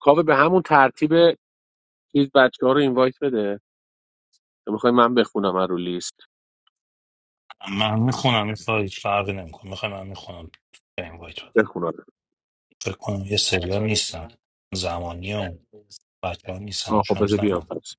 کاوه به همون ترتیب چیز بچه ها رو اینوایت بده میخوای من بخونم از رو لیست من میخونم این فایل هیچ فرقی نمیکنه میخوام من میخونم به این وایت بده بخونم فکر کنم یه سریا نیستن زمانی و بچه ها نیستن آه چون خب هنوز بذار بیام نیومدن. پس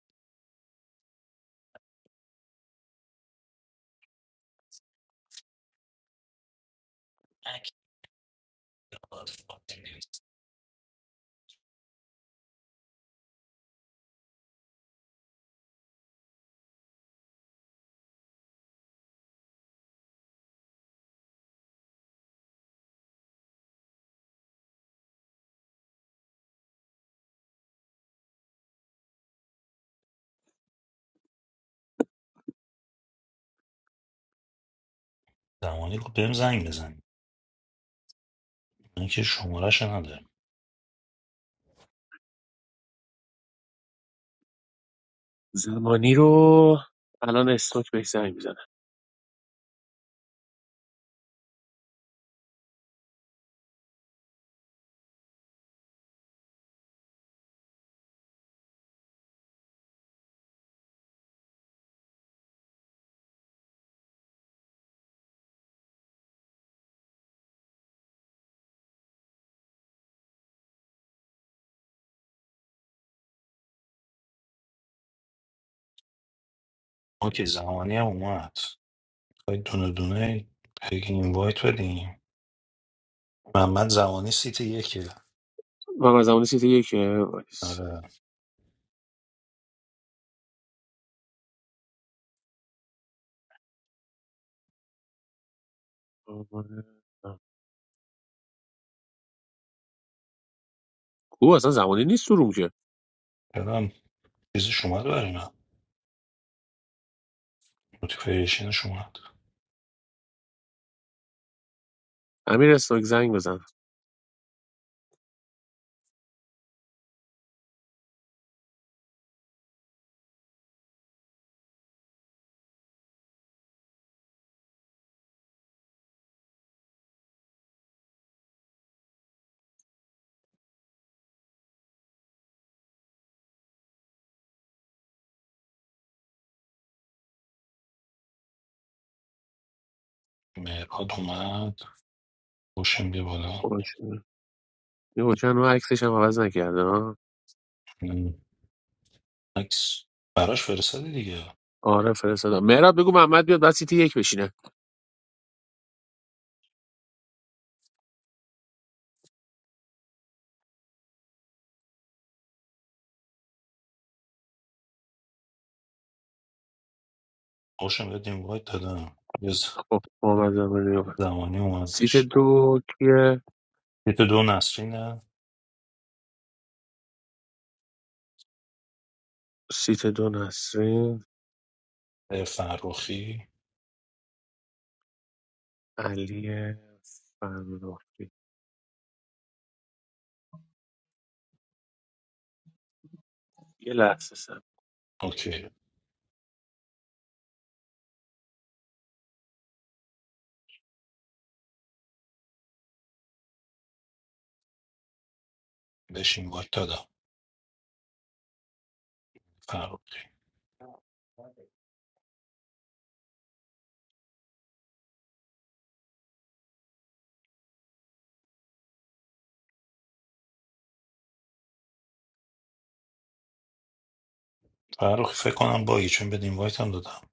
زمانی رو بهم زنگ بزن من که شمارش نداره زمانی رو الان استوک بهش زنگ میزنه اوکی زمانی هم اومد باید دونه دونه هی این وایت بدیم محمد زمانی سیت یکه و من زمانی سیتی یکه وایس. آره کو اصلا زمانی نیست تو روم که چرا چیزش اومد برای من نوتیفیکیشنش اومد امیر استوک زنگ بزن مهراد اومد خوشم بیا بالا باشه. یه حکم رو عکسش هم عوض نکرده ها اون عکس براش فرستادی دیگه آره فرستادم مهراب بگو محمد بیاد بعد سیتی یک بشینه خوشم یاد این وایت دادم یه ز- خب محمد زمانی رو زمانی سیت اومدش دو کیه یه تو دو نسرینه سیت دو نسرین اه، فرخی علی فرخی یه لحظه سم اوکی بهش این وایت دادم فرخی فرخی فکر کنم بایی چون بد این وایت هم دادم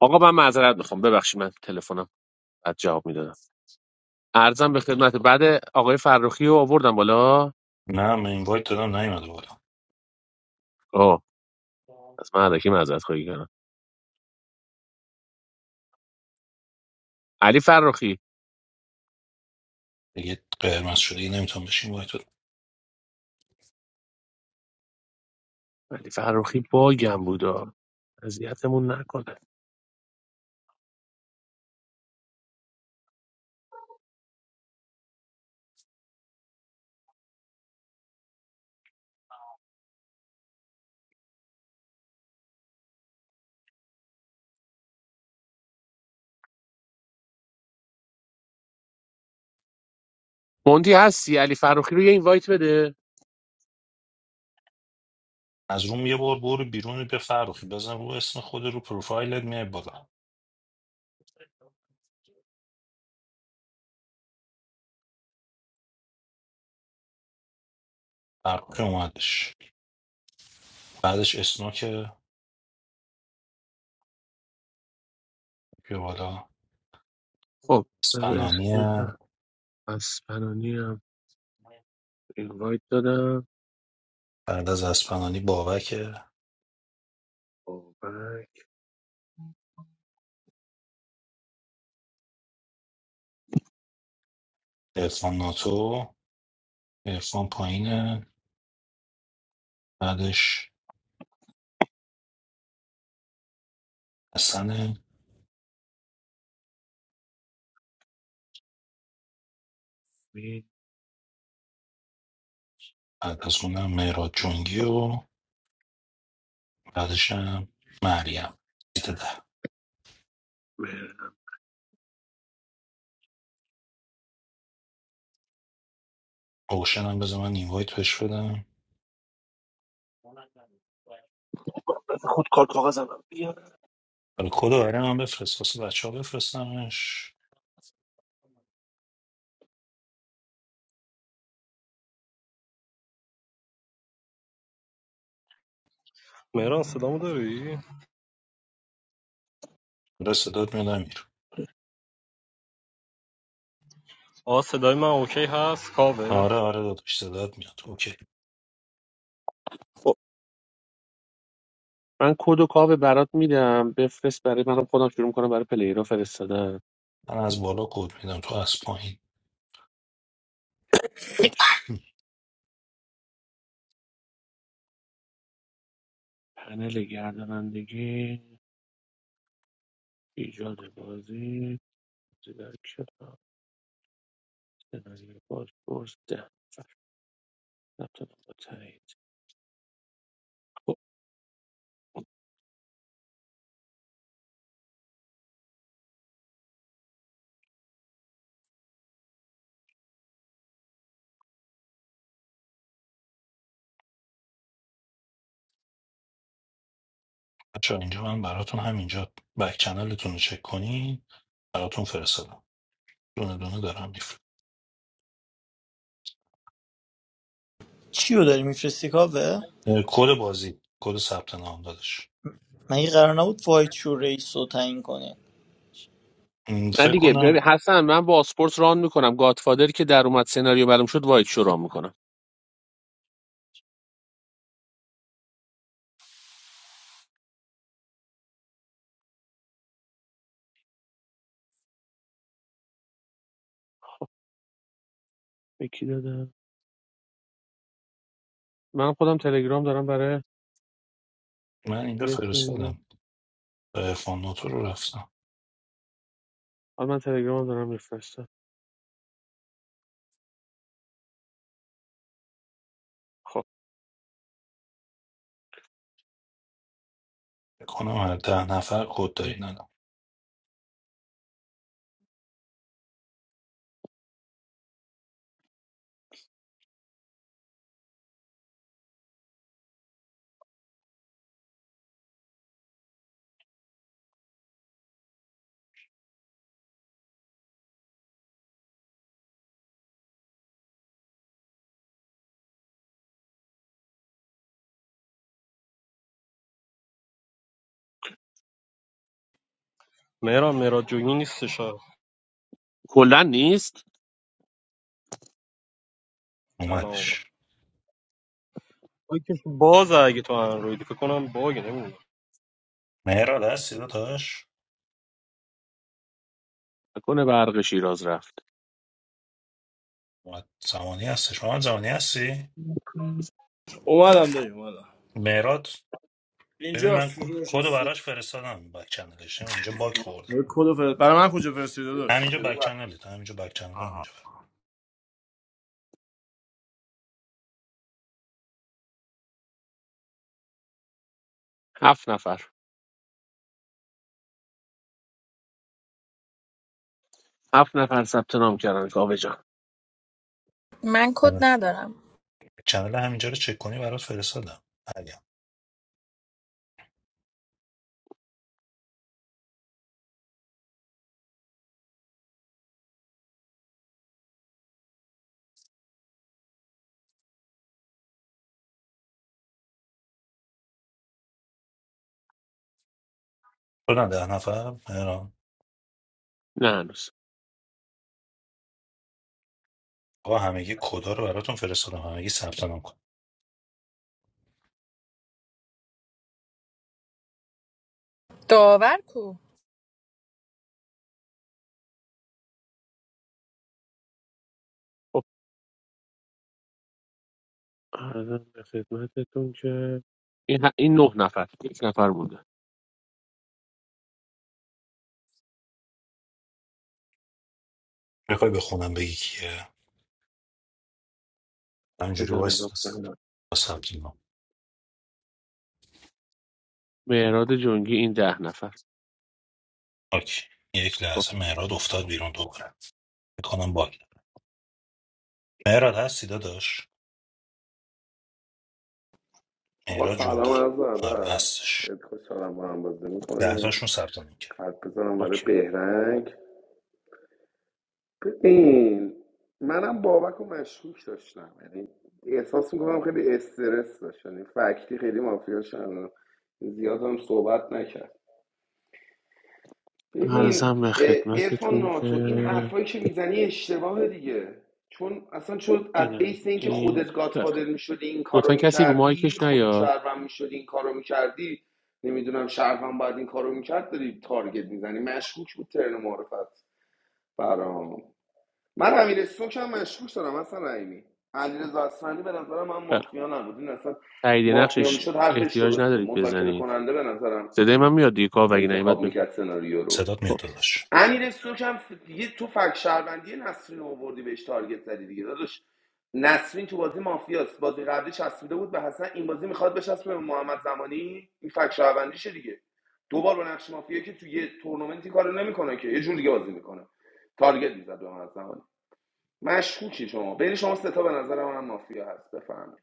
آقا من معذرت میخوام ببخشید من تلفنم بعد جواب میدادم ارزم به خدمت بعد آقای فرخی رو آوردم بالا نه من این وایت دادم نیومده بالا آه از من علکی معذرت خواهی کردم علی فرخی دیگه قرمز شده دیگه نمیتونم بهش این وایت علی فرخی باگم بودا اذیتمون نکنه مونتی هستی علی فرخی رو یه اینوایت بده از روم یه بار برو بیرون به فرخی بزن رو اسم خود رو پروفایلت میای بالا فرخی اومدش بعدش اسنوک بیا بالا خب بذار اسپنانی اسم کنم اسپنانی هم اینوایت دادم بعد از اسپنانی بابکه بابک عرفان ناتو عرفان پایینه بعدش حسن می بعد از اونم مهراد جنگی و بعدش هم مریم سیت ده اوشن هم بذار من اینوایت بهش بدم خود کار کاغذم هم بیار. برای کد آره من بفرست واسه بچه ها بفرستمش مهران صدامو داری؟ داره صدات میاد امیر آه صدای من اوکی هست کاوه آره آره داداش صدات میاد اوکی من کد و کاو برات میدم بفرست برای منم خودم شروع کنم برای پلیرها فرستادن من از بالا کد میدم تو از پایین باش پنل گردانندگی ایجاد بازی بازی در کلاس سناریو بازپرس ده نفر ثبت نام با تایید. خب. بچه اینجا من براتون همینجا بک چنلتون رو چک کنین براتون فرستادم دونه دونه دارم چیو داری میفرستی کاوه؟ اه، کد بازی کد ثبت نام دادش مگه قرار نبود وایت شو ریس رو تعیین کنین م، نه فکر دیگه کنم ببین حسن من با اسپورت ران میکنم گادفادر که در اومد سناریو برام شد وایت شو ران میکنم به کی دادم من خودم تلگرام دارم برای من اینجا یه سری فرستادم ارفان نوتو رو رفتم حالا من تلگرام دارم میفرستم خب فکر کنم هر ده نفر کد داری ندم مهران مهران جویی نیستش آه. کلا نیست الان اومد. اومدش مایکش باز اگه تو اندرویدی فکر کنم باگ نمیدونم مهراد هستی داداش نکنه برق شیراز رفت اومد زمانی هستش محمد زمانی هستی اومدم داریم اومدم مهراد ببین اینجا من کد سوری کد رو نشسته براش فرستادم بک چنلش اینجا باک خورده یه کد فرست برای من کجا فرستیده داشت همینجا بک چنلت همینجا بک چنل آها همینجا هفت نفر هفت نفر ثبت نام کردن کاوه جان من کد آره. ندارم چنل همینجا رو چک کنی برات فرستادم مریم تو نه ده نفر مهران نه هنوز آقا همگی کدا رو براتون فرستادم همگی ثبت نام کن داور کو خب ارزم به خدمتتون که این, ه- این نه نفر یک نفر بوده میخوای بخونم بگی کیه همینجوری بزن وایس نگاه نیستم کنم. با ثبت نام مهراد جنگی این ده نفر اوکی یک خب لحظه مهراد افتاد بیرون دوباره میکنم باگ داره. مهراد هستی داداش آقا مهراد سلام جونگی عرض آره ادب هستش خیلی خوشحالم با هم بازی ده میکنیم تاشون ثبت نام کرد قلب بزنم برای اوکی بهرنگ ببین منم بابک و مشکوک داشتم یعنی احساس میکنم خیلی استرس داشت یعنی فکتی خیلی مافیا شدم زیاد هم صحبت نکرد ببین ارزم به ارفان خدمتتون که ناتو این حرفایی که میزنی اشتباه دیگه چون اصلا شد از این از بیس اینکه این خودت خیلی خوب. گادفادر میشدی این لطفا کارو کسی رو میکردی مایکش خودت نیاد شهروند میشدی این کارو میکردی نمیدونم شهروند باید این کارو میکرد داری تارگت میزنی مشکوک بود ترن معرفت برام من امیر سوک هم مشکوک دارم اصلا رحیمی علیرضا اصفهانی به نظرم من خیلی خوب. مافیا نبود این اصلا تایید مافیا نقشش میشد حرفش احتیاج درسته ندارید مذاکره بزنید کننده به نظرم صدای من میاد دیگه کاوه اگه نیومد انتخاب بگو. میکرد سناریو رو صدات میاد خب داداش امیر استوک هم ف- دیگه تو فک شهروندی نسرین رو آوردی بهش تارگت زدی دیگه داداش نسرین تو بازی مافیاست بازی قبلی چسبیده بود به حسن این بازی میخواد بچسبه به محمد زمانی این فک شهروندیشه دیگه دو بار با نقش مافیا که تو یه تورنمنتی کارو نمیکنه که یه جور دیگه بازی میکنه تارگت میزد به محمد زمانی مشکوکی شما بین شما سه تا به نظر من مافیا هست بفهمید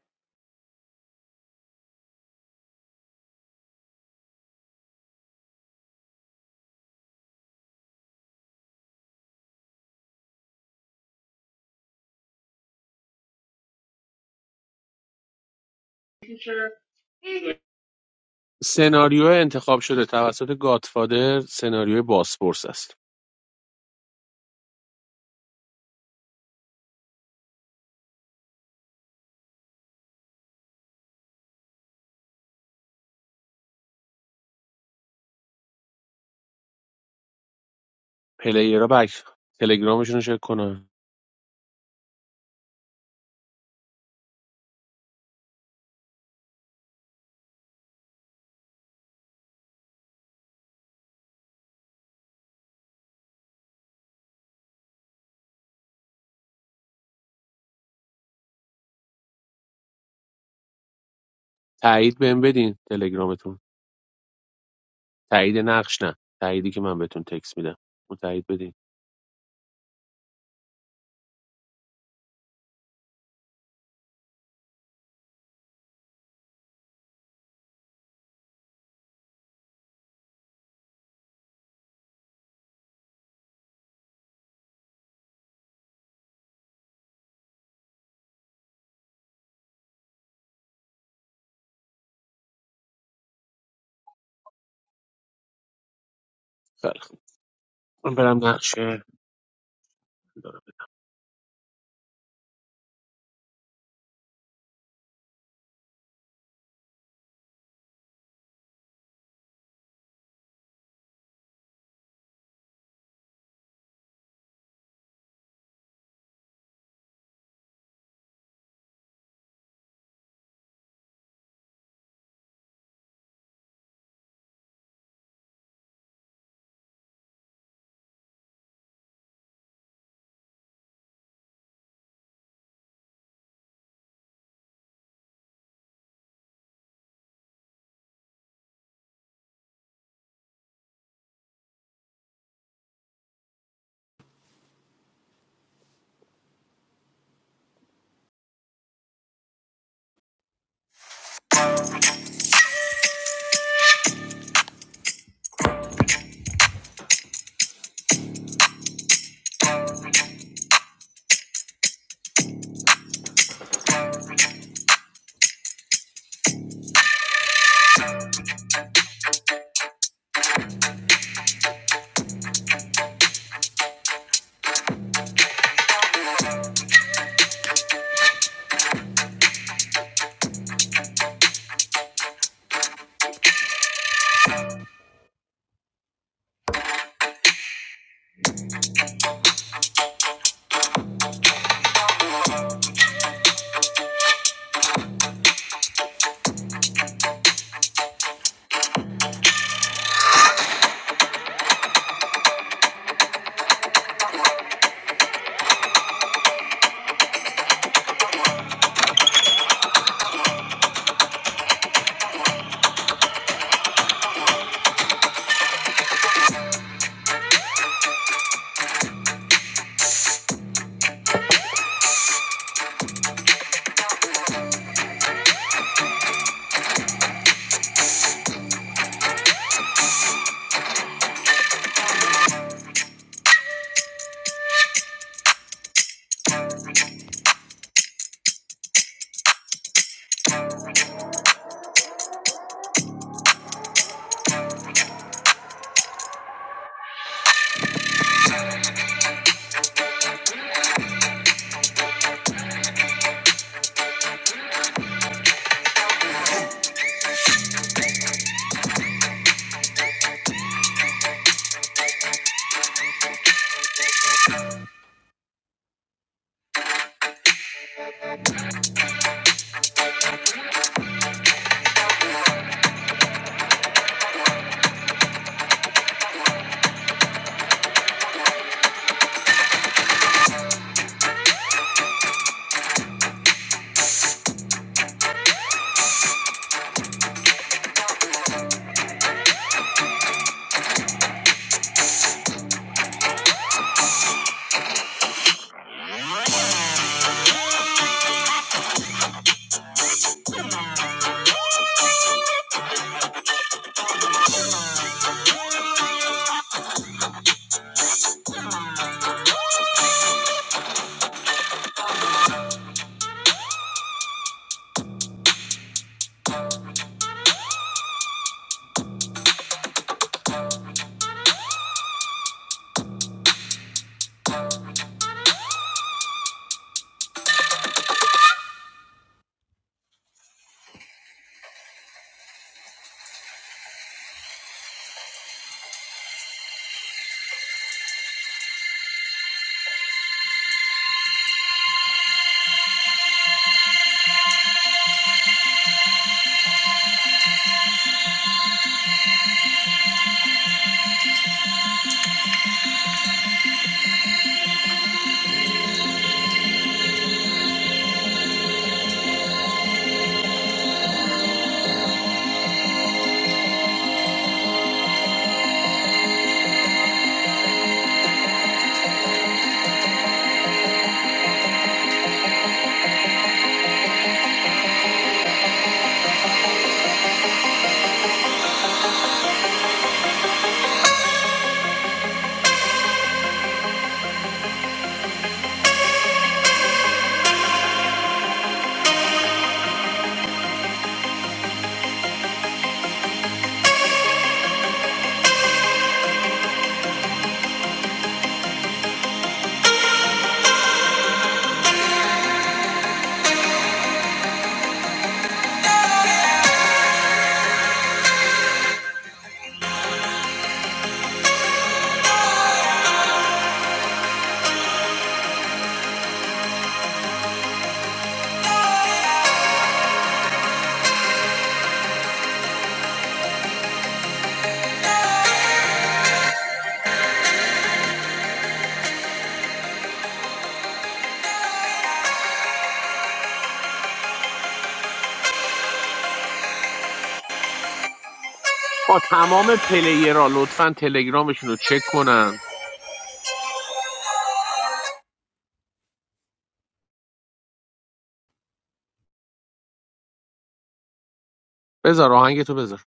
سناریو انتخاب شده توسط گاتفادر سناریو باسپورس است پلیرها بک تلگرامشون رو چک کنن تایید بهم بدین تلگرامتون تایید نقش نه تاییدی که من بهتون تکس میدم اون تایید بدین خیلی خوب. من برم نقشه دارم آ تمام پلیرها لطفا تلگرامشون رو چک کنن بذار آهنگتو بذار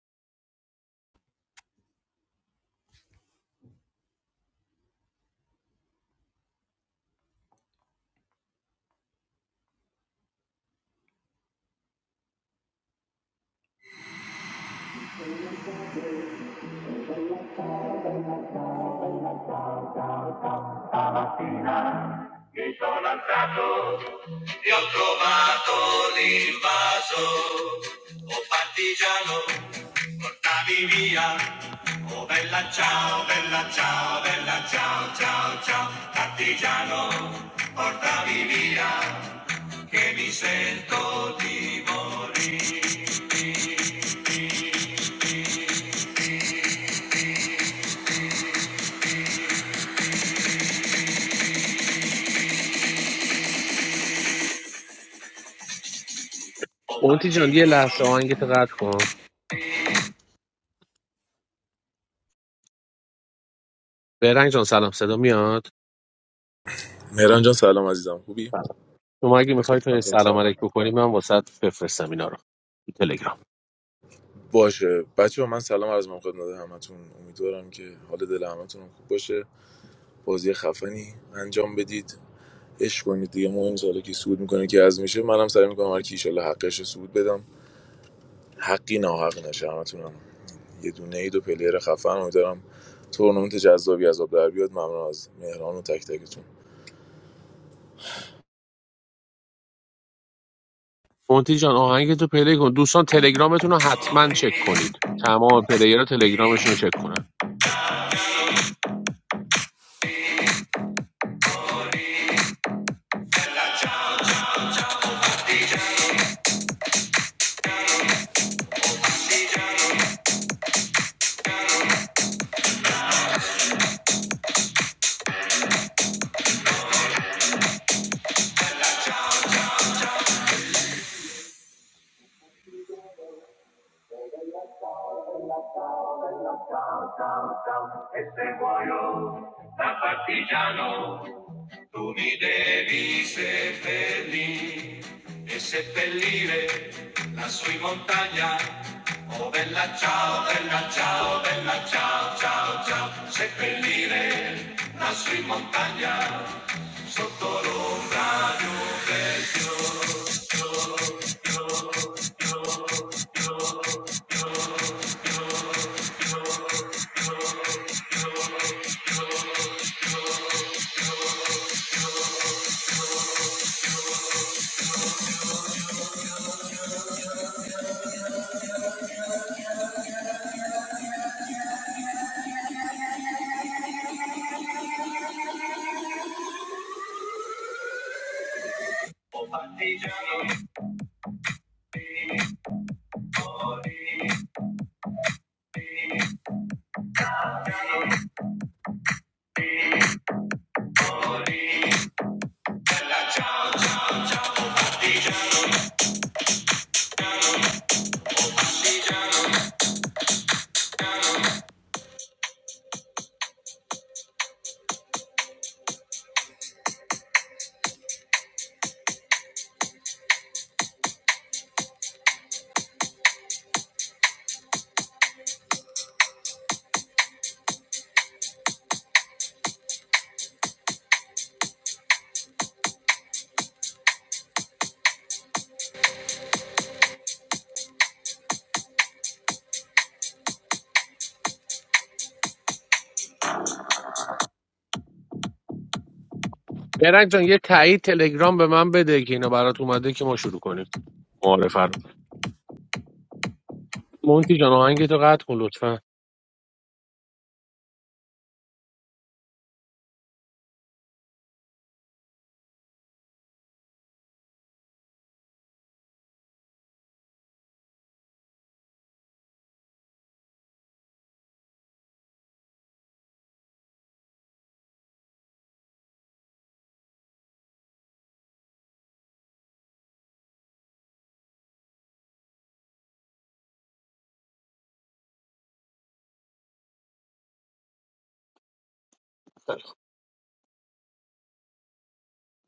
Mi sono alzato e ho trovato l'invaso. Oh partigiano, portami via. Oh bella ciao, bella ciao, bella ciao, ciao, ciao. Partigiano, portami via, che mi sento di morire. Oh اونتی جان partigiano. یه لحظه آهنگتو قطع کن برنگ جان سلام صدا میاد مهران جان سلام عزیزم خوبی؟ بله. شما اگه بچه میخوای تو همتون سلام علیک سلام بکنی من واسط بفرستم اینا رو تو تلگرام باشه بچه من سلام عرض میکنم خدمت همتون امیدوارم که حال دل همتون خوب باشه بازی خفنی انجام بدید عشق کنید دیگه مهم سالا که سود میکنه که از میشه منم سعی میکنم هر کی ایشالله حقش سود بدم حقی ناحق نشه همتونم یه دونه ای دو پلیر خفن امیدوارم تورنمنت جذابی از آب در بیاد ممنون از مهران و تک تکتون مونتی جان آهنگتو پلی کن دوستان تلگرامتون رو حتما چک کنید تمام پلیرها تلگرامشون رو چک کنن E se muoio da partigiano, tu mi devi seppellire e seppellire lassù in montagna. Oh bella ciao, bella ciao, bella ciao, ciao, ciao, seppellire lassù in montagna, sotto l'ombra di un bel oh, partigiano. برنگ جان یه تایید تلگرام به من بده که اینا برات اومده که ما شروع کنیم معارفه رو مونتی جان آهنگتو قطع کن لطفا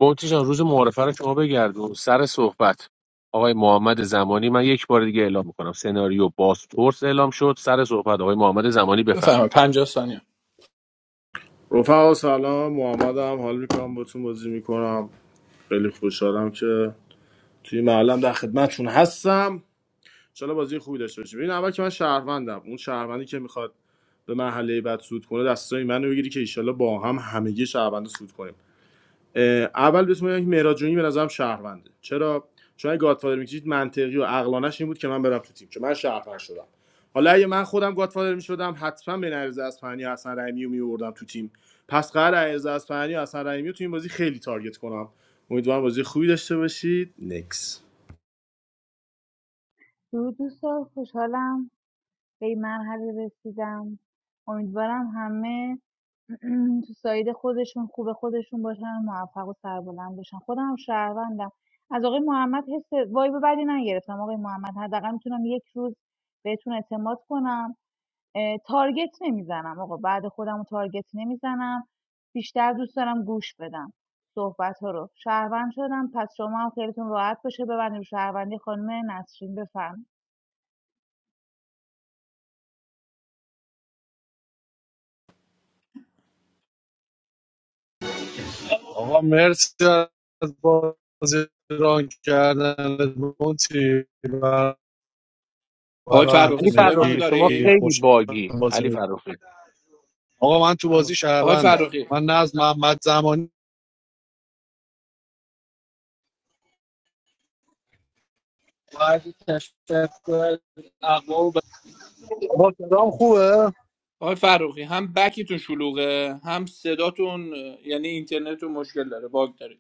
مونتی جان روز معارفه رو شما بگردون سر صحبت آقای محمد زمانی من یک بار دیگه اعلام میکنم سناریو بازپرس اعلام شد سر صحبت آقای محمد زمانی بفهم بفرمایید 50 ثانیه رفقا سلام محمدم حال میکنم باتون بازی میکنم خیلی خوشحالم که توی معلم در خدمتتون هستم انشالله بازی خوبی داشته باشیم ببین اول که من شهروندم اون شهروندی که میخواد به مرحله بعد سود کنه دستای منو بگیری که ایشالله با هم همگی شهروند سود کنیم اول بسم الله مهراد جونی به نظرم شهرونده چرا چون اگه گادفادر میکشید منطقی و عقلانش این بود که من برم تو تیم چون من شهروند شدم حالا اگه من خودم گادفادر میشدم حتما به نریز اصفهانی و حسن رحیمی رو میوردم تو تیم پس قرار نریز اصفهانی و حسن رحیمی رو تو این بازی خیلی تارگت کنم امیدوارم بازی خوبی داشته باشید نکس درود دوستان خوشحالم به این مرحله رسیدم امیدوارم همه تو ساید خودشون خوب خودشون باشن موفق و سربلند باشن خودم هم شهروندم از آقای محمد حس وایب بدی نگرفتم آقای محمد حداقل میتونم یک روز بهتون اعتماد کنم اه، تارگت نمیزنم آقا بعد خودم رو تارگت نمیزنم بیشتر دوست دارم گوش بدم صحبت ها رو شهروند شدم پس شما هم خیلیتون راحت باشه ببندیم شهروندی خانم نسرین بفرمایید آقا مرسی از بازی ران کردن مونتی و آقای برای فروخی علی صدای منو فرخی همگی شما داری؟ خیلی خوش باگی بازی علی می‌کنم. فرخی آقا من تو بازی آقای شهروندم فروخی من نه از محمد زمانی باید تشکر اقوام به آقا صدام خوبه آقای فروخی هم بکتون شلوغه هم صداتون اه، یعنی اینترنتتون مشکل داره باگ داره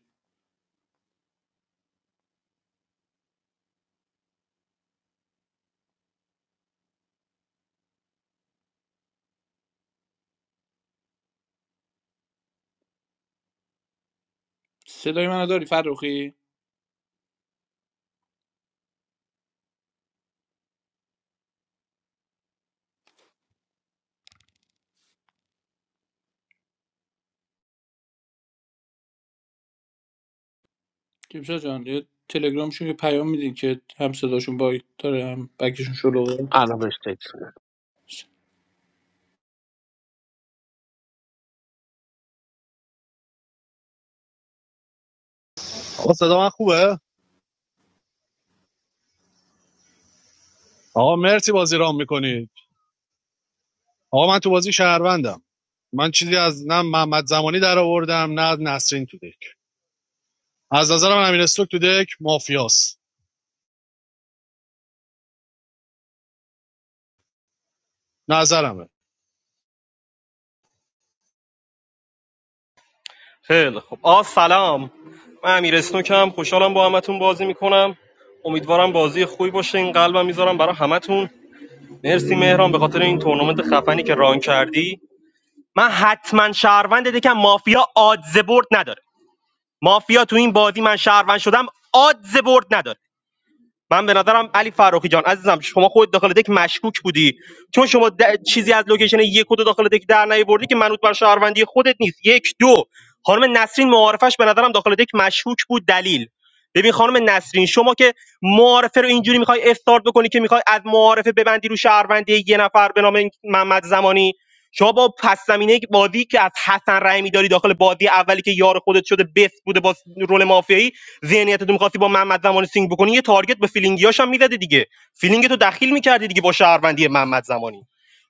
صدای منو داری فروخی کیمشا جان یه تلگرامشون یه پیام میدین که هم صداشون باگ داره هم بکشون شلوغه الان بهش تکس میدم. آقا صدا من خوبه آقا مرسی بازی ران میکنید آقا من تو بازی شهروندم من چیزی از نه محمد زمانی در آوردم نه از نسرین تو دک از نظرم امیر استوک تو دک مافیاست نظرمه خیلی خب آ سلام من امیر اسنوکم خوشحالم با همتون بازی میکنم امیدوارم بازی خوبی باشه این قلبم میذارم برای همتون مرسی مهران به خاطر این تورنمنت خفنی که ران کردی من حتما شهروند دکم مافیا آدز برد نداره مافیا تو این بازی من شهروند شدم آدز برد نداره من به نظرم علی فراخی جان عزیزم شما خود داخل دک مشکوک بودی چون شما د- چیزی از لوکیشن یک و دو داخل دک در نیاوردی که منوط بر شهروندی خودت نیست یک دو خانم نسرین معارفش به نظرم داخل دک مشکوک بود دلیل ببین خانم نسرین شما که معارفه رو اینجوری میخوای استارت بکنی که میخوای از معارفه ببندی رو شهروندی یه نفر به نام این محمد زمانی شما با پس زمینه بازی که از حسن رحیمی داری داخل بازی اولی که یار خودت شده بست بوده با رول مافیایی ذهنیتت می‌خواستی با محمد زمانی سینگ بکنی یه تارگت به فیلینگیاش هم می‌زدی دیگه فیلینگتو دخیل می‌کردی دیگه با شهروندی محمد زمانی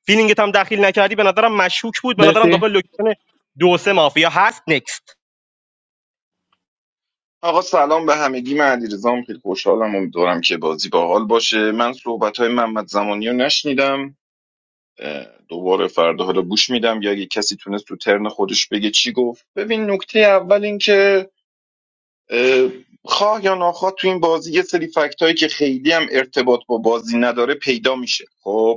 فیلینگت هم دخیل نکردی به نظرم مشکوک بود به نظرم مرسی داخل لوکیشن دو سه مافیا هست نکست آقا سلام به همگی من علیرضام خیلی خوشحالم امیدوارم که بازی باحال باشه من صحبت های محمد زمانی رو نشنیدم اه، دوباره فردا حالا گوش میدم یا اگه کسی تونست تو ترن خودش بگه چی گفت ببین نکته اول این که اه، خواه یا ناخواه تو این بازی یه سری فکت هایی که خیلی هم ارتباط با بازی نداره پیدا میشه خب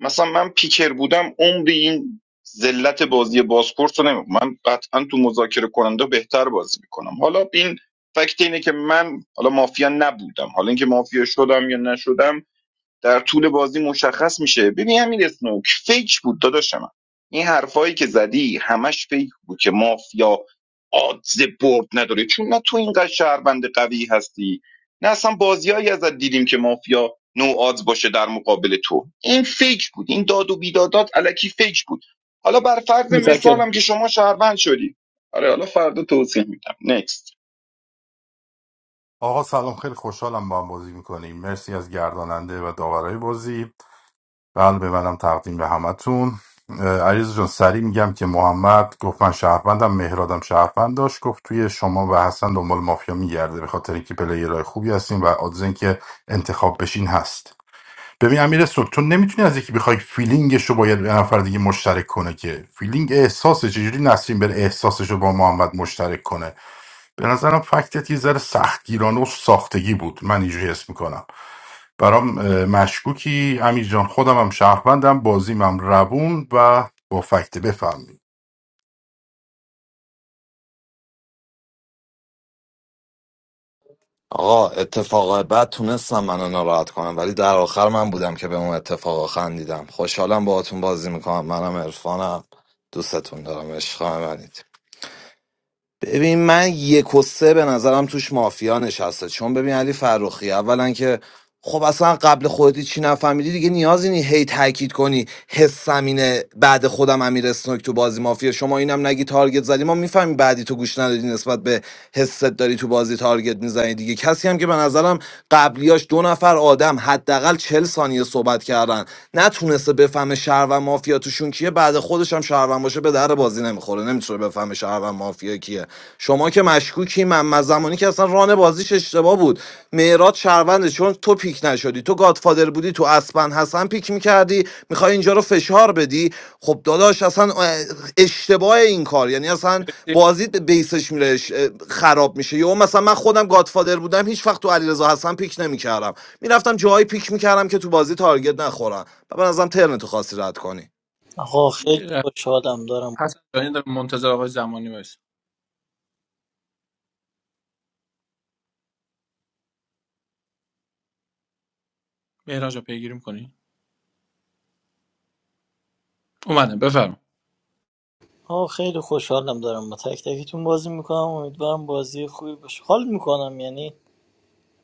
مثلا من پیکر بودم عمری این ذلت بازی بازپورس رو نمی من قطعا تو مذاکره کننده بهتر بازی میکنم حالا این فکت اینه که من حالا مافیا نبودم حالا اینکه مافیا شدم یا نشدم در طول بازی مشخص میشه ببین همین اسنوک فیک بود داداش من این حرفایی که زدی همش فیک بود که مافیا آدز برد نداره چون نه تو اینقدر شهروند قوی هستی نه اصلا بازیایی ازت دیدیم که مافیا نو آدز باشه در مقابل تو این فیک بود این داد و بیدادات علکی فیک بود حالا بر فرض متشکرم مثالم که شما شهروند شدی آره حالا فردا توضیح میدم نکست آقا سلام خیلی خوشحالم با هم بازی میکنیم مرسی از گرداننده و داورای بازی قلب منم تقدیم به همتون اه، علیرضا جان سریع میگم که محمد گفت من شهروندم مهرادم شهروند داشت گفت توی شما و حسن دنبال مافیا میگرده به خاطر اینکه پلیرهای خوبی هستین و آدزن که انتخاب بشین هست ببین امیر سوک تو نمیتونی از یکی بخوای فیلینگش رو باید به نفر دیگه مشترک کنه که فیلینگ احساسه چجوری نسرین بر احساسش رو با محمد مشترک کنه به نظرم فکتت یه ذره سختگیرانه و ساختگی بود من اینجوری حس میکنم برام اه، مشکوکی امیر جان خودم هم شهروندم بازیم هم روون و با فکت بفهمیم آقا اتفاق بعد تونستم منو ناراحت کنم ولی در آخر من بودم که به اون اتفاق خندیدم خوشحالم باهاتون بازی میکنم منم عرفانم دوستتون دارم عشق منید ببین من یک و سه به نظرم توش مافیا نشسته چون ببین علی فروخی اولا که خب اصلا قبل خودت چی نفهمیدی دیگه نیازی نی هی تاکید کنی حسم اینه بعد خودم امیر اسنوک تو بازی مافیا شما اینم نگی تارگت زدی ما میفهمیم بعدی تو گوش ندادی نسبت به حست داری تو بازی تارگت میزنی دیگه کسی هم که به نظرم قبلیاش دو نفر آدم حداقل چل ثانیه صحبت کردن نتونسته بفهمه شهر و مافیا توشون کیه بعد خودش هم شهر باشه به در بازی نمیخوره نمیتونه بفهمه شهروند مافیا کیه شما که مشکوکی من زمانی که اصلا ران بازیش اشتباه بود معراج شهرونده چون تو پیک نشدی تو گادفادر بودی تو اسپن حسن پیک میکردی میخوای اینجا رو فشار بدی خب داداش اصلا اشتباه این کار یعنی اصلا مرسی بازیت به بیسش میره اش- خراب میشه یا مثلا من خودم گادفادر بودم هیچ وقت تو علیرضا حسن پیک نمیکردم میرفتم جایی پیک میکردم که تو بازی تارگت نخورم و به نظرم ترنتو خواستی رد کنی آقا یه خیلی لحظه خوشحالم دارم دارین، در منتظر آقای زمانی وایس مهران جان پیگیری می‌کنی اومدم بفرم آقا خیلی خوشحالم دارم با تک تکتون بازی میکنم امیدوارم بازی خوبی باشه حال میکنم یعنی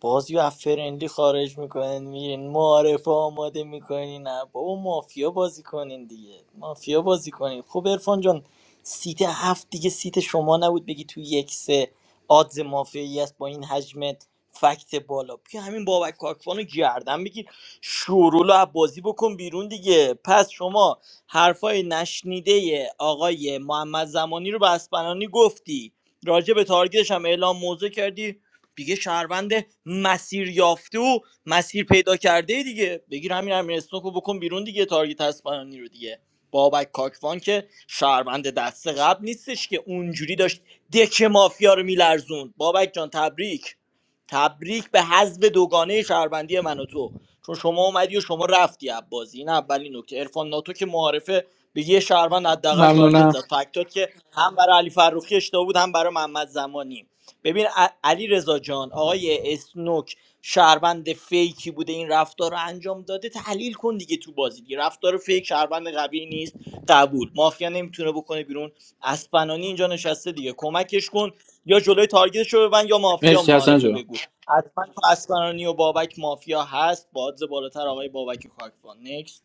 باز یه فرندی خارج میکنین میرین معارفه آماده میکنین نه بابا مافیا بازی کنین دیگه مافیا بازی کنین خب ارفان جان سیت هفت دیگه سیت شما نبود بگی تو یک سه آدز مافیایی است با این حجم فکت بالا بیا همین بابک کاکوان رو گردن بگیر شورول رو بازی بکن بیرون دیگه پس شما حرفای نشنیده آقای محمد زمانی رو به اسپنانی گفتی راجع به تارگیدش هم اعلام موضع کردی دیگه شهروند مسیر یافته و مسیر پیدا کرده دیگه بگیر همین امیر اسنوکو بکن بیرون دیگه تارگت اسپانانی رو دیگه بابک کاکوان که شهروند دست قبل نیستش که اونجوری داشت دک مافیا رو میلرزوند بابک جان تبریک تبریک به حذف دوگانه شهروندی من و تو چون شما اومدی و شما رفتی از بازی این اولین نکته عرفان ناتو که معارفه به یه شهروند حداقل تارگت ممنونم زد فکتات که هم برای علی فروخی اشتباه بود هم برای محمد زمانی ببین ع- علی رضا جان آقای اسنوک شهروند فیکی بوده این رفتار رو انجام داده تحلیل کن دیگه تو بازی دیگه رفتار فیک شهروند قوی نیست قبول مافیا نمیتونه بکنه بیرون اسپنانی اینجا نشسته دیگه کمکش کن یا جلوی تارگتش رو ببند یا مافیا مرسی حسن معارفه جان بگو حتما تو اسپنانی و بابک مافیا هست با odds بالاتر آقای بابک کاکوان نکست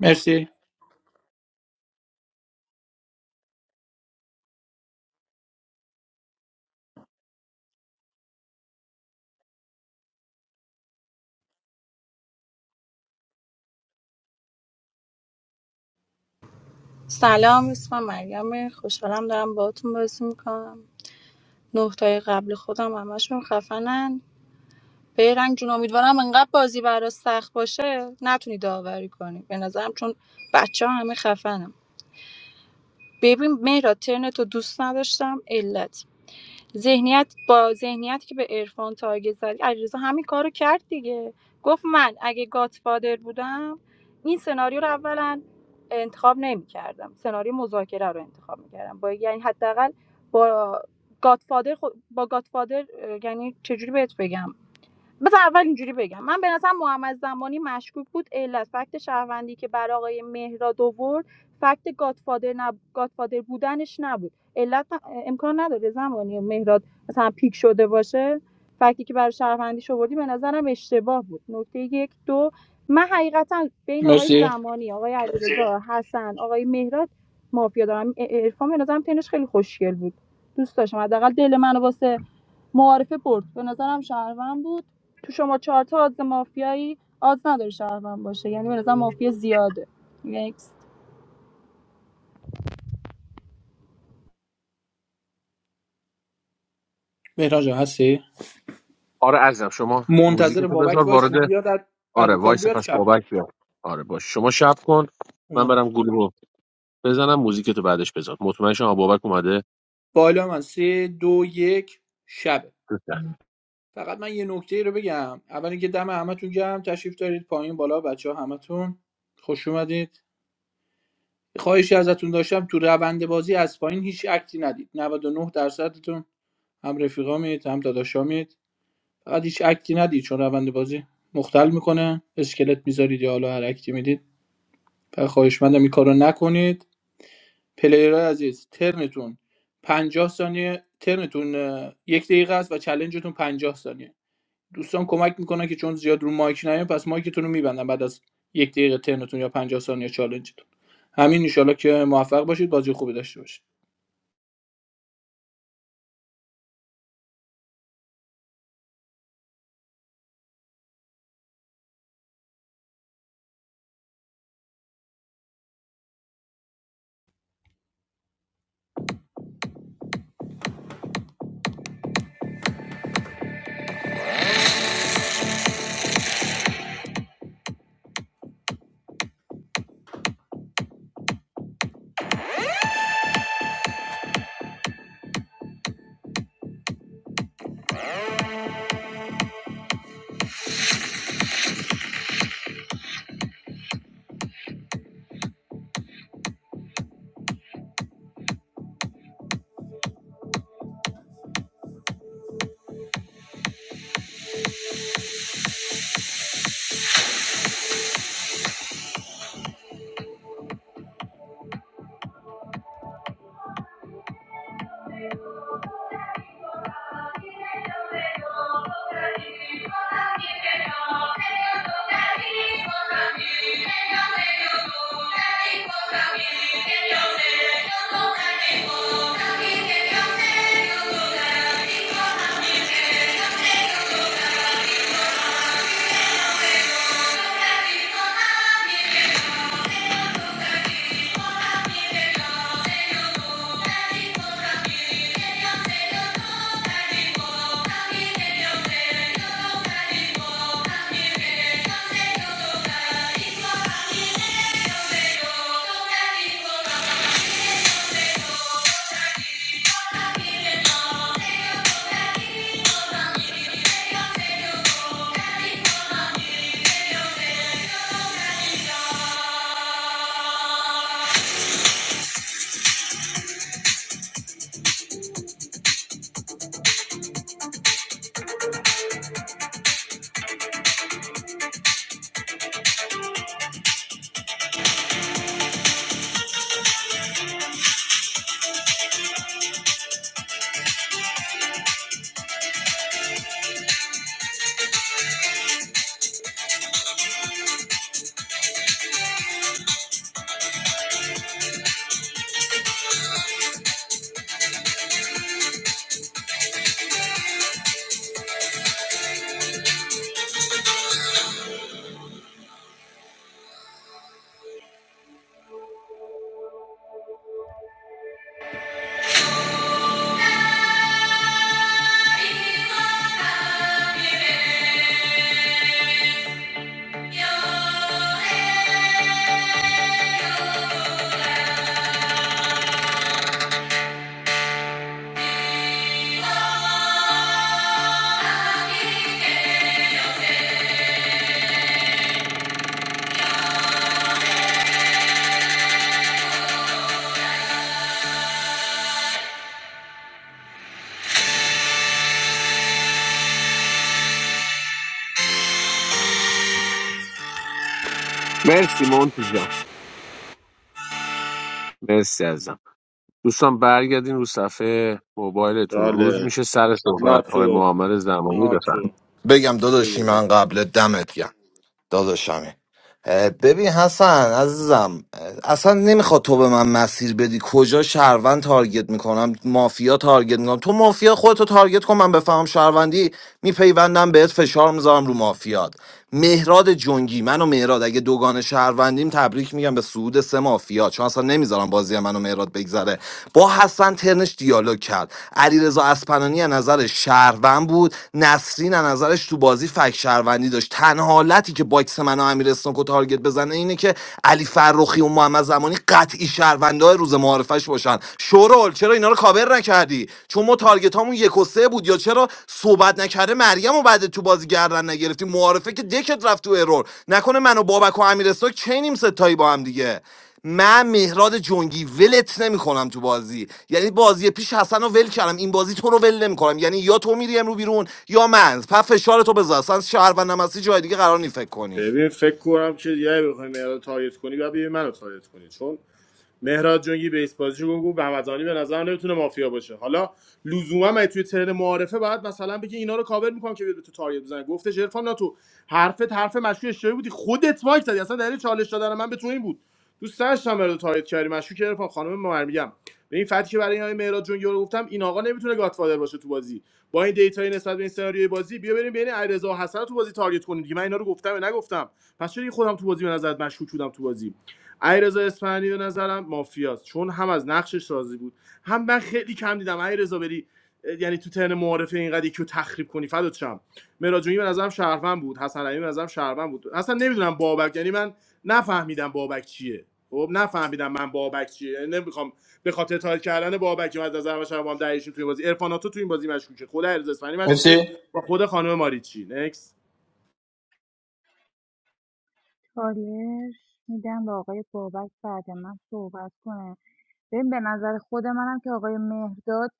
مرسی سلام اسمم مریم خوشحالم دارم باهاتون بازی میکنم نقطای قبل خودم همشون خفنن بیرنگ جون امیدوارم انقدر بازی برات سخت باشه نتونی داوری کنی به نظرم چون بچه ها همه خفنم ببین میرا ترنتو دوست نداشتم علت ذهنیت با ذهنیتی که به عرفان تارگت زدی علیرضا همین کارو کرد دیگه گفت من اگه گاتفادر بودم این سناریو رو اولا انتخاب نمیکردم سناریو مذاکره رو انتخاب میکردم با یعنی حداقل با گاتفادر خود با گاتفادر اه، یعنی چجوری بهت بگم بذار اول اینجوری بگم من به نظرم محمد زمانی مشکوک بود علت فکت شهروندی که برای آقای مهراد آورد فکت گادفادر, نب... گادفادر بودنش نبود علت ن- امکان نداره زمانی مهراد مثلا پیک شده باشه فکتی که برای شهروندیش آوردی به نظرم اشتباه بود نکته یک دو من حقیقتا بین آقای مرسی زمانی آقای علیرضا حسن آقای مهراد مافیا دارم ا- ا- عرفان به نظرم تنش خیلی خوشگل بود دوست داشتم حداقل دل منو واسه معارفه برد به نظرم شهروند بود تو شما چهار تا آدز مافیایی آدز نداره شهروند باشه یعنی به نظرم مافیا زیاده نکست مهران جان هستی آره عزیزم شما موزیک منتظر تو بابک بذار وایسیم وارد بیاد از از آره رو کال وایس بیاد پس شب بابک کنیم بیاد آره باش شما شب کن من اومدم. برم گلو رو بزنم موزیک تو بعدش بذار مطمئن شما بابک اومده بالا من سه دو یک شبه فقط من یه نکته ای رو بگم اول اینکه دم همتون گرم تشریف دارید پایین بالا بچه ها همتون خوش اومدید خواهشی ازتون داشتم تو روند بازی از پایین هیچ اکتی ندید 99 درصدتون هم رفیقا هم داداشا میید فقط هیچ اکتی ندید چون روند بازی مختل میکنه اسکلت میذارید یا حالا هر اکتی میدید فقط خواهش مندم این کارو نکنید پلیرهای عزیز ترنتون پنجاه ثانیه ترنتون اه، یک دقیقه است و چلنجتون پنجاه ثانیه دوستان کمک میکنن که چون زیاد رو مایک نیایم پس مایکتون رو میبندن بعد از یک دقیقه ترنتون یا 50 ثانیه چالنجتون همین انشالله که موفق باشید بازی خوبی داشته باشید Thank you. アーメン مرسی مونتی جان مرسی عزیزم دوستان برگردین رو صفحه موبایلتون روز چاله میشه سر صحبت آقای ناتو محمد زمانی بفرم ناتو بگم داداشی من قبل دمت گم 打个什么？اه، ببین حسن عزیزم اه، اصلا نمیخواد تو به من مسیر بدی کجا شهروند تارگت میکنم مافیا تارگت میکنم تو مافیا خودتو تارگت کن من بفهمم شهروندی میپیوندم بهت فشار میذارم رو مافیات مهراد جنگی من و مهراد اگه دوگان شهروندیم تبریک میگم به سعود سه مافیا چون اصلا نمیذارم بازی من و مهراد بگذره با حسن ترنش دیالوگ کرد علیرضا اسپنانی از نظر شهروند بود نسرین از نظرش تو بازی فک شهروندی داشت تنها حالتی که باکس من و امیر امیر اسنوکو تارگت بزنه اینه که علی فرخی و محمد زمانی قطعی شهروندای روز معارفش باشن شورال چرا اینا رو کاور نکردی چون ما تارگت هامون یک و سه بود یا چرا صحبت نکرده مریم و بعد تو بازی گردن نگرفتی معارفه که دکت رفت تو ارور نکنه من و بابک و امیر اسنوک چینیم ستایی با هم دیگه من مهراد جنگی ولت نمیکنم تو بازی یعنی بازی پیش حسن رو ول کردم این بازی تو رو ول نمیکنم یعنی یا تو میری امرو بیرون یا من پس فشار تو بذار اصلا شهروندم هستی جای دیگه قرار نی فکر کنی ببین فکر کنم که یه بخوایم مهراد رو تارگت کنی یا ببین منو تارگت کنی چون مهراد جنگی بیس بازی رو بگو بهمزانی به نظر نمیتونه مافیا باشه حالا لزوما مگه توی ترن معارفه بعد مثلا بگی اینا رو کاور میکنم که بیاد به تو تارگت بزنه گفتش عرفان نه تو حرفت حرف مشکوک اشتباهی بودی خودت مایک زدی اصلا دلیل چالش دادن من به تو این بود دوست داشتم مهراد رو تارگت کردی مشکوک عرفان خانم مهر میگم به این فکتی که برای این آقای مهراد جنگی رو گفتم این آقا نمیتونه گاتفادر باشه تو بازی با این دیتای نسبت به این سناریوی بازی بیا بریم بین علیرضا و حسن رو تو بازی تارگت کنیم دیگه من اینا رو گفتم نگفتم پس چرا خودم تو بازی به نظرت مشکوک بودم تو بازی علیرضا اصفهانی به نظرم مافیاست چون هم از نقشش راضی بود هم من خیلی کم دیدم علیرضا بری یعنی تو ترن معارفه اینقدر یکی تخریب کنی فدات شم مراجعی به نظرم شهروند بود حسن علی به نظرم شهروند بود اصلا نمیدونم بابک یعنی من نفهمیدم بابک چیه خب نفهمیدم من بابک چیه یعنی نمیخوام به خاطر تایید کردن بابک که من از نظر من شهروند هم دریشون تو این بازی ارفاناتو تو تو این بازی مشکوکه خود علیرضا اصفهانی مشکوکه با خود خانم ماریچی نکس چالش میدم به آقای بابک بعد من صحبت کنه ببین به نظر خود منم که آقای مهرداد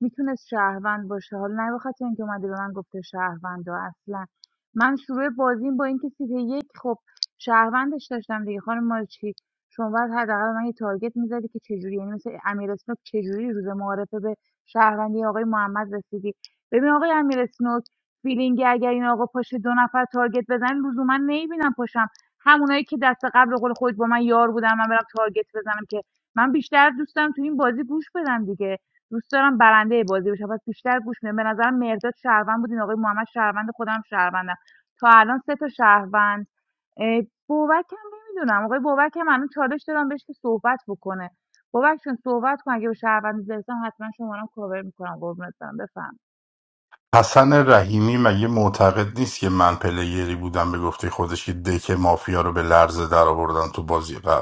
میتونست شهروند باشه حالا نه به خاطر اینکه اومده به من گفته شهروند و اصلا من شروع بازیم با اینکه سیت یک خب شهروندش داشتم دیگه خانم مارچی شما باید حداقل من یه تارگت میزدی که چجوری یعنی مثل امیر اسنوک چجوری روز معارفه به شهروندی آقای محمد رسیدی ببین آقای امیر اسنوک فیلینگی اگر این آقا پاشه دو نفر تارگت بزن لزوما نمیبینم پاشم همونایی که دست قبل به قول خود با من یار بودن من برم تارگت بزنم که من بیشتر دوست دارم تو این بازی گوش بدم دیگه دوست دارم برنده بازی بشم پس بیشتر گوش میدم به نظرم مرداد شهروند بود این آقای محمد شهروند خودم شهروندم تا الان سه تا شهروند اه، بابک هم نمیدونم آقای بابک هم الان چالش دادم بهش که صحبت بکنه بابک چون صحبت کن اگه به شهروند برسم حتما شما رو هم کاور میکنم قربونت برم بفهم حسن رحیمی مگه معتقد نیست که من پلیری بودم به گفته خودش که دک مافیا رو به لرزه در آوردن تو بازی قبل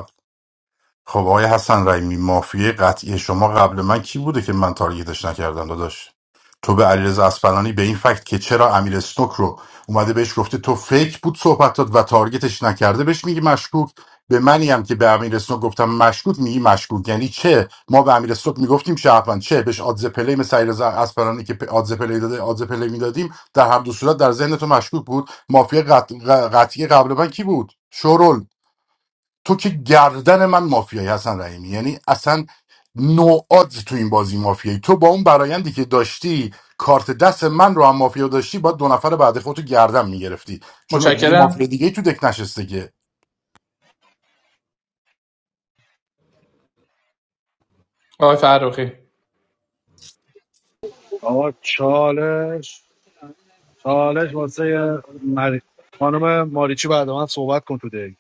خب آقای حسن رحیمی مافیای قطعی شما قبل من کی بوده که من تارگتش نکردم داداش تو به علیرضا اصفهانی به این فکت که چرا امیر استوک رو اومده بهش گفته تو فیک بود صحبتات و تارگتش نکرده بهش میگی مشکوک به منی هم که به امیر استوک گفتم مشکوک میگی مشکوک یعنی چه ما به امیر استوک میگفتیم شهروند چه بهش آدز پلی مثل علیرضا اصفهانی که پ- آدز پلی داده آدز پلی میدادیم در هر دو صورت در ذهن تو مشکوک بود مافیا قط... ق- قطعی قبل من کی بود شورل تو که گردن من مافیایی حسن رحیمی یعنی اصلا نوعات تو این بازی مافیایی تو با اون برایندی که داشتی کارت دست من رو هم مافیا داشتی باید دو نفر بعد خودتو گردن میگرفتی چون دیگه مافیا متشکرم دیگه تو دک نشسته که آقای فرخی آقا چالش چالش واسه مر... خانم ماریچی بعد من صحبت کن تو دک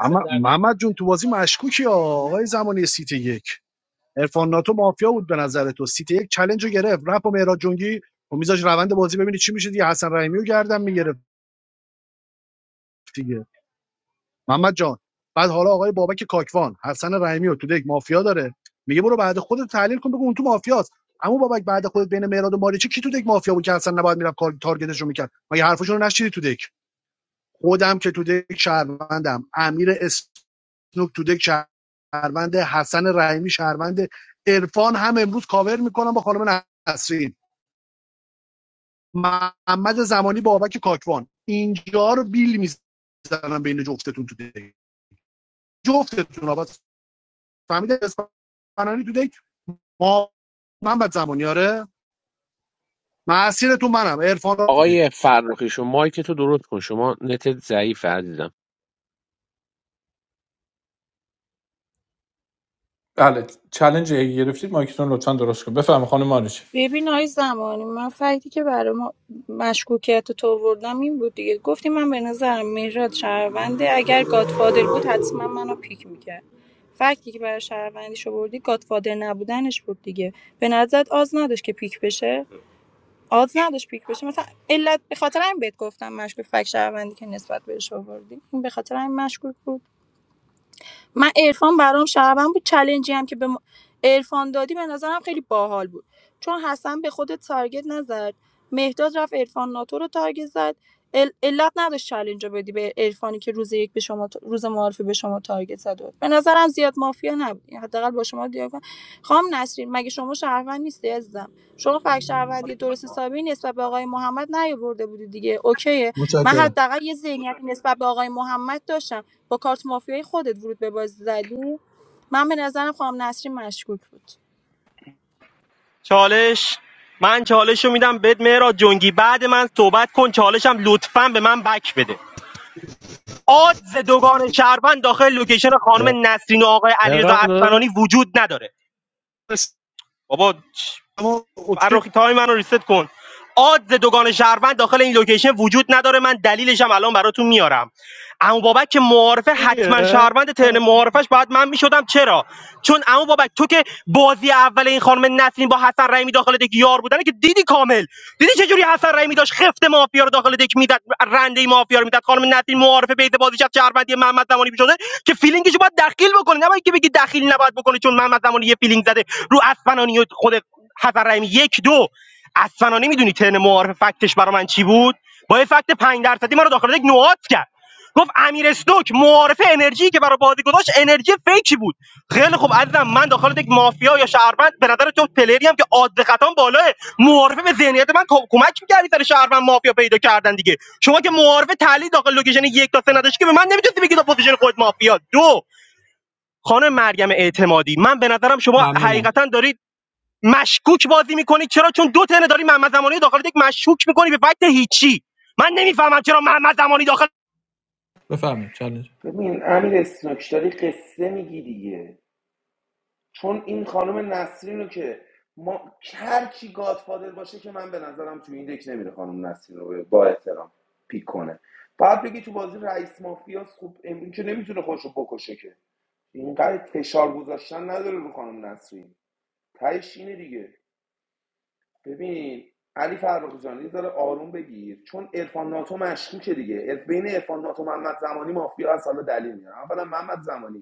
محمد, محمد جون تو بازی مشکوکی ها. آقای زمانی سیت یک ارفان ناتو مافیا بود به نظر تو سیت یک چلنج رو گرفت رپ و مهراد جنگی و میذاش روند بازی ببینی چی میشه دیگه حسن رحیمی رو گردن میگرفت دیگه محمد جان بعد حالا آقای بابک کاکوان حسن رحیمی رو تو دک مافیا داره میگه برو بعد خودت تحلیل کن بگو اون تو مافیاست اما بابک بعد خودت بین مهراد و ماریچی کی تو دک مافیا بود که اصلا نباید میرفت کار تارگتش رو میکرد مگه حرفشون رو نشیدی تو دک خودم که تو دک شهروندم امیر اسنوک تو دک شهروند حسن رحیمی شهروند عرفان هم امروز کاور میکنم با خانم نسرین محمد زمانی بابک کاکوان اینجا رو بیل میزنم بین جفتتون تو دک جفتتون آباد فهمیده اصفهانی تو دک ما من بعد زمانی آره مسیر تو منم عرفان تو دک آقای فرخی شما مایک تو درست کن شما نت ضعیف عزیزم ببین آی زمانی من فکتی که برای ما مشکوکیت تو آوردم این بود دیگه گفتی من به نظرم مهراد شهرونده اگر گادفادر بود حتما منو پیک میکرد فکتی که برای شهروندیش آوردی گادفادر نبودنش بود دیگه به نظرت آز نداشت که پیک بشه آز نداشت پیک بشه مثلا علت به خاطر این بهت گفتم مشکوک فک شهروندی که نسبت بهش آوردی این به خاطر این مشکوک بود من عرفان برام شهروند بود چلنجی هم که به ما- عرفان دادی به نظرم خیلی باحال بود چون حسن به خود تارگت نزد مهداد رفت عرفان ناتو رو تارگت زد ال- علت نداشت چلنج رو بدی به عرفانی که روز یک به شما تا- روز معارفه به شما تارگت زد و- به نظرم زیاد مافیا نبود یعنی حداقل با شما دیالوگ کنم. خانم نسرین مگه شما شهروند نیستی عزیزم شما فک شهروندی درست حسابی نسبت به آقای محمد نیاورده بودی دیگه اوکیه من حداقل یه ذهنیت نسبت به آقای محمد داشتم با کارت مافیایی خودت ورود به بازی زدی من به نظرم خانم نسرین مشکوک بود چالش من چالش میدم بهت مهراد جنگی بعد من صحبت کن چالشم لطفا به من بک بده آدز دوگان شهروند داخل لوکیشن خانم نسرین و آقای علیرضا مهران اصفهانی داداش وجود نداره بابا چ- اما اوکیه فرخی تای منو ریست کن آدز دوگان شهروند داخل این لوکیشن وجود نداره من دلیلشم الان براتون میارم عمو بابک که معارفه حتما شهروند ترن معارفش بعد من میشدم چرا چون عمو بابک تو که بازی اول این خانم نسرین با حسن رحیمی داخل دک یار بودن که دیدی کامل دیدی چه جوری حسن رحیمی داشت خفت مافیا رو داخل دک میداد رنده مافیا رو میداد خانم نسرین معارفه بیت بازی شب شهروندی محمد زمانی میشده که فیلینگشو باید دخیل بکنه نباید که بگی دخیل نباید بکنه چون محمد زمانی یه فیلینگ زده رو اسفنانی و خود حسن رحیمی یک دو اسفنانی میدونی ترن معارفه فکتش برا من چی بود با یه فکت 5 درصدی ما رو داخل دک نوآت کرد گفت امیر استوک معارف انرژی که برای بازی گذاشت انرژی فیکی بود خیلی خوب عزیزم من داخل یک مافیا یا شهروند به نظر تو پلری هم که عادل خطام بالاه معارفه به ذهنیت من کم- کمک می‌کردی سر شهروند مافیا پیدا کردن دیگه شما که معارفه تحلیل داخل لوکیشن یک تا سه نداشتی که به من نمیتونستی بگی تا پوزیشن خود مافیا دو خانم مریم اعتمادی من به نظرم شما ممنونم حقیقتا دارید مشکوک بازی میکنی چرا چون دو تنه داری محمد زمانی داخل یک مشکوک میکنی به فکت هیچی من نمیفهمم چرا محمد زمانی داخل بفرمایید چالش ببین امیر استوک داری قصه میگی دیگه چون این خانم نسرین رو که ما هر کی گادفادر باشه که من به نظرم تو این دک نمیره خانم نسرین رو به- با احترام پیک کنه بعد بگی تو بازی رئیس مافیا خوب این که نمیتونه خودش رو بکشه که اینقدر فشار گذاشتن نداره رو خانم نسرین تهش اینه دیگه ببین علی فرخ جان یه ذره آروم بگیر چون عرفان ناتو مشکوکه دیگه عرف- بین عرفان ناتو محمد زمانی مافیا از حالا دلیل میاره اولا محمد زمانی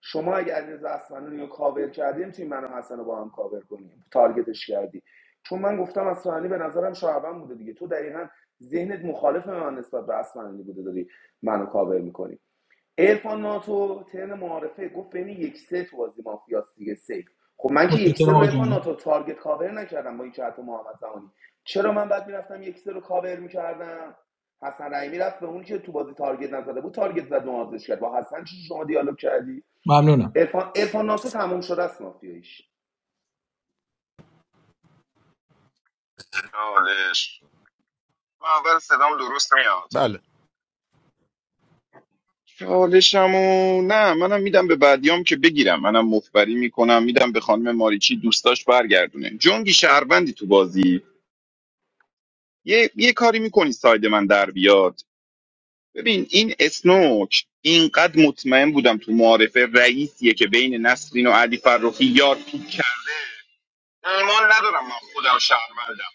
شما اگه علیرضا اصفهانی رو کاور کردیم تیم منو حسن رو با هم کاور کنیم تارگتش کردی چون من گفتم اصفهانی به نظرم شعبان بوده دیگه تو دقیقا ذهنت مخالف من نسبت به اصفهانی بوده داری منو کاور میکنی ارفان ناتو ترن معارفه گفت بین یک سه تو بازی مافیاست دیگه سیف خب من که یک سه رو ارفان ناتو تارگت کاور نکردم با این جهت محمد زمانی چرا من بعد میرفتم یک سه رو کاور میکردم حسن رحیمی رفت به اون که تو بازی تارگت نزده بود تارگت زد و کرد با حسن چی شما دیالوگ کردی ارفان ناتو تمام شده است مافیاییش چالش من اول صدام درست میاد بله چالشمو نه منم میدم به بعدیام که بگیرم منم مفبری میکنم میدم به خانم ماریچی دوستاش برگردونه جنگی شهروندی تو بازی یه, یه کاری میکنی ساید من در بیاد ببین این اسنوک اینقدر مطمئن بودم تو معارفه رئیسیه که بین نسرین و علی فرخی یار پیک کرد ایمان ندارم من خودم شهروندم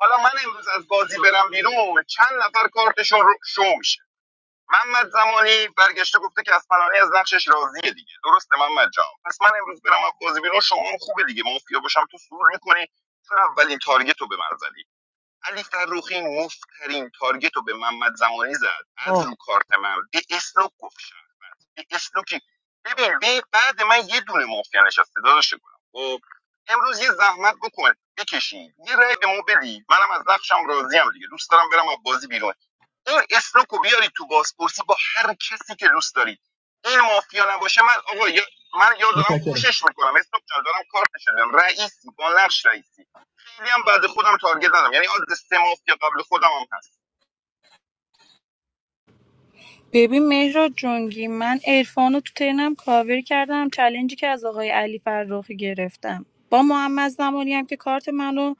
حالا من امروز از بازی برم بیرون چند نفر کارتشون رو شمش محمد زمانی برگشته گفته که از فنانی از نقشش راضیه دیگه درسته محمد جان پس من امروز برم از بازی بیرون شما خوبه دیگه مافیا باشم تو سرور میکنی چون اولین تارگت رو به من زدی علی فروخی مفترین تارگت رو به محمد زمانی زد از رو کارت من دی اسلوک گفت دیگه شوکی ببین به بعد من یه دونه مافیا نشسته داداش گلم خب امروز یه زحمت بکن بکشی یه رأی به ما بدی منم از نقشم راضیم دیگه دوست دارم برم از بازی بیرون این اسنوکو بیاری تو بازپرسی با هر کسی که دوست داری این مافیا نباشه من آقا یا من یا دارم پوشش میکنم اسنوک جان دارم کارت نشدم رئیسی با نقش رئیسی خیلی هم بعد خودم تارگت ندارم یعنی از سه مافیا قبل خودم هم هست ببین مهراد جنگی من عرفان رو تو ترنم کاور کردم چلنجی که از آقای علی فرخی گرفتم با محمد زمانی هم که کارت منو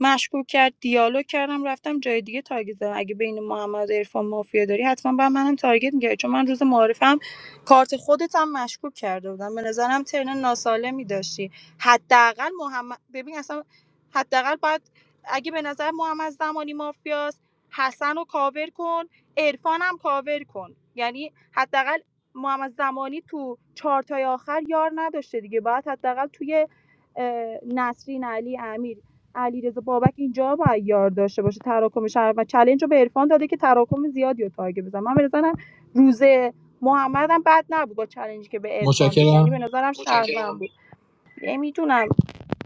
مشکوک کرد دیالوگ کردم رفتم جای دیگه تارگت زدم اگه بین محمد و عرفان مافیا داری حتما با منم تارگت میگیری چون من روز معارفم کارت خودت هم مشکوک کرده بودم به نظرم ترن ناسالمی داشتی حداقل محمد ببین اصلا حداقل باید اگه به نظر محمد زمانی مافیاست حسن رو کاور کن عرفانم کاور کن یعنی حداقل محمد زمانی تو چهارتای آخر یار نداشته دیگه باید حداقل توی اه، نسرین علی امیر علیرضا بابک اینجا باید یار داشته باشه تراکم شهر و چلنج رو به عرفان داده که تراکم زیادی رو تارگت بزن من به نظرم روز محمد هم بد نبود با چلنجی که به عرفان داد یعنی به نظرم شهروند بود نمیدونم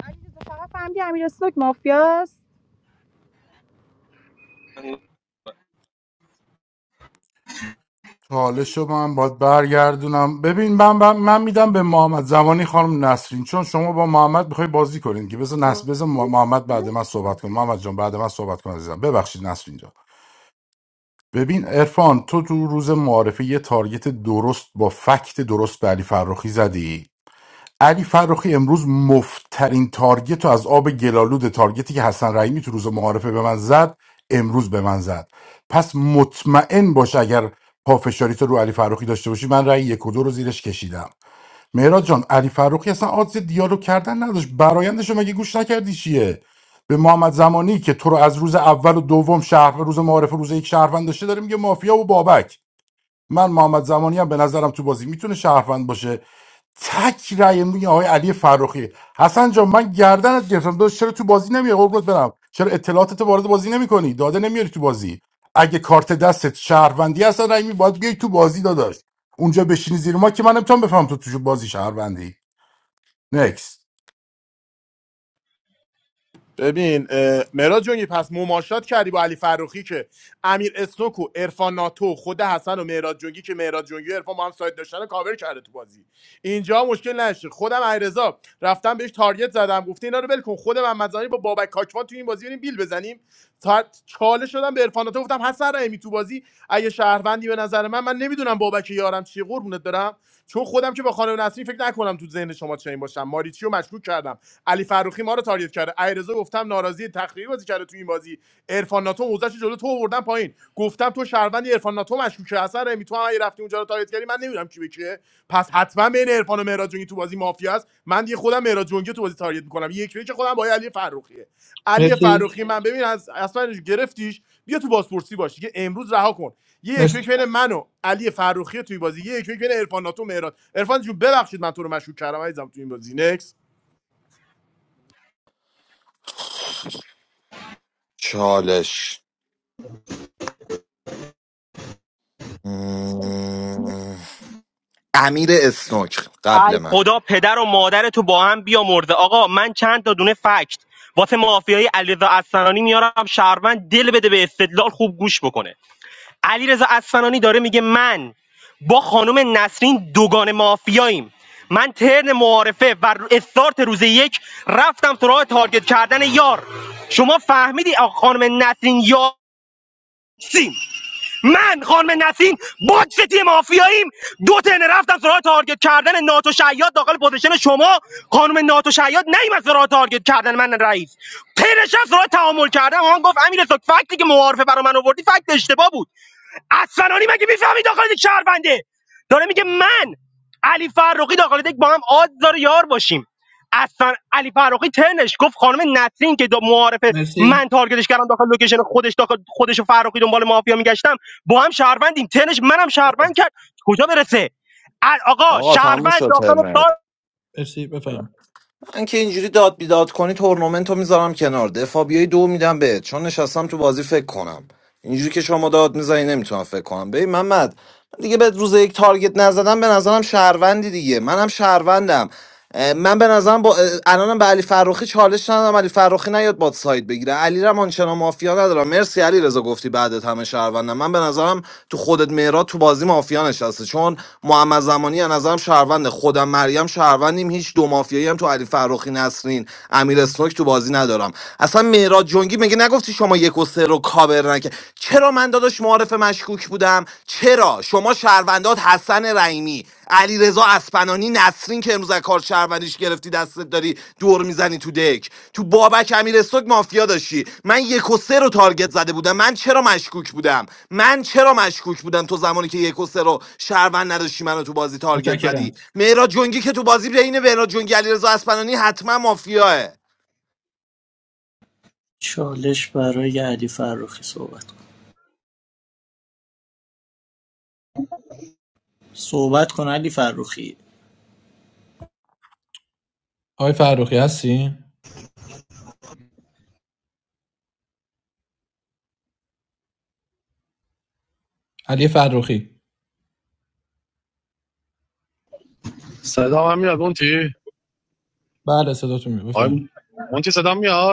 علیرضا فقط فهمیدی امیر استوک مافیاست چالش رو من باید برگردونم ببین من من, من میدم به محمد زمانی خانم نسرین چون شما با محمد میخوای بازی کنین که بذار نس بذار محمد بعد من صحبت کن محمد جان بعد من صحبت کن عزیزم ببخشید نسرین جان ببین عرفان تو تو روز معارفه یه تارگت درست با فکت درست به علی فرخی زدی علی فرخی امروز مفترین تارگت رو از آب گلالود تارگتی که حسن رحیمی تو روز معارفه به من زد امروز به من زد پس مطمئن باش اگر پافشاری تو رو علی فرخی داشته باشی من رأی یک و دو رو زیرش کشیدم مهراد جان علی فروخی اصلا آدز دیالوگ کردن نداشت برایندشو مگه گوش نکردی چیه به محمد زمانی که تو رو از روز اول و دوم شهر روز معارف و روز یک شهروند داشته داره میگه مافیا و بابک من محمد زمانی هم به نظرم تو بازی میتونه شهروند باشه تک رأی میگه آقای علی فرخی حسن جان من گردنت گرفتم داداش چرا تو بازی نمیای قربونت برم چرا اطلاعاتت وارد بازی نمیکنی داده نمیاری تو بازی اگه کارت دستت شهروندی هستن رأی می باید بیای تو بازی داداش اونجا بشینی زیر ما که من نمیتونم بفهم تو تو بازی شهروندی نکست ببین اه، مهراد جونگی پس مماشات کردی با علی فروخی که امیر اسنوک و ارفان ناتو خود حسن و مهراد جونگی که مهراد جونگی و عرفان با هم سایت داشتن رو کاور کرده تو بازی اینجا مشکل نشه خودم علیرضا رفتم بهش تارگت زدم گفته اینا رو ول کن خودم هم مزانی با بابک کاکوان تو این بازی بریم بیل بزنیم تا چاله شدم به عرفان ناتو گفتم حسن رحیمی تو بازی اگه شهروندی به نظر من من نمیدونم بابک یارم چیه قربونت برم چون خودم که با خانم نسرین فکر نکنم تو ذهن شما چنین باشم ماریچی رو مشکوک کردم علی فروخی ما رو تارگت کرده ایرزا گفتم ناراضی تخریبی بازی کرده تو این بازی عرفان ناتو موزش جلو تو آوردن پایین گفتم تو شهروند عرفان ناتو مشکوکه اصلا رمی تو هم اگه رفتی اونجا رو تارگت کردی من نمیدونم کی به کیه پس حتما بین عرفان و مهراد جنگی تو بازی مافیا است من دیگه خودم مهراد جنگی تو بازی تارگت میکنم یک به یک خودم با علی فروخیه علی فروخی من ببین از اصلا گرفتیش بیا تو بازپرسی باش دیگه امروز رها کن یه یک یک بین من و علی فروخی توی بازی یه یک یک بین عرفان ناتو و مهراد عرفان جون ببخشید من تو رو مشکوک کردم عزیزم تو این بازی Next. چالش مم. امیر اسنوک قبل من خدا پدر و مادر تو با هم بیامرزه آقا من چند تا دونه فکت واسه مافیای علیرضا اصفهانی میارم شهروند دل بده به استدلال خوب گوش بکنه علیرضا اصفهانی داره میگه من با خانم نسرین دوگان مافیاییم من ترن معارفه و استارت روز یک رفتم سراغ تارگت کردن یار شما فهمیدی آقا خانم نسرین یار سیم من خانم نسیم باکس تیم مافیاییم دو تنه رفتم سراغ تارگت کردن ناتو شیاد داخل پوزیشن شما خانم ناتو شیاد نیومد سراغ تارگت کردن من رئیس تنشم سراغ تعامل کردن آن گفت امیر سوک فکتی که معارفه برا من آوردی فکت اشتباه بود اصلانی مگه میفهمی داخل یک شهرونده داره میگه من علی فرخی داخل یک با هم آد داره یار باشیم اصلا علی فرخی ترنش گفت خانم نسرین که دا معارف من تارگتش کردم داخل لوکیشن خودش داخل خودش و فرخی دنبال مافیا میگشتم با هم شهروندیم ترنش منم شهروند کرد کجا برسه ال- آقا آقا تموم شهروند شد داخل ترمت سال من که اینجوری داد بیداد کنی تورنمنت رو میذارم کنار دفاع بیای دو میدم بهت چون نشستم تو بازی فکر کنم اینجوری که شما داد میزنی نمیتونم فکر کنم ببین محمد من دیگه به روز یک تارگت نزدم به نظرم شهروندی دیگه منم شهروندم من به نظرم با الانم به علی فروخی چالش ندادم علی فروخی نیاد باد ساید بگیره علی رم آنچنان مافیا ندارم مرسی علی رضا گفتی بعدت همه شهروندم من به نظرم تو خودت مهراد تو بازی مافیا نشسته چون محمد زمانی از نظرم شهرونده خودم مریم شهروندیم هیچ دو مافیایی هم تو علی فروخی نسرین امیر اسنوک تو بازی ندارم اصلا مهراد جنگی میگه نگفتی شما یک و سه رو کابر نکه چرا من داداش معارف مشکوک بودم چرا شما شهروندات حسن رحیمی علیرضا اسپنانی نسرین که امروز از کار شهروندیش گرفتی دستت داری دور میزنی تو دک تو بابک امیرستوک مافیا داشتی من یک و سه رو تارگت زده بودم من چرا مشکوک بودم من چرا مشکوک بودم تو زمانی که یک و سه رو شهروند نداشتی منو تو بازی تارگت زدی مهراد جنگی که تو بازی بین مهراد جنگی علیرضا اسپنانی حتما مافیاه چالش برای علی فرخی صحبت کن صحبت کن علی فرخی صدا هم میاد مونتی آی مونتی صدا میاد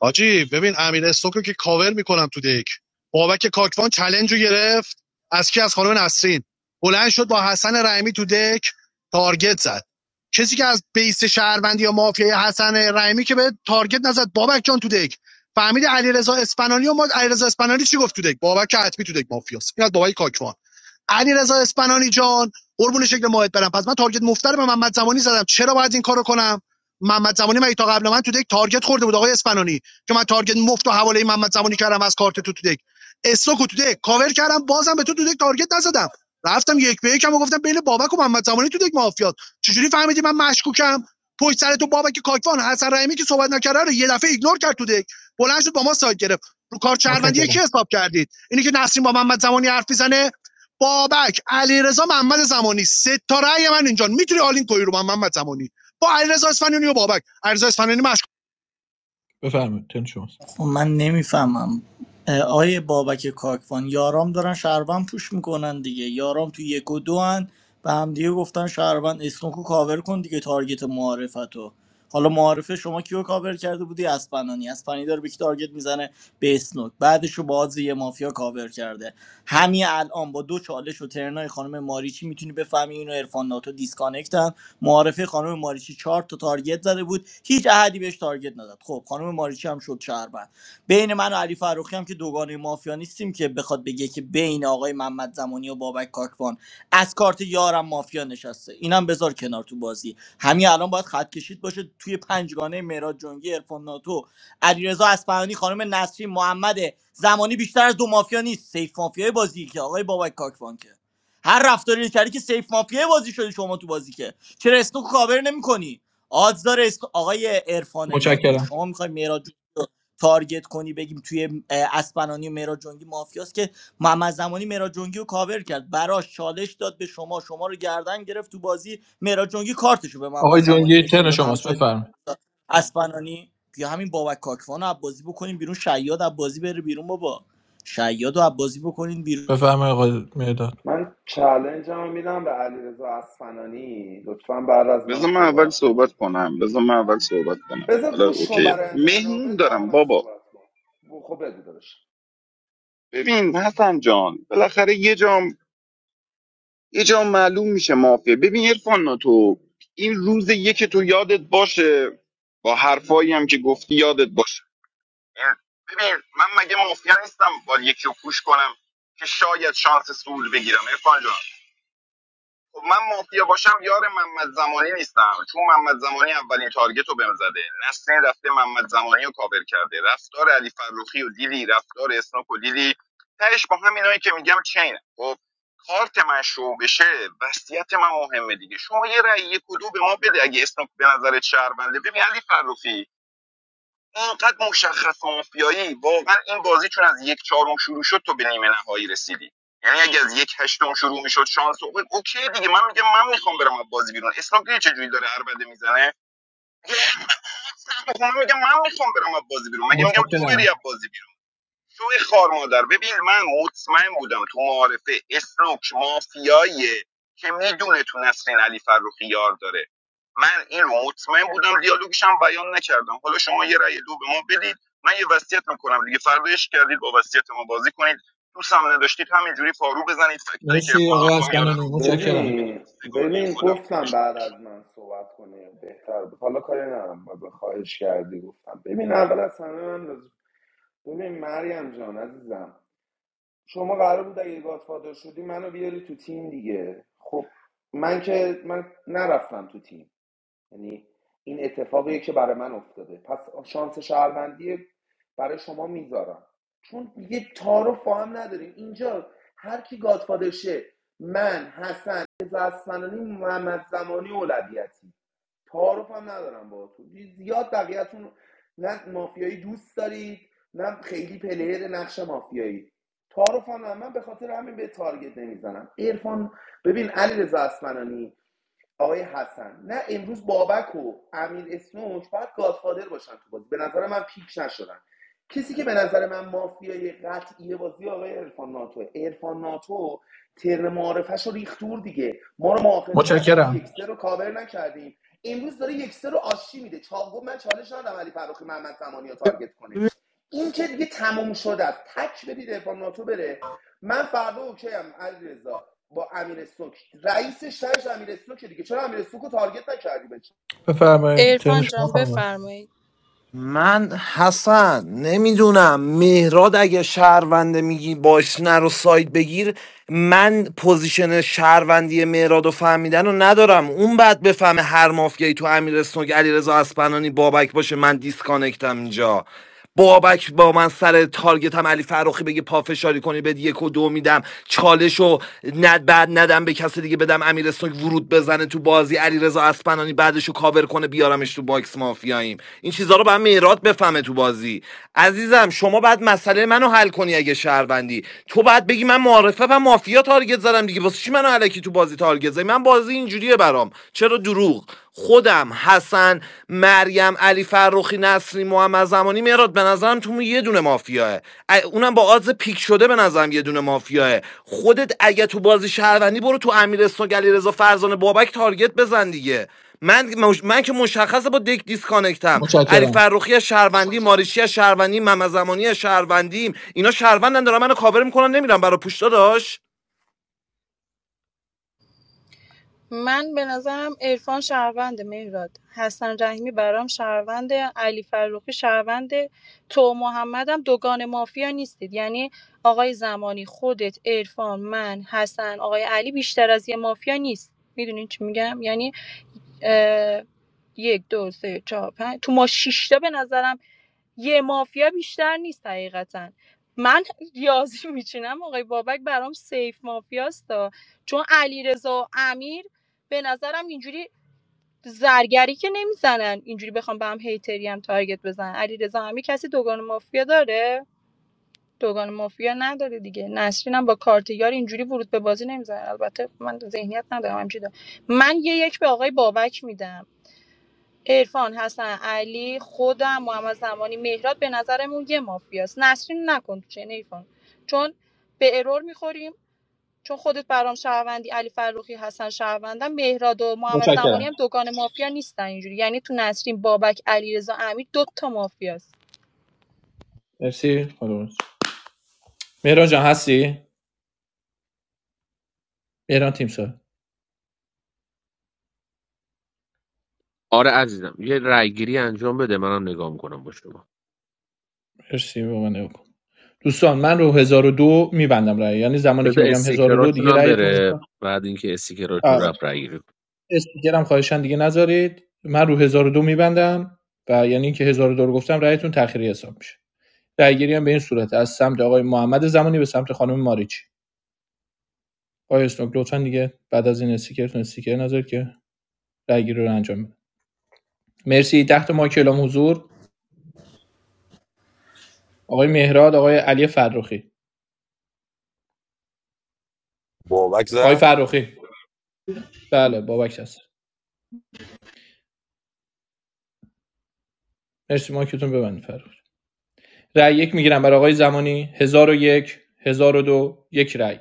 حاجی ببین امیر استوکو که کاور میکنم تو دک بابک کاکوان چلنج رو گرفت از کی از خانم نسرین بلند شد با حسن رحیمی تو دک تارگت زد کسی که از بیس شهروندی یا مافیای حسن رحیمی که به تارگت نزد بابک جان تو دک فهمید علیرضا اسپنالی و ما علیرضا اسپنالی چی گفت تو دک بابک که حتمی تو دک مافیاست این از بابک کاکوان علیرضا اسپنانی جان قربون شکل ماهت برم پس من تارگت مفتر به محمد زمانی زدم چرا باید این کارو کنم محمد زمانی من تا قبل من تو دک تارگت خورده بود آقای اسپنانی که من تارگت مفت و حواله محمد زمانی کردم از کارت تو تو دک استوک تو دک کاور کردم بازم به تو تو دک تارگت نزدم رفتم یک به یکم و گفتم بین بابک و محمد زمانی تو دک مافیات چجوری فهمیدی من مشکوکم پشت سر تو بابک کاکوان حسن رحیمی که صحبت نکرده رو یه دفعه ایگنور کرد تو دک بلند شد با ما سایت گرفت رو کار چربندی کی حساب کردید اینی که نسرین با محمد زمانی حرف میزنه بابک علیرضا محمد زمانی سه تا رأی من اینجا میتونی آلین کوی رو من محمد زمانی با علیرضا اصفهانی و بابک علیرضا اصفهانی مشکوک خب من نمیفهمم آیه بابک کاکوان یارام دارن شهروند پوش میکنن دیگه یارام تو یک و دو هن به همدیگه گفتن شهروند اسنوکو کاور کن دیگه تارگت معارفتو حالا معارفه شما کیو کاور کرده بودی اسپنانی اسپنانی داره به کی تارگت میزنه به اسنوک بعدش رو باز یه مافیا کاور کرده همین الان با دو چالش و ترنای خانم ماریچی میتونی بفهمی اینو عرفان ناتو معارفه خانم ماریچی چهار تا تارگت زده بود هیچ احدی بهش تارگت نداد. خب خانم ماریچی هم شد شهروند بین من و علی فروخی هم که دوگانه مافیا نیستیم که بخواد بگه که بین آقای محمد زمانی و بابک کاکوان از کارت یارم مافیا نشسته اینم بذار کنار تو بازی همین الان باید خط کشید باشه توی پنجگانه مهراد جنگی ارفان ناتو علیرضا اصفهانی خانم نسرین محمد زمانی بیشتر از دو مافیا نیست سیف مافیای بازی که آقای بابک کاکوان که هر رفتاری کردی که سیف مافیای بازی شده شما تو بازی که چرا اسنوک کاور نمیکنی آدز داره اسن- آقای عرفان ناتو شما میخوای میراد جنگی رو تارگت کنی بگیم توی اه، اسپنانی و میراج جنگی مافیاست که محمد زمانی میراج جنگی رو کاور کرد براش چالش داد به شما شما رو گردن گرفت تو بازی میراج جنگی کارتشو به محمد زمانی نشون داد همسایه داد. اسپنانی بیا همین بابک کاکوان رو عبازی بکنیم بیرون شیاد عبازی بره بیرون بابا شیاد رو عبازی بکنین بیرون من چالنج رو میدم به علیرضا اصفنانی لطفا بعد از من بذار من اول صحبت صحبت کن کنم بذار من اول صحبت کنم بذار حالا گوش کن اوکی برای آینده منو ب- مهمون بعد دارم من بابا صحبت کن ب- خب بگو داداش ببین حسن جان بالاخره یه جام یه جام معلوم میشه مافیا ببین عرفان تو این روز یک تو یادت باشه با حرفایی هم که گفتی یادت باشه ببین من مگه مافیا نیستم با یکی رو پوش کنم که شاید شانس سول بگیرم عرفان جان خب من مافیا باشم یار محمد زمانی نیستم چون محمد زمانی اولین تارگت رو بهم زده نسرین رفته محمد زمانی رو کاور کرده رفتار علی فروخی و دیدی رفتار اسناک و دیدی تهش با همینایی که میگم چینه خب کارت من شو بشه وصیت من مهمه دیگه شما یه رأی کدو به ما بده اگه اسناک به نظرت شهرونده ببین علی فروخی اینقدر مشخص مافیایی واقعا این بازی چون از یک چهارم شروع شد تو به نیمه نهایی رسیدی یعنی اگه از یک هشتم شروع میشد شانس او- اوکی دیگه من میگم من میخوام برم از بازی بیرون اسلام دیدی چه جوری داره عربده میزنه میگه، من میگم من میخوام برم از بازی بیرون مگه میگم تو بری از بازی بیرون؟ شوی خار مادر ببین من مطمئن بودم تو معارفه اسنوک مافیاییه که میدونه تو نسرین علی فروخی یار داره من این رو مطمئن بودم دیالوگش هم بیان نکردم حالا شما یه رأی دو به ما بدید من یه وصیت میکنم دیگه فرداش کردید با وصیت ما بازی کنید دوست هم نداشتید همینجوری پارو بزنید فکتایی که ارفان تو میاره رو ادامه بدید ببین سگانه ببین خودم گفتم خودش بعد خودشون از من صحبت کنی بهتر بود حالا کاری ندارم با خواهش کردی گفتم ببین اول از همه من راز- ببین مریم جان عزیزم شما قرار بود اگه گادفادر شدی منو بیاری تو تیم دیگه خب من که من نرفتم تو تیم یعنی این اتفاقیه که برای من افتاده پس شانس شهروندی برای شما میذارم چون یه تعارف با هم نداریم اینجا هر کی گادفادر شه من حسن زسفنانی محمد زمانی اولویتی تعارف هم ندارم باهاتون زیاد بقیه‌تون نه مافیایی دوست دارید نه خیلی پلیر نقش مافیایی تعارف هم من به خاطر همین به تارگت نمیزنم عرفان ببین علیرضا اصفهانی آقای حسن نه امروز بابک و امیر اسنوک باید گادفادر باشن تو بازی به نظر من پیک نشدن کسی که به نظر من مافیای قطعی بازی آقای عرفان ناتو عرفان ناتو تر معارفش رو ریختور دیگه ما رو مؤاخذه کرد چرا یکسر رو کاور نکردیم امروز داره یکسر رو آشی میده چاپ من چالش ندارم علی فراخی محمد زمانی رو تارگت کنه این که دیگه تموم شده است تک بدید عرفان ناتو بره من فردا اوکی ام علیرضا. با امیر سوک رئیس شهرش امیر سوکه دیگه چرا امیر سوک رو تارگت نکردی بچه عرفان جان بفرمایید من حسن نمیدونم مهراد اگه شهرونده میگی باش نرو سایت بگیر من پوزیشن شهروندی مهراد و فهمیدن رو ندارم اون بعد بفهمه هر مافیایی تو امیر اسنوک علیرضا اسپنانی بابک باشه من دیسکانکتم اینجا بابک با من سر تارگت هم علی فراخی بگه پافشاری کنی بد یک و دو میدم چالش ند بعد ندم به کسی دیگه بدم امیر اسنوک ورود بزنه تو بازی علی رضا اسپنانی بعدشو کاور کنه بیارمش تو باکس مافیاییم این چیزها رو بعد میرات بفهمه تو بازی عزیزم شما بعد مسئله منو حل کنی اگه شهروندی تو بعد بگی من معارفه و مافیا تارگت زدم دیگه واسه چی منو علکی تو بازی تارگت زدی من بازی اینجوریه برام چرا دروغ خودم حسن مریم علی فرخی نصری محمد زمانی مراد به نظرم تو یه دونه مافیاه اونم با آدز پیک شده به نظرم یه دونه مافیاه خودت اگه تو بازی شهروندی برو تو امیر علی رضا فرزانه بابک تارگت بزن دیگه من من که مشخصه با دک دیسکانکتم علی فرخی از شهروندی ماریشی از شهروندی محمد زمانی از شهروندیم اینا شهروندن دارن منو کاور میکنن نمیرم برا پوشتا داش من به نظرم عرفان شهرونده مهراد حسن رحیمی برام شهرونده علی فروخی شهرونده تو محمدم دوگان مافیا نیستید یعنی آقای زمانی خودت عرفان من حسن آقای علی بیشتر از یه مافیا نیست میدونین چی میگم یعنی اه، یک دو سه چهار پنج تو ما شیشتا به نظرم یه مافیا بیشتر نیست حقیقتا من ریاضی میچینم آقای بابک برام سیف مافیاستا چون علیرضا و امیر به نظرم اینجوری زرگری که نمیزنن اینجوری بخوام به هم هیتری هم تارگت بزنن علیرضا همی کسی دوگان مافیا داره دوگان مافیا نداره دیگه نسرین هم با کارت یار اینجوری ورود به بازی نمیزنه البته من ذهنیت ندارم همینجوری دارم. من یه یک به آقای بابک میدم عرفان حسن علی خودم محمد زمانی مهراد به نظرمون یه مافیاست نسرین نکن تو چه نیفون، چون به ارور میخوریم چون خودت برام شهروندی علی فروخی حسن شهروندم مهراد و محمد زمانی هم دوگان مافیا نیستن اینجوری یعنی تو نسرین بابک علیرضا امیر دو تا مافیاست مرسی خانم مهران جان هستی مهران تیم سار آره عزیزم یه رأیگیری انجام بده منم نگاه میکنم با شما مرسی با من نگاه دوستان من رو 1002 میبندم رأی یعنی زمانی که بده بگم 1002 استیکراتون دیگه هم رأی بره بعد اینکه استیکراتون آه، رفت رأیگیری کن. استیکرم خواهشان دیگه نذارید من رو 1002 میبندم و یعنی اینکه 1002 رو گفتم رأیتون تأخیری حساب میشه رأیگیری هم به این صورت از سمت آقای محمد زمانی به سمت خانم ماریچی آقای اسنوک لطفا دیگه بعد از این استیکرتون استیکر نذارید که رگی رو انجام بده مرسی ده تا مایک اعلام حضور آقای مهراد آقای علی فرخی Ball like آقای that. فرخی بله بابک هست مرسی مایکتون ببندید فرخی رای یک میگیرم برای آقای زمانی هزار و یک هزار و دو یک رای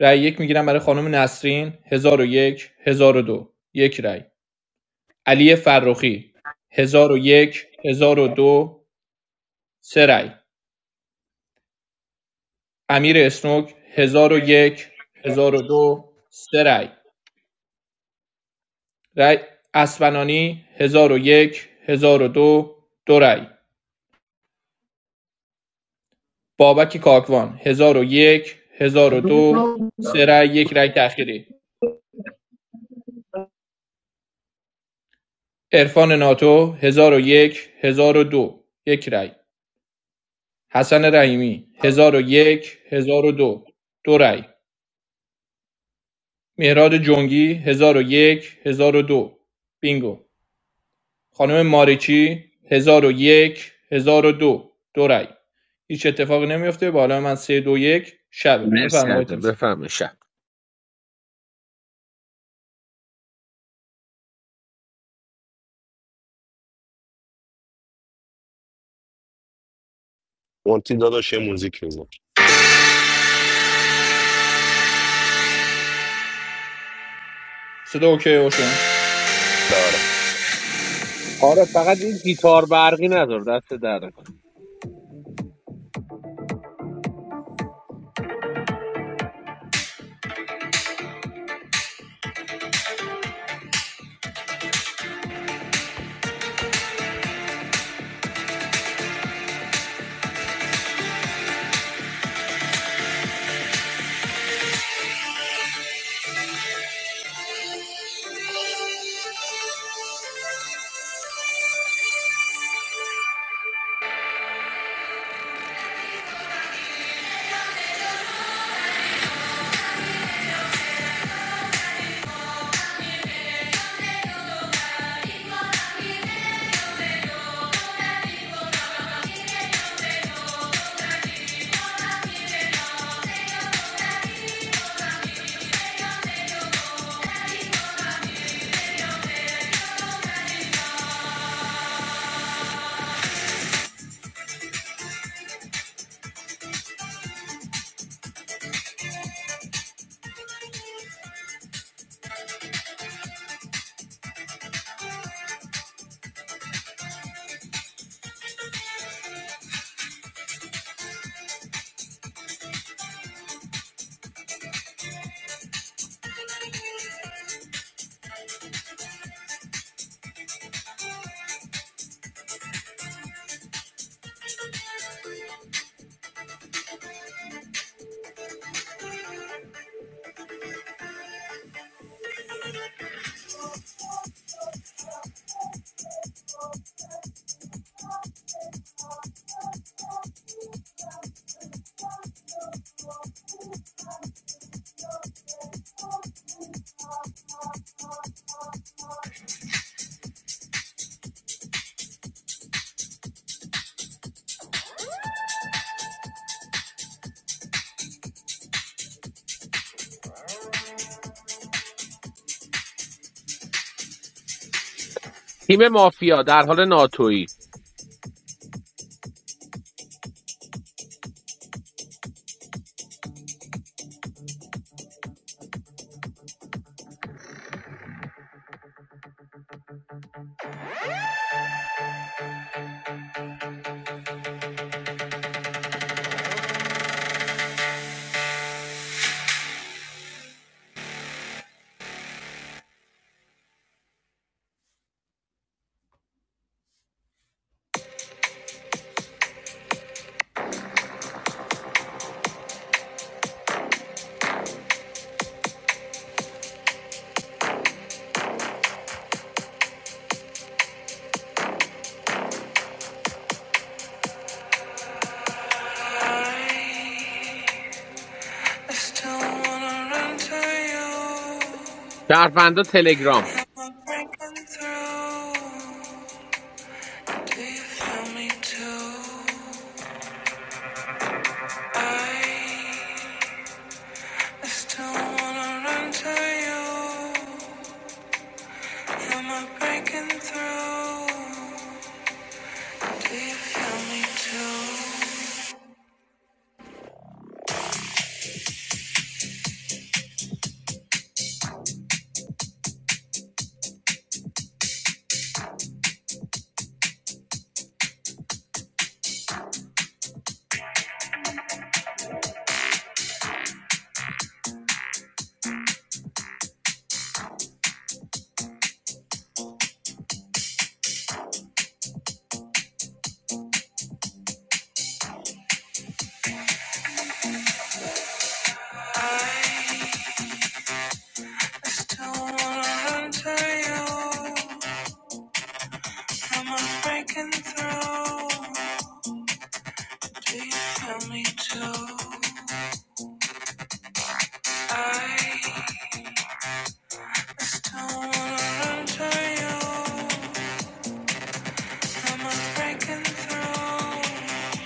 رای یک میگیرم برای خانم نسرین هزار و یک هزار و دو یک رای علی فرخی 1001 1002 سه رأی امیر اسنوک 1001 1002 سه رأی رأی اسفنانی 1001 1002 دو دو رأی بابک کاکوان 1001 1002 سه رأی یک رأی تأخیری عرفان ناتو 1001 1002 یک هزار و دو، یک رأی حسن رحیمی 1001 1002 دو دو رأی مهراد جنگی 1001 1002 بینگو خانم ماریچی 1001 1002 دو دو رای هیچ اتفاقی نمیفته بالا من 321 شبه مرسی بفرمایید آقای ازم تیمسار بفهمه شب Want to do some music, you know? صدا اوکی اوشن For آره فقط این گیتار برقی نداره دست در نکنه تیم مافیا در حال ناتویی شهروندا تلگرام Do you feel me too? I still wanna run to you. Am I breaking through? Do you feel me too? I still wanna run to you. Am I breaking through? Do you feel me too? I still wanna run to you. Am I breaking through?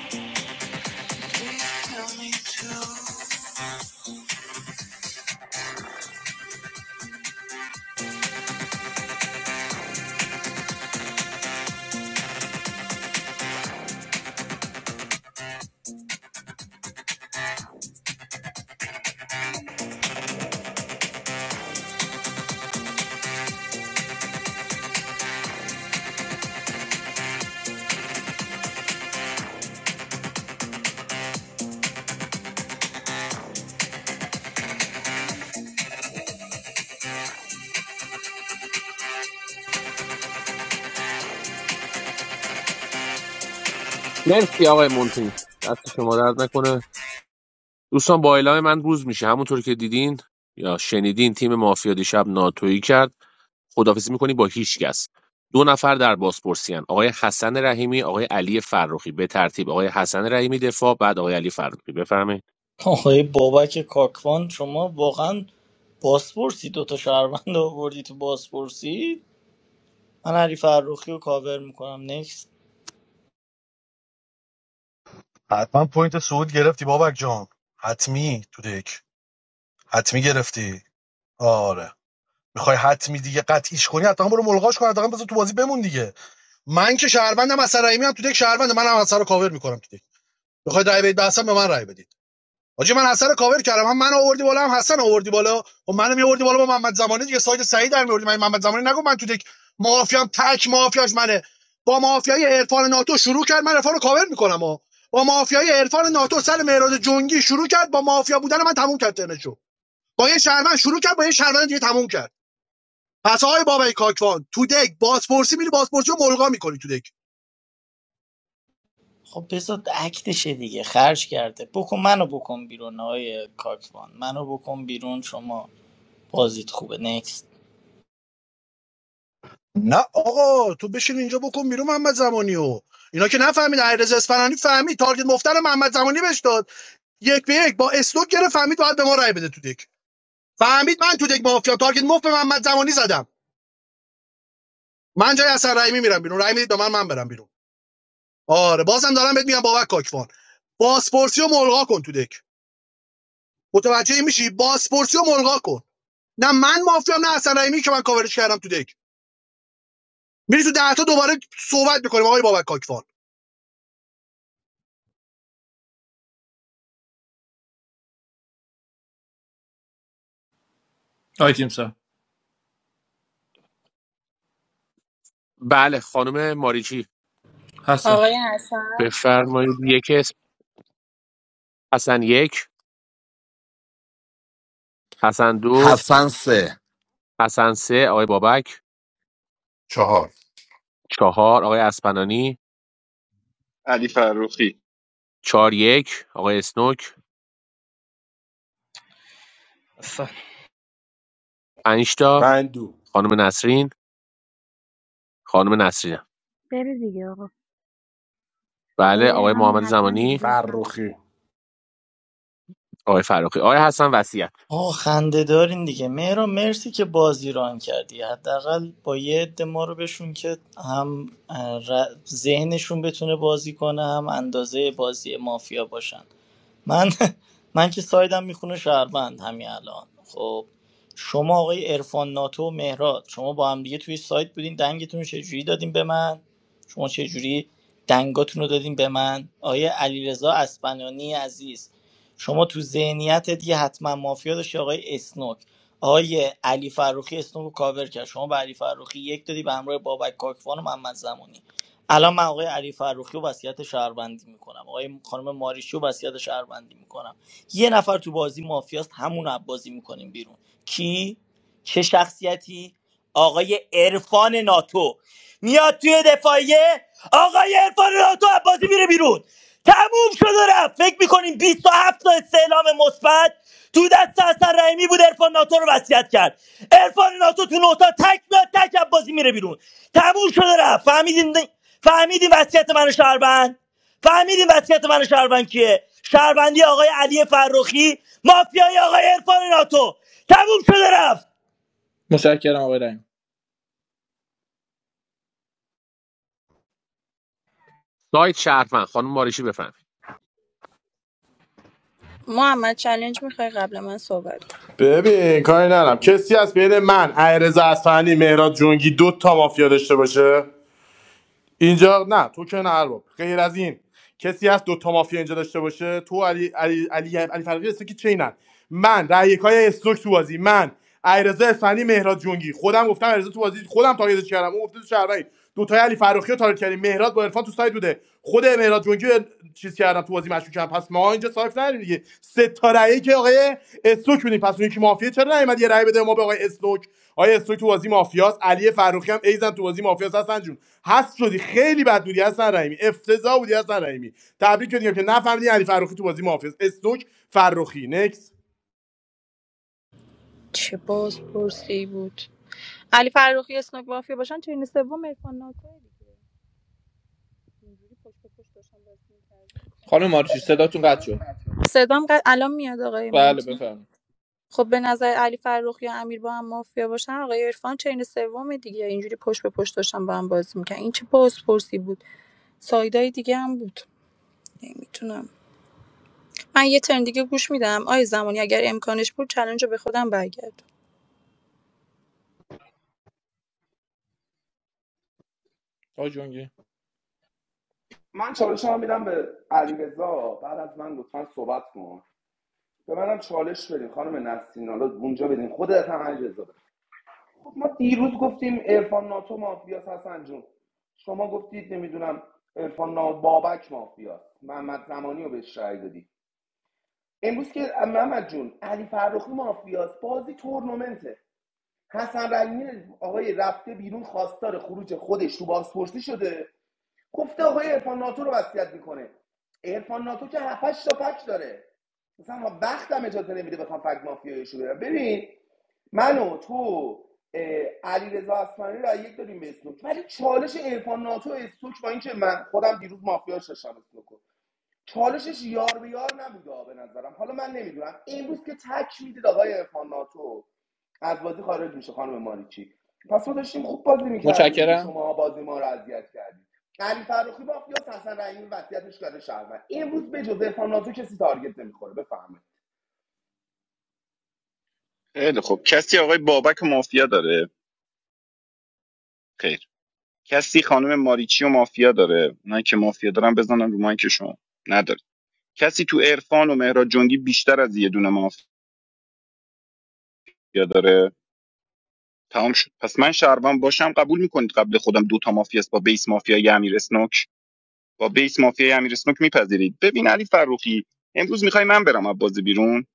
مرسی آقای مونتین دست شما درد نکنه دوستان با اعلام من روز میشه همونطور که دیدین یا شنیدین تیم مافیا دیشب ناتویی کرد خداحافظی می‌کنیم با هیچکس دو نفر در بازپرسی‌ان آقای حسن رحیمی آقای علی فرخی به ترتیب آقای حسن رحیمی دفاع بعد آقای علی فرخی بفرمایید آقای بابک کاکوان شما واقعا باسپورسی دوتا شهروند آوردی تو باسپورسی من علی فرخی رو کاور میکنم نکست حتما پوینت صعود گرفتی بابک جان حتمی تو دک حتمی گرفتی آره میخوای حتمی دیگه قطعیش کنی حتما برو ملغاش کن حتما بذار تو بازی بمون دیگه من که شهروندم اثر رحیمی هم تو دک شهروند منم اثر رو کاور میکنم تو دک میخوای رای بدید به به من رای بدید حاجی من حسن رو کاور کردم هم من آوردی بالا هم حسن آوردی بالا و منو میآوردی بالا با محمد زمانی دیگه ساید سعید در میآوردی من محمد زمانی نگو من تو دک مافیام تک مافیاش منه با مافیای عرفان ناتو شروع کرد من عرفان رو کاور میکنم ها با مافیای عرفان ناتو سر مهراد جنگی شروع کرد با مافیا بودن من تموم کرد ترنشو با یه شهروند شروع کرد با یه شهروند دیگه تموم کرد پس آقای بابای کاکوان تو دک بازپرسی میری بازپرسی رو ملغا میکنی تو دک اون شما بازیت خوبه نکست نه آقا تو بشین اینجا بکن بیرون محمد زمانی و اینا که نفهمید علیرضا اصفهانی فهمید تارگت مفتر محمد زمانی بهش داد یک به یک با اسلوک گرفت فهمید باید به ما رای بده تو دک فهمید من تو دک مافیا تارگت مفت به محمد زمانی زدم من جای اصلا رحیمی میرم بیرون رای میدید به من من برم بیرون آره بازم دارم بهت میگم بابک کاکفان باسپورسی و ملغا کن تو دک متوجه میشی باسپورسی و ملغا کن نه من مافیام نه اصلا رحیمی که من کاورش کردم تو دک میری تو ده تا دوباره صحبت میکنیم آقای بابک کاکفان بله خانم ماریچی بفرمایید یک اسم حسن یک حسن دو حسن سه حسن سه آقای بابک چهار چهار آقای اسپنانی چهار یک آقای اسنوک پنج تا خانم نسرین خانم نسرین بری دیگه آقا بله آقای آقای همین محمد حتما دیگه زمانی بفهم. آقای فرخی آقای حسن وصیت آه خنده دارین دیگه مهرا مرسی که بازی ران کردی حداقل با یه عده ما رو بشون که هم اه، ر- ذهنشون بتونه بازی کنه هم اندازه بازی مافیا باشن من من که سایدم میخونه شهروند همین الان خب شما آقای عرفان ناتو و مهراد شما با هم دیگه توی سایت بودین دنگتون رو چجوری دادین به من شما چجوری دنگاتون رو دادین به من آیه علیرضا اسپنانی عزیز شما تو ذهنیتت یه حتما مافیا داشتی آقای اسنوک آقای علی فروخی اسنوک رو کاور کرد شما به علی فروخی یک دادی به همراه بابک کاکوان و محمد زمانی الان من آقای علی فروخی رو وصیت شهروندی میکنم آقای خانم ماریشی رو وصیت شهروندی میکنم یه نفر تو بازی مافیاست همون رو بازی میکنیم بیرون کی چه شخصیتی آقای عرفان ناتو میاد توی دفاعیه آقای عرفان ناتو بازی میره بیرون تموم شد و رفت فکر میکنیم 27 تا استعلام مثبت تو دست حسن رحیمی بود عرفان ناتو رو وصیت کرد عرفان ناتو تو نوتا تک میاد تک از بازی میره بیرون تموم شده رفت فهمیدین فهمیدین وصیت من شهروند فهمیدین وصیت من شهروند کیه شهروندی آقای علی فرخی مافیای آقای عرفان ناتو تموم شده رفت سایت شهروند خانم ماریشی بفهم محمد چلنج میخوای قبل من صحبت کن ببین کاری ندارم کسی از بین من ایرز اصفهانی مهراد جونگی دو تا مافیا داشته باشه اینجا نه تو که نه ارباب غیر از این کسی هست دو تا مافیا اینجا داشته باشه تو علی علی علی, علی فرقی هستی که چینن من رایکای استوک تو بازی من ایرزا اصفهانی مهراد جونگی خودم گفتم ایرزا تو بازی خودم تاگیدش کردم اون گفته تو شهروندی دو تای علی فراخی رو تارگت کردیم مهراد با عرفان تو سایت بوده خود مهراد جونگی رو چیز تو بازی مشکوک هم پس ما اینجا صاف نداریم دیگه سه تا رأیی که آقای استوک بودیم پس اون یکی مافیا چرا نیومد یه رأی بده ما به آقای استوک آقای استوک تو بازی مافیاست علی فروخی هم ایزن تو بازی مافیاست هستن جون هست شدی خیلی بد بودی هستن رحیمی افتضاح بودی هستن رحیمی تبریک میگم که نفهمیدی علی فروخی تو بازی مافیاست استوک فروخی نکس چه بازپرسی بود علی فروخی اسنوک مافیا باشن چه این سوم عرفان ناتوه اینجوری پشت به پشت داشتن بازی می‌کردن. خانم مارچی صداتون قطع شد صدام قد... الان میاد آقای بله مونتی بفرمایید خب به نظر علی فرخ یا امیر با هم مافیا باشن آقای عرفان چین سوم دیگه اینجوری پشت به پشت داشتن با هم بازی میکنن این چه بازپرسی بود سایدای دیگه هم بود نمیتونم من یه ترن دیگه گوش میدم آی زمانی اگر امکانش بود چلنج رو به خودم برگرد آقای جونگی من چالش هم میدم به علیرضا بعد از من لطفا صحبت کن به منم چالش بدین خانم نسرین حالا اونجا بدین خودت هم علیرضا بده. خب ما دیروز گفتیم عرفان ناتو مافیاس حسن جون شما گفتید نمیدونم عرفان نا- بابک مافیاس محمد زمانی رو بهش رأی دادی امروز که محمد جون علی فرخی مافیاس بازی تورنمنته حسن رحیمی آقای رفته بیرون خواستار خروج خودش تو بازپرسی شده گفته آقای عرفان ناتو رو وصیت میکنه عرفان ناتو که 7 تا فک داره مثلا ما بختم اجازه نمیده بخوام فک مافیایش رو برم ببین من و تو علیرضا رضا اصفهانی رو یک داریم به اسلوک ولی چالش عرفان ناتو و اسلوک با اینکه من خودم دیروز مافیاش داشتم اسلوکو چالشش یار به یار نبوده به نظرم حالا من نمیدونم امروز که تک میدید آقای عرفان ناتو از بازی خارج میشه خانم ماریچی پس ما داشتیم خوب بازی میکردیم دیگه متشکرم شما بازی ما رو اذیت کردیم علی فرخی مافیا حسن رحیمی وصیتش کرده شهروند امروز به جز عرفان ناتو کسی تارگت نمیخوره بفهمه خیلی خب کسی آقای بابک مافیا داره خیر کسی خانم ماریچی و مافیا داره اونایی که مافیا دارن بزنن رو مایکشون نداره کسی تو عرفان و مهراد جنگی بیشتر از یه دونه مافیا داره تمام شد پس من شهروند باشم قبول میکنید قبل خودم دو تا مافیا است با بیس مافیای امیر اسنوک با بیس مافیای امیر اسنوک میپذیرید ببین علی فروخی امروز میخوای من برم از بازی بیرون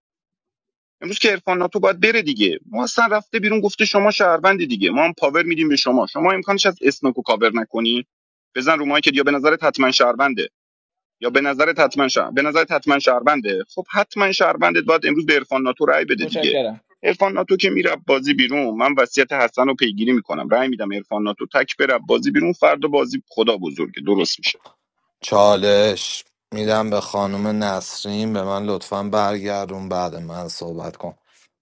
امروز که عرفان ناتو باید بره دیگه ما اصلا رفته بیرون گفته شما شهروندی دیگه ما هم پاور میدیم به شما شما امکانش از اسنوکو کاور نکنی بزن رو مایکت یا به نظرت حتما شهرونده یا به نظرت حتما شهر... به نظرت حتما شهربنده خب حتما شهربندت باید امروز به عرفان ناتو رأی بده دیگه عرفان ناتو که میره بازی بیرون من وصیت حسن رو پیگیری میکنم رأی میدم عرفان ناتو تک بره بازی بیرون فردا بازی خدا بزرگه درست میشه چالش میدم به خانم نسرین به من لطفا برگردون بعد من صحبت کن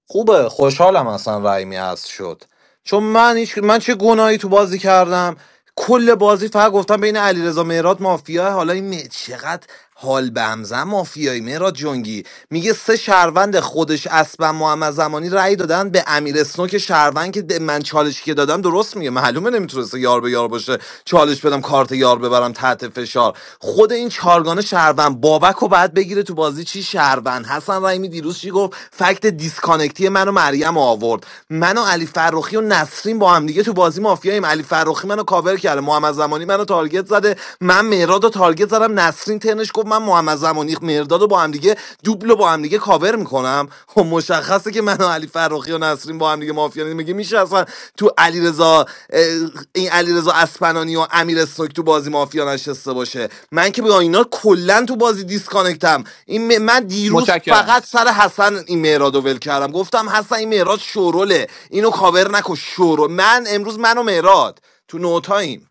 خوبه خوشحالم اصلا رایمی هست شد چون من هیچ من چه گناهی تو بازی کردم کل بازی فقط گفتم بین علیرضا مهراد مافیا حالا این مه- چقدر حال به همزن مافیایی مهراد جنگی میگه سه شهروند خودش اسبم محمد زمانی رأی دادن به امیر اسنوک شهروند که من چالش که دادم درست میگه معلومه نمیتونسته یار به یار باشه چالش بدم کارت یار ببرم تحت فشار خود این چارگانه شهروند بابک رو باید بگیره تو بازی چی شهروند حسن رحیمی دیروز چی گفت فکت دیسکانکتی منو مریم آورد منو علی فرخی و نسرین با هم دیگه تو بازی مافیاییم علی فرخی منو کاور کرده محمد زمانی منو تارگت زده من مهراد رو تارگت زدم نسرین ترنش گفت من محمد زمانی مهرداد رو با هم دیگه دوبل رو با هم دیگه کاور میکنم خب مشخصه که من و علی فراخی و نسرین با هم دیگه مافیا نیست. میگه میشه اصلا تو علیرضا این علیرضا اسپنانی و امیر اسنوک تو بازی مافیا نشسته باشه من که با اینا کلا تو بازی دیسکانکتم این من دیروز فقط سر حسن این مهراد رو ول کردم گفتم حسن این مهراد شوروله اینو کاور نکن شورول من امروز من و مهراد تو نوتایم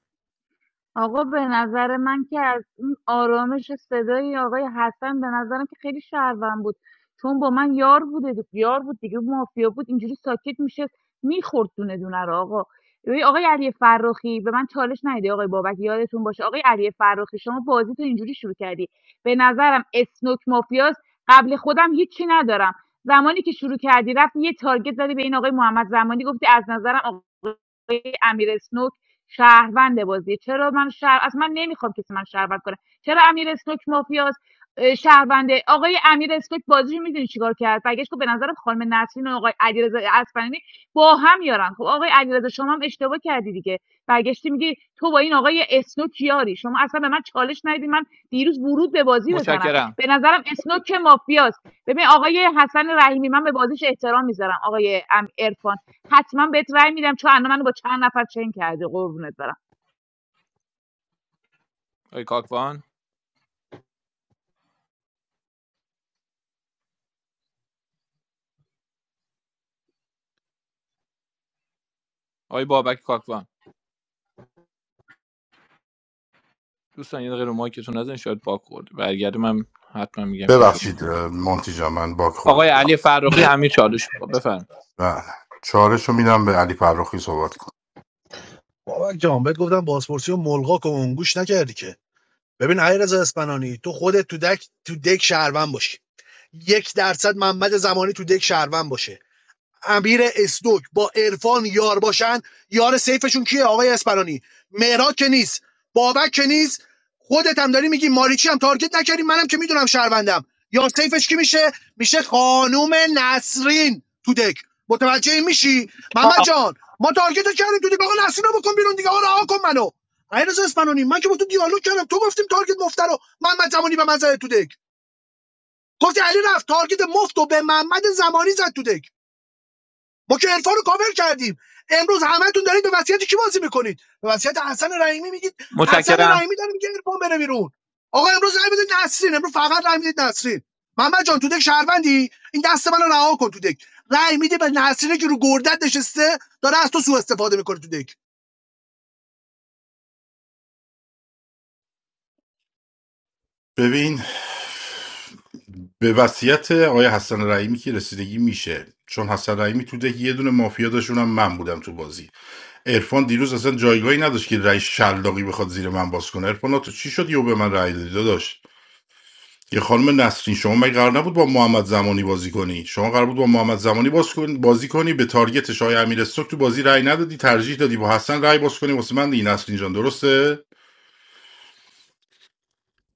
آقا به نظر من که از اون آرامش صدای آقای حسن به نظرم که خیلی شهروند بود چون با من یار بوده دی- یار بود دیگه مافیا بود اینجوری ساکت میشه میخورد دونه دونه رو آقا ببین آقای علی فرخی به من چالش ندیده آقای بابک یادتون باشه آقای علی فرخی شما بازی تو اینجوری شروع کردی به نظرم اسنوک مافیاست قبل خودم هیچی ندارم زمانی که شروع کردی رفت یه تارگت زدی به این آقای محمد زمانی گفتی از نظرم آقای امیر اسنوک شهروند بازیه چرا من شهر از من نمیخوام کسی من شهروند کنه چرا امیر اسنوک مافیاست اه، شهرونده آقای امیر اسنوک بازی میدونی چیکار کرد برگشت گفت به نظرم خانم نسرین و آقای علیرضا اصفهانی با هم یارن خب آقای علیرضا شما هم اشتباه کردی دیگه برگشتی میگی تو با این آقای اسنوک یاری شما اصلا به من چالش ندیدی من دیروز ورود به بازی بزنم متشکرم به نظرم اسنوک مافیاست ببین آقای حسن رحیمی من به بازیش احترام میذارم آقای ام حتما بهت رأی میدم چون الان منو با چند نفر چنگ کرده قربونت برم آقای کاکوان آقای بابک کاکوان دوستان یه دقیقه رو مایکتون نزن شاید باک خورد برگرده من حتما میگم که شما ببخشید شد اه، مونتی جان من باک خورده آقای بودم علی فرخی امیر چالش میخواد بفرمایید بله چهارشو میدم به علی فرخی صحبت کنه. بابک جان بهت گفتم بازپرسی و ملغا کن اون گوش نکردی که ببین علیرضا اسپنانی تو خودت تو دک تو دک شهروند باشی یک درصد محمد زمانی تو دک شهروند باشه امیر اسدوک با عرفان یار باشن یار سیفشون کیه آقای اسپرانی مهراد که نیست بابک که نیست خودت هم داری میگی ماریچی هم تارگت نکردی منم که میدونم شهروندم یار سیفش کی میشه میشه خانوم نسرین تو دک متوجه این میشی محمد جان ما تارگت رو کردیم تو دیگه آقا نسرین رو بکن بیرون دیگه آقا رها کن منو علیرضا اسپانانی من که با تو دیالوگ کردم تو گفتیم تارگت مفت رو محمد زمانی به من زد تو دک گفتی علی رفت تارگت مفت و به محمد زمانی زد تو دک ما که عرفان رو کاور کردیم امروز همتون دارید به وصیت کی بازی میکنید به وصیت حسن رحیمی میگید حسن رحیمی داره میگه عرفان بره بیرون آقا امروز رای بدید نسرین امروز فقط رای میدید نسرین محمد جان تو دک شهروندی این دست منو رها کن تو دک رای میده به نسرین که رو گردت نشسته داره از تو سوء استفاده میکنه تو دک ببین به وصیت آقای حسن رحیمی که رسیدگی میشه چون حسن رحیمی تو ده یه دونه مافیا داشت اونم من بودم تو بازی عرفان دیروز اصلا جایگاهی نداشت که رأی شلاقی بخواد زیر من باز کنه عرفان تو چی شد یهو به من رأی دادی داشت یه خانم نسرین شما مگه قرار نبود با محمد زمانی بازی کنی شما قرار بود با محمد زمانی باز کن- بازی کنی به تارگت شاه امیر استوک تو بازی رأی ندادی ترجیح دادی با حسن رأی باز کنی واسه من دیگه نسرین جان درسته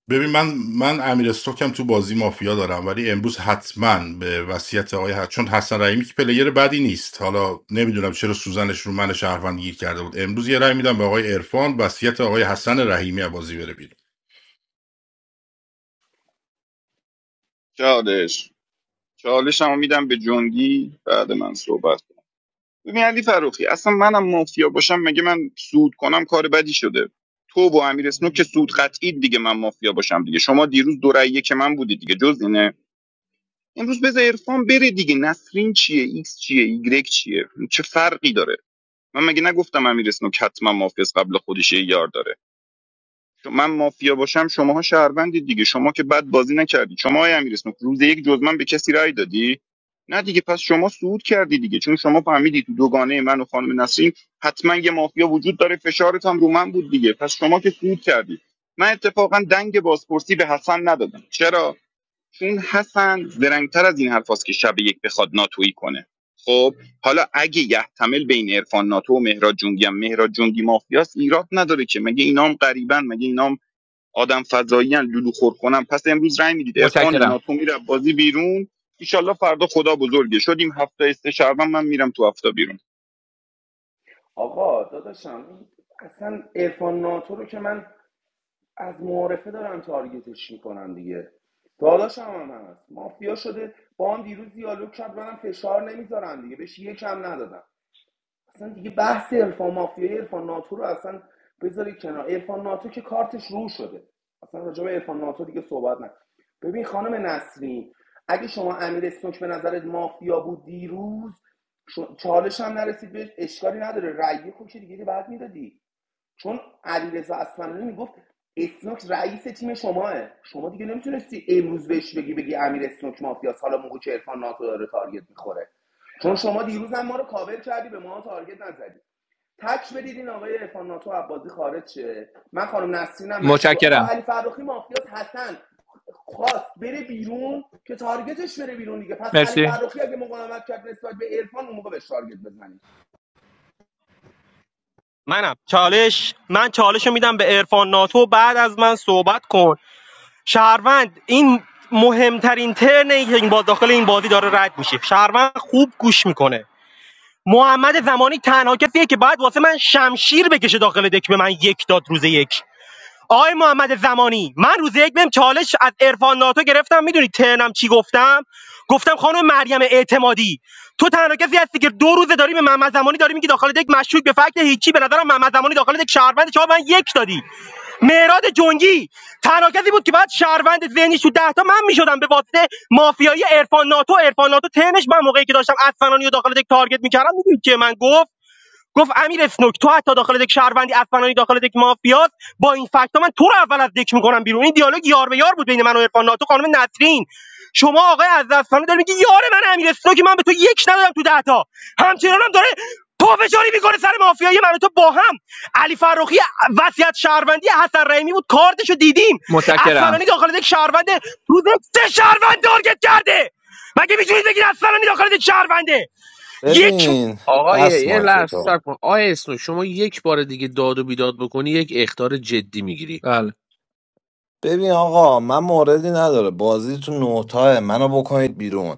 ببین من من امیر استوکم تو بازی مافیا دارم ولی امروز حتما به وصیت آقای حسن چون حسن رحیمی که پلیر بدی نیست حالا نمیدونم چرا سوزنش رو من شهروند گیر کرده بود امروز یه رأی میدم به آقای عرفان وصیت آقای حسن رحیمی از بازی بره بیرون چالش چالش هم میدم به جنگی بعد من صحبت کن. ببین علی فروخی اصلا منم مافیا باشم مگه من سود کنم کار بدی شده تو و امیر اسنوک که سود قطعی دیگه من مافیا باشم دیگه شما دیروز دو رأیه که من بودی دیگه جز امروز بذار عرفان بره دیگه نسرین چیه ایکس چیه ایگرگ چیه چه فرقی داره من مگه نگفتم امیر اسنوک حتما مافیاس قبل خودش یه یار داره چون من مافیا باشم شماها شهروندید دیگه شما که بد بازی نکردی شما های امیر اسنوک روز یک جز من به کسی رأی دادی نه دیگه پس شما صعود کردی دیگه چون شما فهمیدی تو دوگانه من و خانم نسرین حتما یه مافیا وجود داره فشارت هم رو من بود دیگه پس شما که صعود کردی من اتفاقا دنگ بازپرسی به حسن ندادم چرا چون حسن زرنگتر از این حرفاست که شب یک بخواد ناتویی کنه خب حالا اگه یحتمل بین عرفان ناتو و مهراد جنگی هم مهراد جنگی مافیاست ایراد نداره که مگه اینام غریبن مگه اینام آدم فضایی ان لولو خور کنن پس امروز رای میدید عرفان ناتو میره بازی بیرون ایشالله فردا خدا بزرگه شدیم هفته است شعبان من میرم تو هفته بیرون آقا داداشم این اصلا عرفان ناتو رو که من از معارفه دارم تارگتش میکنم دیگه داداشم هم هست مافیا شده با هم دیروز دیالوگ کرد منم فشار نمیذارم دیگه بهش یکم ندادم اصلا دیگه بحث عرفان مافیای عرفان ناتو رو اصلا بذاری کنار عرفان ناتو که کارتش رو شده اصلا راجع به عرفان ناتو دیگه صحبت نکن ببین خانم نسرین اگه شما امیر اسنوک به نظرت مافیا بود دیروز شو- چالش هم نرسید بهش اشکالی نداره رأی خود که دیگه بعد میدادی چون علیرضا اصفهانی میگفت اسنوک رئیس تیم شماه شما دیگه نمیتونستی امروز بهش بگی بگی امیر اسنوک مافیاس حالا موقع که عرفان ناتو داره تارگت میخوره چون شما دیروز هم ما رو کاور کردی به ما تارگت نزدی تک بدید این آقای عرفان ناتو عباسی خارج شه من خانم نسرینم مشغول آقا متشکرم علی فرخی مافیاس حسن خواست بره بیرون که تارگتش بره بیرون دیگه پس علی مرسی فرخی اگه مقاومت کرد نسبت به عرفان اون موقع بهش تارگت بزنی منم چالش من چالش رو میدم به عرفان ناتو بعد از من صحبت کن شهروند این مهمترین ترنی که این با داخل این بازی داره رد میشه شهروند خوب گوش میکنه محمد زمانی تنها کسیه که باید واسه من شمشیر بکشه داخل دک به من یک داد روز یک آقای محمد زمانی من روز یک بهم چالش از عرفان ناتو گرفتم میدونی ترنم چی گفتم گفتم خانم مریم اعتمادی تو تنها کسی هستی که دو روزه داری به محمد زمانی داری میگی داخل یک مشکوک به فکت هیچی به نظرم محمد زمانی داخل یک شهروند شما من یک دادی مهراد جنگی تنها کسی بود که بعد شهروند ذهنیش تو ده تا من میشدم به واسطه مافیایی عرفان ناتو عرفان ناتو تنش من موقعی که داشتم اصفهانی رو داخل یک تارگت میکردم میدونی که من گفت گفت امیر اسنوک تو حتی داخل دک شهروندی افغانانی داخل دک مافیاست با این فکت من تو رو اول از دک میکنم بیرون این دیالوگ یار به یار بود بین من و عرفان ناتو خانم نسرین شما آقای از دستانه داری میگی یار من امیر اسنوک من به تو یک ندادم تو ده تا همچنان داره پافشاری میکنه سر مافیایی من و تو با هم علی فرخی وصیت شهروندی حسن رحیمی بود کارتشو دیدیم متشکرم اصفهانی داخل دک شهروند روز سه شهروند تارگت کرده مگه میتونید بگید اصفهانی داخل دک شهرونده یک ببین آقای بس یه مایک لحظه تو صبر کن آقای اسنو شما یک بار دیگه داد و بیداد بکنی یک اختار جدی میگیری بله ببین آقا من موردی نداره بازی تو نوتاه منو بکنید بیرون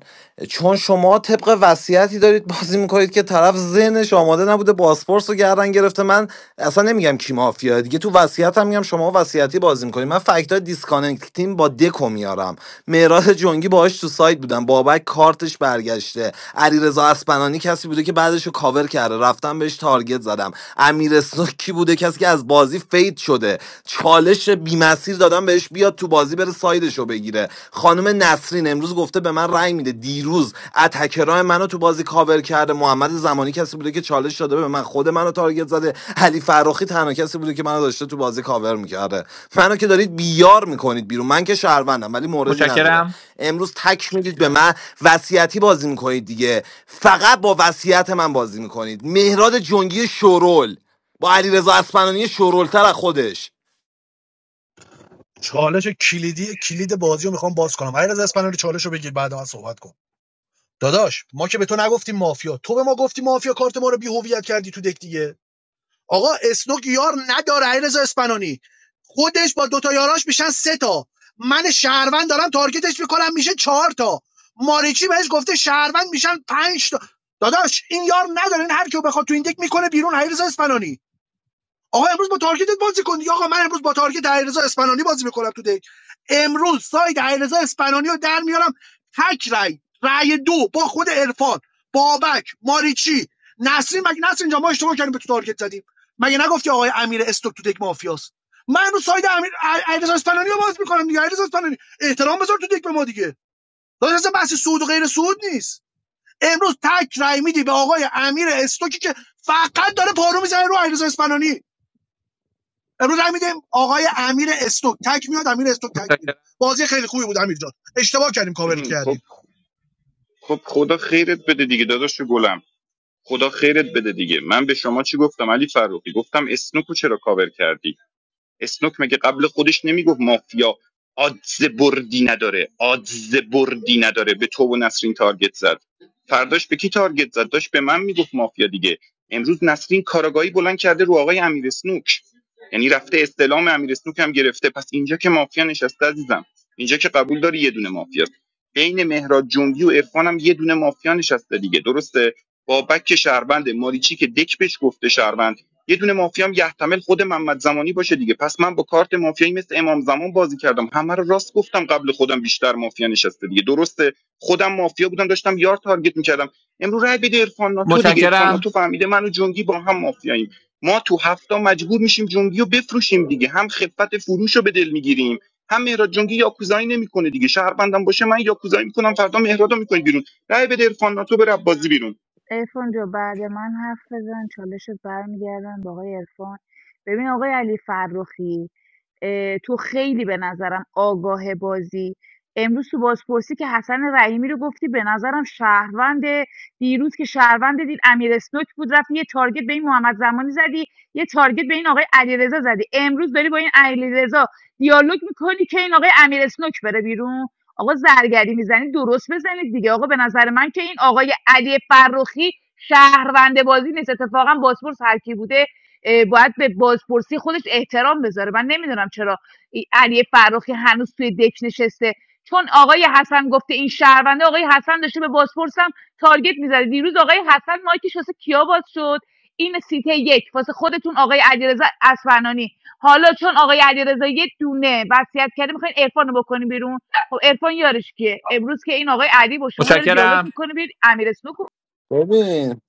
چون شما طبق وصیتی دارید بازی میکنید که طرف ذهنش آماده نبوده باسپورس رو گردن گرفته من اصلا نمیگم کی مافیا دیگه تو وصیتم میگم شما وصیتی بازی میکنید من فکتا دیسکانکتیم با دکو میارم معراج جنگی باهاش تو سایت بودم بابک کارتش برگشته علیرضا اسپنانی کسی بوده که بعدش رو کاور کرده رفتم بهش تارگت زدم امیر اسنوک کی بوده کسی که از بازی فیت تهدید شده چالش بیمسیر دادن بهش بیاد تو بازی بره سایدشو بگیره خانم نسرین امروز گفته به من رأی میده دیروز اتکرای منو تو بازی کاور کرده محمد زمانی کسی بوده که چالش داده به من خود منو تارگت زده علی فراخی تنها کسی بوده که منو داشته تو بازی کاور میکرده منو که دارید بیار میکنید بیرون من که شهروندم ولی موردی نداره امروز تک میدید به من وصیتی بازی میکنید دیگه فقط با وصیت من بازی میکنید مهراد جنگی شورول با علیرضا اسپنانی شورولتر از خودش چالش کلیدی کلید بازی میخوام باز کنم علیرضا اسپانیایی چالش رو بگیر بعد من صحبت کن داداش ما که به تو نگفتیم مافیا تو به ما گفتی مافیا کارت ما رو بی هویت کردی تو دک دیگه آقا اسنوک یار نداره علیرضا اسپنانی خودش با دوتا یاراش میشن سه تا من شهروند دارم تارگتش میکنم میشه چهار تا ماریچی بهش گفته شهروند میشن پنج تا داداش این یار نداره این هر کیو بخواد تو این دک میکنه بیرون علیرضا اسپنانی آقا امروز با تارگتت بازی کن دیگه آقا من امروز با تارگت علیرضا اسپنانی بازی میکنم تو دک امروز ساید علیرضا اسپنانی رو در میارم تک رای رای دو با خود عرفان بابک ماریچی نسرین مگه نسرین جان ما اشتباه کردیم به تو تارگت زدیم مگه نگفتی آقای امیر استوک تو دک مافیاست من امروز ساید امیر ع- علیرضا اسپنانی رو باز میکنم دیگه علیرضا اسپنانی احترام بذار تو دک به ما دیگه داداش بحث سود و غیر سود نیست امروز تک رای میدی به آقای امیر استوکی که فقط داره پارو میزنه رو علیرضا اسپنانی امروز رای میدیم آقای امیر استوک تک میاد امیر استوک تک میره متشکرم بازی خیلی خوبی بود امیر جان اشتباه کردیم کاورت خب کردیم خب خدا خیرت بده دیگه داداش گلم خدا خیرت بده دیگه من به شما چی گفتم علی فروخی گفتم اسنوکو چرا کاور کردی اسنوک مگه قبل خودش نمیگفت مافیا آدز بردی نداره آدز بردی نداره به تو و نسرین تارگت زد فرداش به کی تارگت زد داشت به من میگفت مافیا دیگه امروز نسرین کاراگاهی بلند کرده رو آقای امیر اسنوک یعنی رفته استلام امیر اسنوک هم گرفته پس اینجا که مافیا نشسته عزیزم اینجا که قبول داری یه دونه مافیا بین مهراد جنگی و عرفان هم یه دونه مافیا نشسته دیگه درسته بابک که شهروند ماریچی که دک بهش گفته شهروند یه دونه مافیام یحتمل خود محمد زمانی باشه دیگه پس من با کارت مافیایی مثل امام زمان بازی کردم همه رو راست گفتم قبل خودم بیشتر مافیا نشسته دیگه درسته خودم مافیا بودم داشتم یار تارگت میکردم امروز رای بده عرفان ناتو دیگه عرفان متشکرم ناتو فهمیده من و جنگی با هم مافیاییم ما تو هفته مجبور میشیم جنگی رو بفروشیم دیگه هم خفت فروش رو به دل میگیریم هم مهراد جنگی یاکوزایی نمیکنه دیگه شهروندم باشه من یاکوزایی میکنم فردا مهراد رو میکنی بیرون رای بده عرفان ناتو بره بازی بیرون ارفان جو بعد من حرف بزن چالشت برمیگردن با آقای ارفان ببین آقای علی فرخی تو خیلی به نظرم آگاه بازی امروز تو بازپرسی که حسن رحیمی رو گفتی به نظرم شهروند دیروز که شهروند دید امیر اسنوک بود رفت یه تارگت به این محمد زمانی زدی یه تارگت به این آقای علیرضا زدی امروز داری با این علیرضا دیالوگ میکنی که این آقای امیر اسنوک بره بیرون آقا زرگری میزنید درست بزنید دیگه آقا به نظر من که این آقای علی فرخی شهروند بازی نیست اتفاقا بازپرس هر کی بوده اه، باید به بازپرسی خودش احترام بذاره من نمیدونم چرا علی فرخی هنوز توی دک نشسته چون آقای حسن گفته این شهرونده آقای حسن داشته به بازپرسم تارگت میزده دیروز آقای حسن مایکش واسه کیا باز شد این سیته یک واسه خودتون آقای علیرضا اصفهانی حالا چون آقای علیرضا یه دونه وصیت کرده میخواین عرفان رو بکنیم بیرون خب عرفان یارش کیه امروز که این آقای علی با شما داره دیالوگ متشکرم میکنه بیاید امیر اسنوک رو- ببین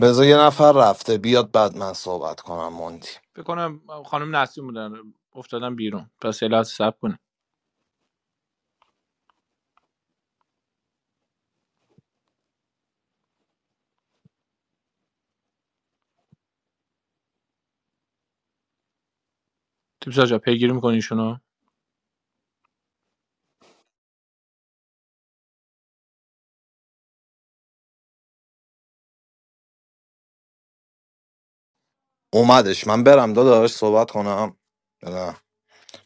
بذار یه نفر رفته بیاد بعد من صحبت کنم مونتی فکر کنم خانم نسیم بودن افتادن بیرون پس الهات صبر کنه تیپسا جا پیگیری می‌کنی ایشونو اومدش من برم داداش صحبت کنم نه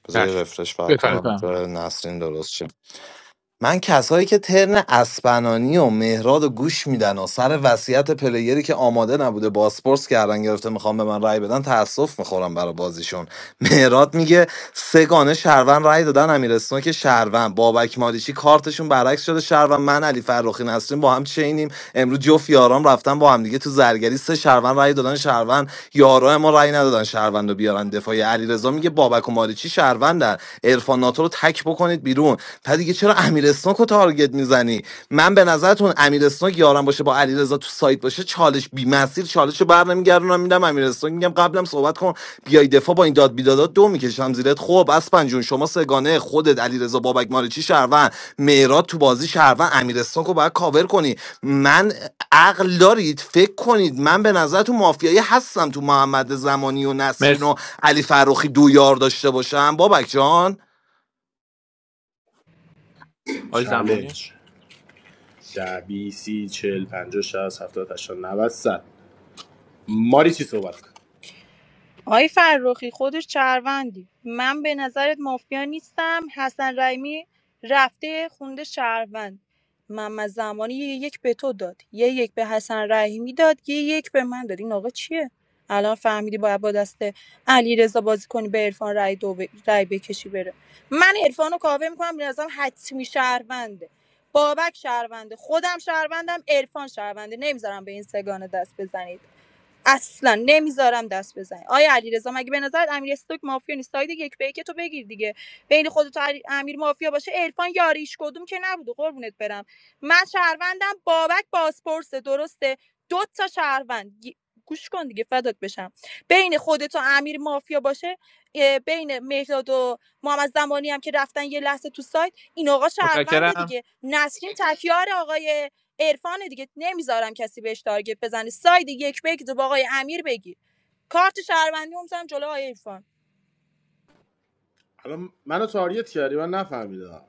بذار یه چشم رفرش فر بفهم کنم بفهم جای نسرین درست من کسایی که ترن اسپنانی و مهراد و گوش میدن و سر وصیت پلیری که آماده نبوده باسپورس کردن گرفته میخوام به من رأی بدن تاسف میخورم برای بازیشون مهراد میگه سگانه شهروند رأی دادن امیرستون که شهروند بابک مالیچی کارتشون برعکس شده شهروند من علی فرخی نسرین با هم چینیم امروز جفت یارام رفتن با هم دیگه تو زرگری سه شهروند رأی دادن شهروند یارا ما رأی ندادن شهروند رو بیارن دفاع علیرضا میگه بابک و مالیچی شهروندن عرفان ناتو رو تک بکنید بیرون پس دیگه چرا امیر اسنوک رو تارگت میزنی من به نظرتون امیر اسنوک یارم باشه با علیرضا تو سایت باشه چالش بی مسیر چالش رو بر نمیگردونم میدم امیر اسنوک میگم قبلم صحبت کن بیای دفاع با این داد بیدادات دو میکشم زیرت خب اسپن جون شما سگانه خودت علیرضا بابک مارچی شهروند میراد تو بازی شهروند امیر اسنوک رو باید کاور کنی من عقل دارید فکر کنید من به نظرتون مافیایی هستم تو محمد زمانی و نسرین و علی فروخی دو یار داشته باشم بابک جان بیل 50 60 70 80 90 100 ماری چی صحبت کن آقای فرخی خودش شهروندی من به نظرت مافیا نیستم حسن رحیمی رفته خونده شهروند محمد زمانی یه یک به تو داد یه یک به حسن رحیمی داد یه یک به من داد این آقا چیه الان فهمیدی باید با دست علی رضا بازی کنی به عرفان رای دو ب... رای بکشی بره من عرفان رو کاوه میکنم به نظرم حتمی شهرونده بابک شهرونده خودم شهروندم عرفان شهرونده نمیذارم به این سگانه دست بزنید اصلا نمیذارم دست بزنی آیا علیرضا مگه به نظرت امیر استوک مافیا نیست ساید یک به یک تو بگیر دیگه بین خودت و امیر مافیا باشه عرفان یاریش کدوم که نبوده قربونت برم من شهروندم بابک بازپرسه درسته دو تا شهروند گی- گوش کن دیگه فدات بشم بین خودت و امیر مافیا باشه اه، بین مهداد و محمد زمانی هم که رفتن یه لحظه تو سایت این آقا شهرونده متشکرم دیگه نسرین تکیار آقای عرفان دیگه نمیذارم کسی بهش تارگت بزنه ساید یک به یک تو با آقای امیر بگیر کارت شهروندی هم می‌زنم جلوی آقای عرفان الان منو تاریت کردی من نفهمیدم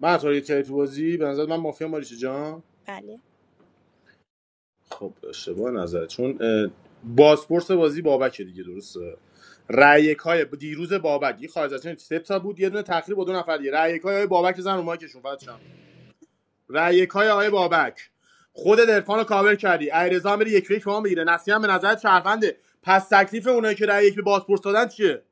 من تاریت کردی تو بازی به نظر من مافیا ماریچی جان بله خب اشتباه نظر چون اه، بازپرس بازی بابکه دیگه درسته رأیک های دیروز بابک یه خارج از چنین سه تا بود یه دونه تخریب با دو نفر دیگه رأیک های آقای بابک زن رو مایکشون فقط شم رأیک های آقای بابک خود درفان رو کاور کردی ایرزا میره یک فکر به ما میگیره نسیم به نظر شهرونده پس تکلیف اونایی که رأی یک به بازپرس دادن چیه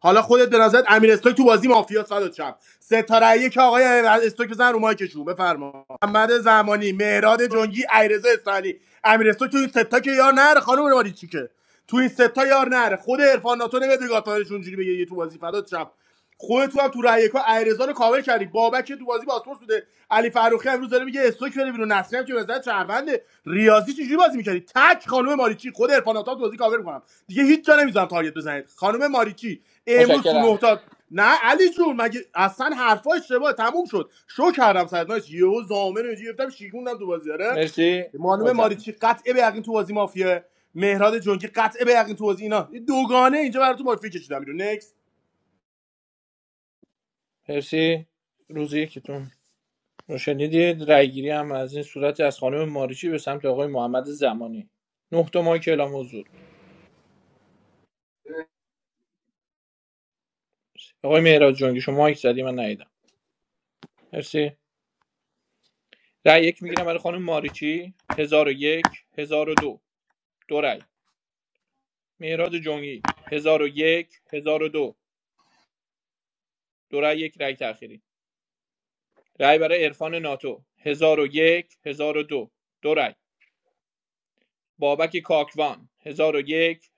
حالا خودت به نظرت امیر استوک تو بازی مافیا صدات شب ستاره یک آقای استوک بزن رو مایکشون بفرما محمد زمانی مهراد جنگی ایرزا اسفانی امیر استوک تو این ستا که یار نره خانم ماری چیکه تو این ستا یار نره خود عرفان ناتو نمیاد به گاتارش اونجوری بگه یه تو بازی فدات شم خودت هم تو رأی یکا ایرزا رو کاور کردی بابک که تو بازی پاسپورت بوده علی فروخی امروز داره میگه استوک بره بیرون نسلی هم که وزارت شهرونده ریاضی چجوری بازی میکردی تک خانم ماریچی خود ارفاناتا تو بازی کاور میکنم دیگه هیچ جا نمیذارم تارگت بزنید خانم ماریچی امروز تو نه متشکرم تا نه علی جون مگه اصلا حرفا اشتباه تموم شد شو کردم سرناش یهو زامن رو گرفتم شیکوندم تو بازی آره مرسی خانم وزم ماریچی قطعه به یقین تو بازی مافیه مهراد جونگی قطعه به یقین تو بازی اینا دوگانه اینجا براتون مافیا کشیدم بیرون نکس مرسی روز یکیتون رو شنیدید رأیگیری هم از این صورت از خانم ماریچی به سمت آقای محمد زمانی نه تا مایک اعلام حضور آقای مهراد جنگی شما مایک زدی من ندیدم مرسی رأی یک میگیرم برای خانم ماریچی هزار و یک هزار و دو دو رأی مهراد جنگی هزار و یک هزار و دو دو رأی یک رأی تأخیری رأی برای عرفان ناتو هزار و یک هزار و دو دو رأی. بابک کاکوان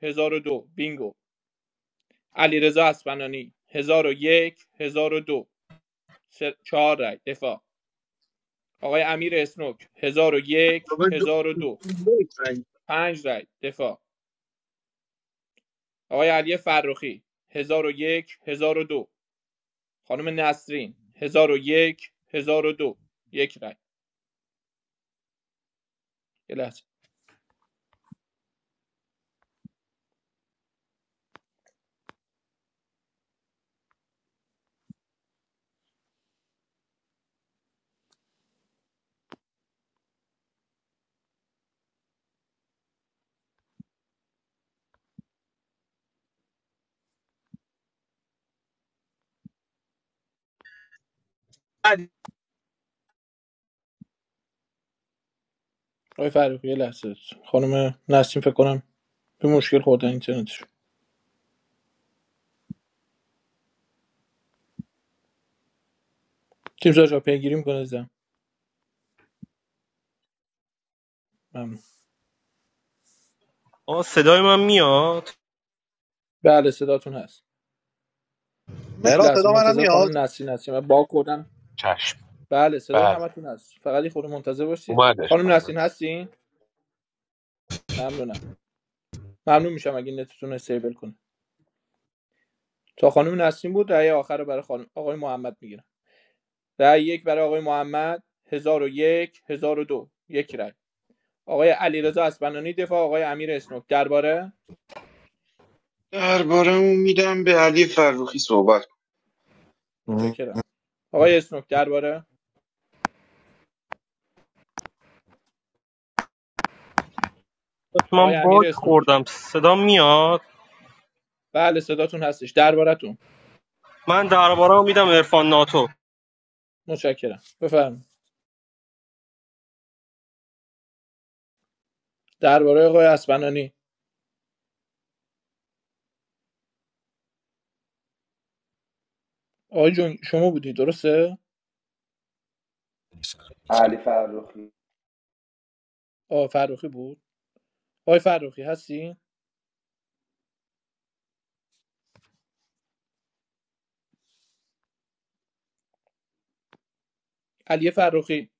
1001 دو، بینگو علیرضا اسپنانی 1001 1002 سه- چهار رای دفاع آقای امیر اسنوک 1001 دو، پنج رای دفاع آقای علی فرخی 1001 دو. خانم نسرین 1001 1002 یک هزار و دو یک رای یه لحظه آقای فرخی یه لحظه خانم نسرین فکر کنم به مشکل خوردن اینترنتش تیم جا پیگیری می‌کنه زدم ممنون آه صدای من میاد بله صداتون هست یک مهران لحظه صدا منم منتظر میاد خانم نسرین هستیم من با کردم چشم بله صدای بله همتون هست فقط یه خورده منتظر باشید اومدش خانم اومد نسرین هستین ممنونم ممنون میشم اگه نتتون رو استیبل کنه تا خانم نسرین بود رأی آخر رو برای خانم آقای محمد میگیرم رأی یک برای آقای محمد 1001 1002 یک هزار و دو یک رأی آقای علیرضا اسبنانی دفاع آقای امیر اسنوک درباره درباره میدم به علی فروخی صحبت متشکرم آقای اسنوک درباره من آقای امیر باگ اسنوک خوردم صدا میاد بله صداتون هستش دربارتون من درباره رو میدم عرفان ناتو متشکرم بفرمایید درباره آقای اسبنانی آقای جون شما بودی درسته؟ now. علی فرخی آقای فرخی بود آقای فرخی هستی؟ علی فرخی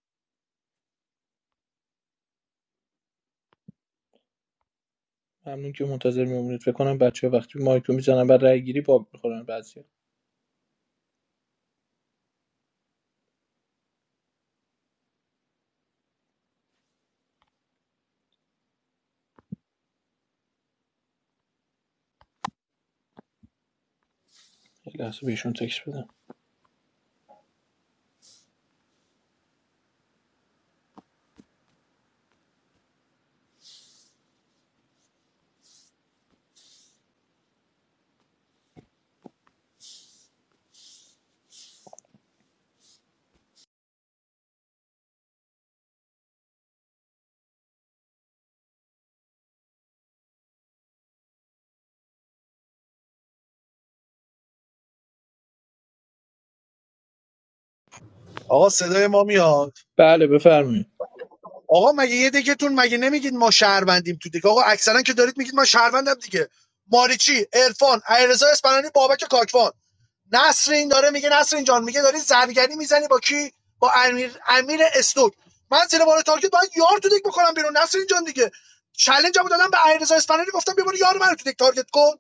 ممنون که منتظر میمونید فکر کنم بچه وقتی مایکو میزنن بر رای گیری باب میخورن بعضی یک لحظه بهشون تکس بدم آقا صدای ما میاد بله بفرمایید آقا مگه یه دکتون مگه نمیگید ما شهروندیم تو دک آقا اکثرا که دارید میگید ما شهروندم دیگه ماریچی عرفان علیرضا اسپنانی بابک کاکوان نسرین داره میگه نسرین جان میگه داری زرگری میزنی با کی با امیر امیر استوک من زیر بار تارگت باید یار تو دک بکنم بیرون نسرین جان دیگه چالنجمو دادم به علیرضا اصفهانی گفتم بیا یار من تو دک تارگت کن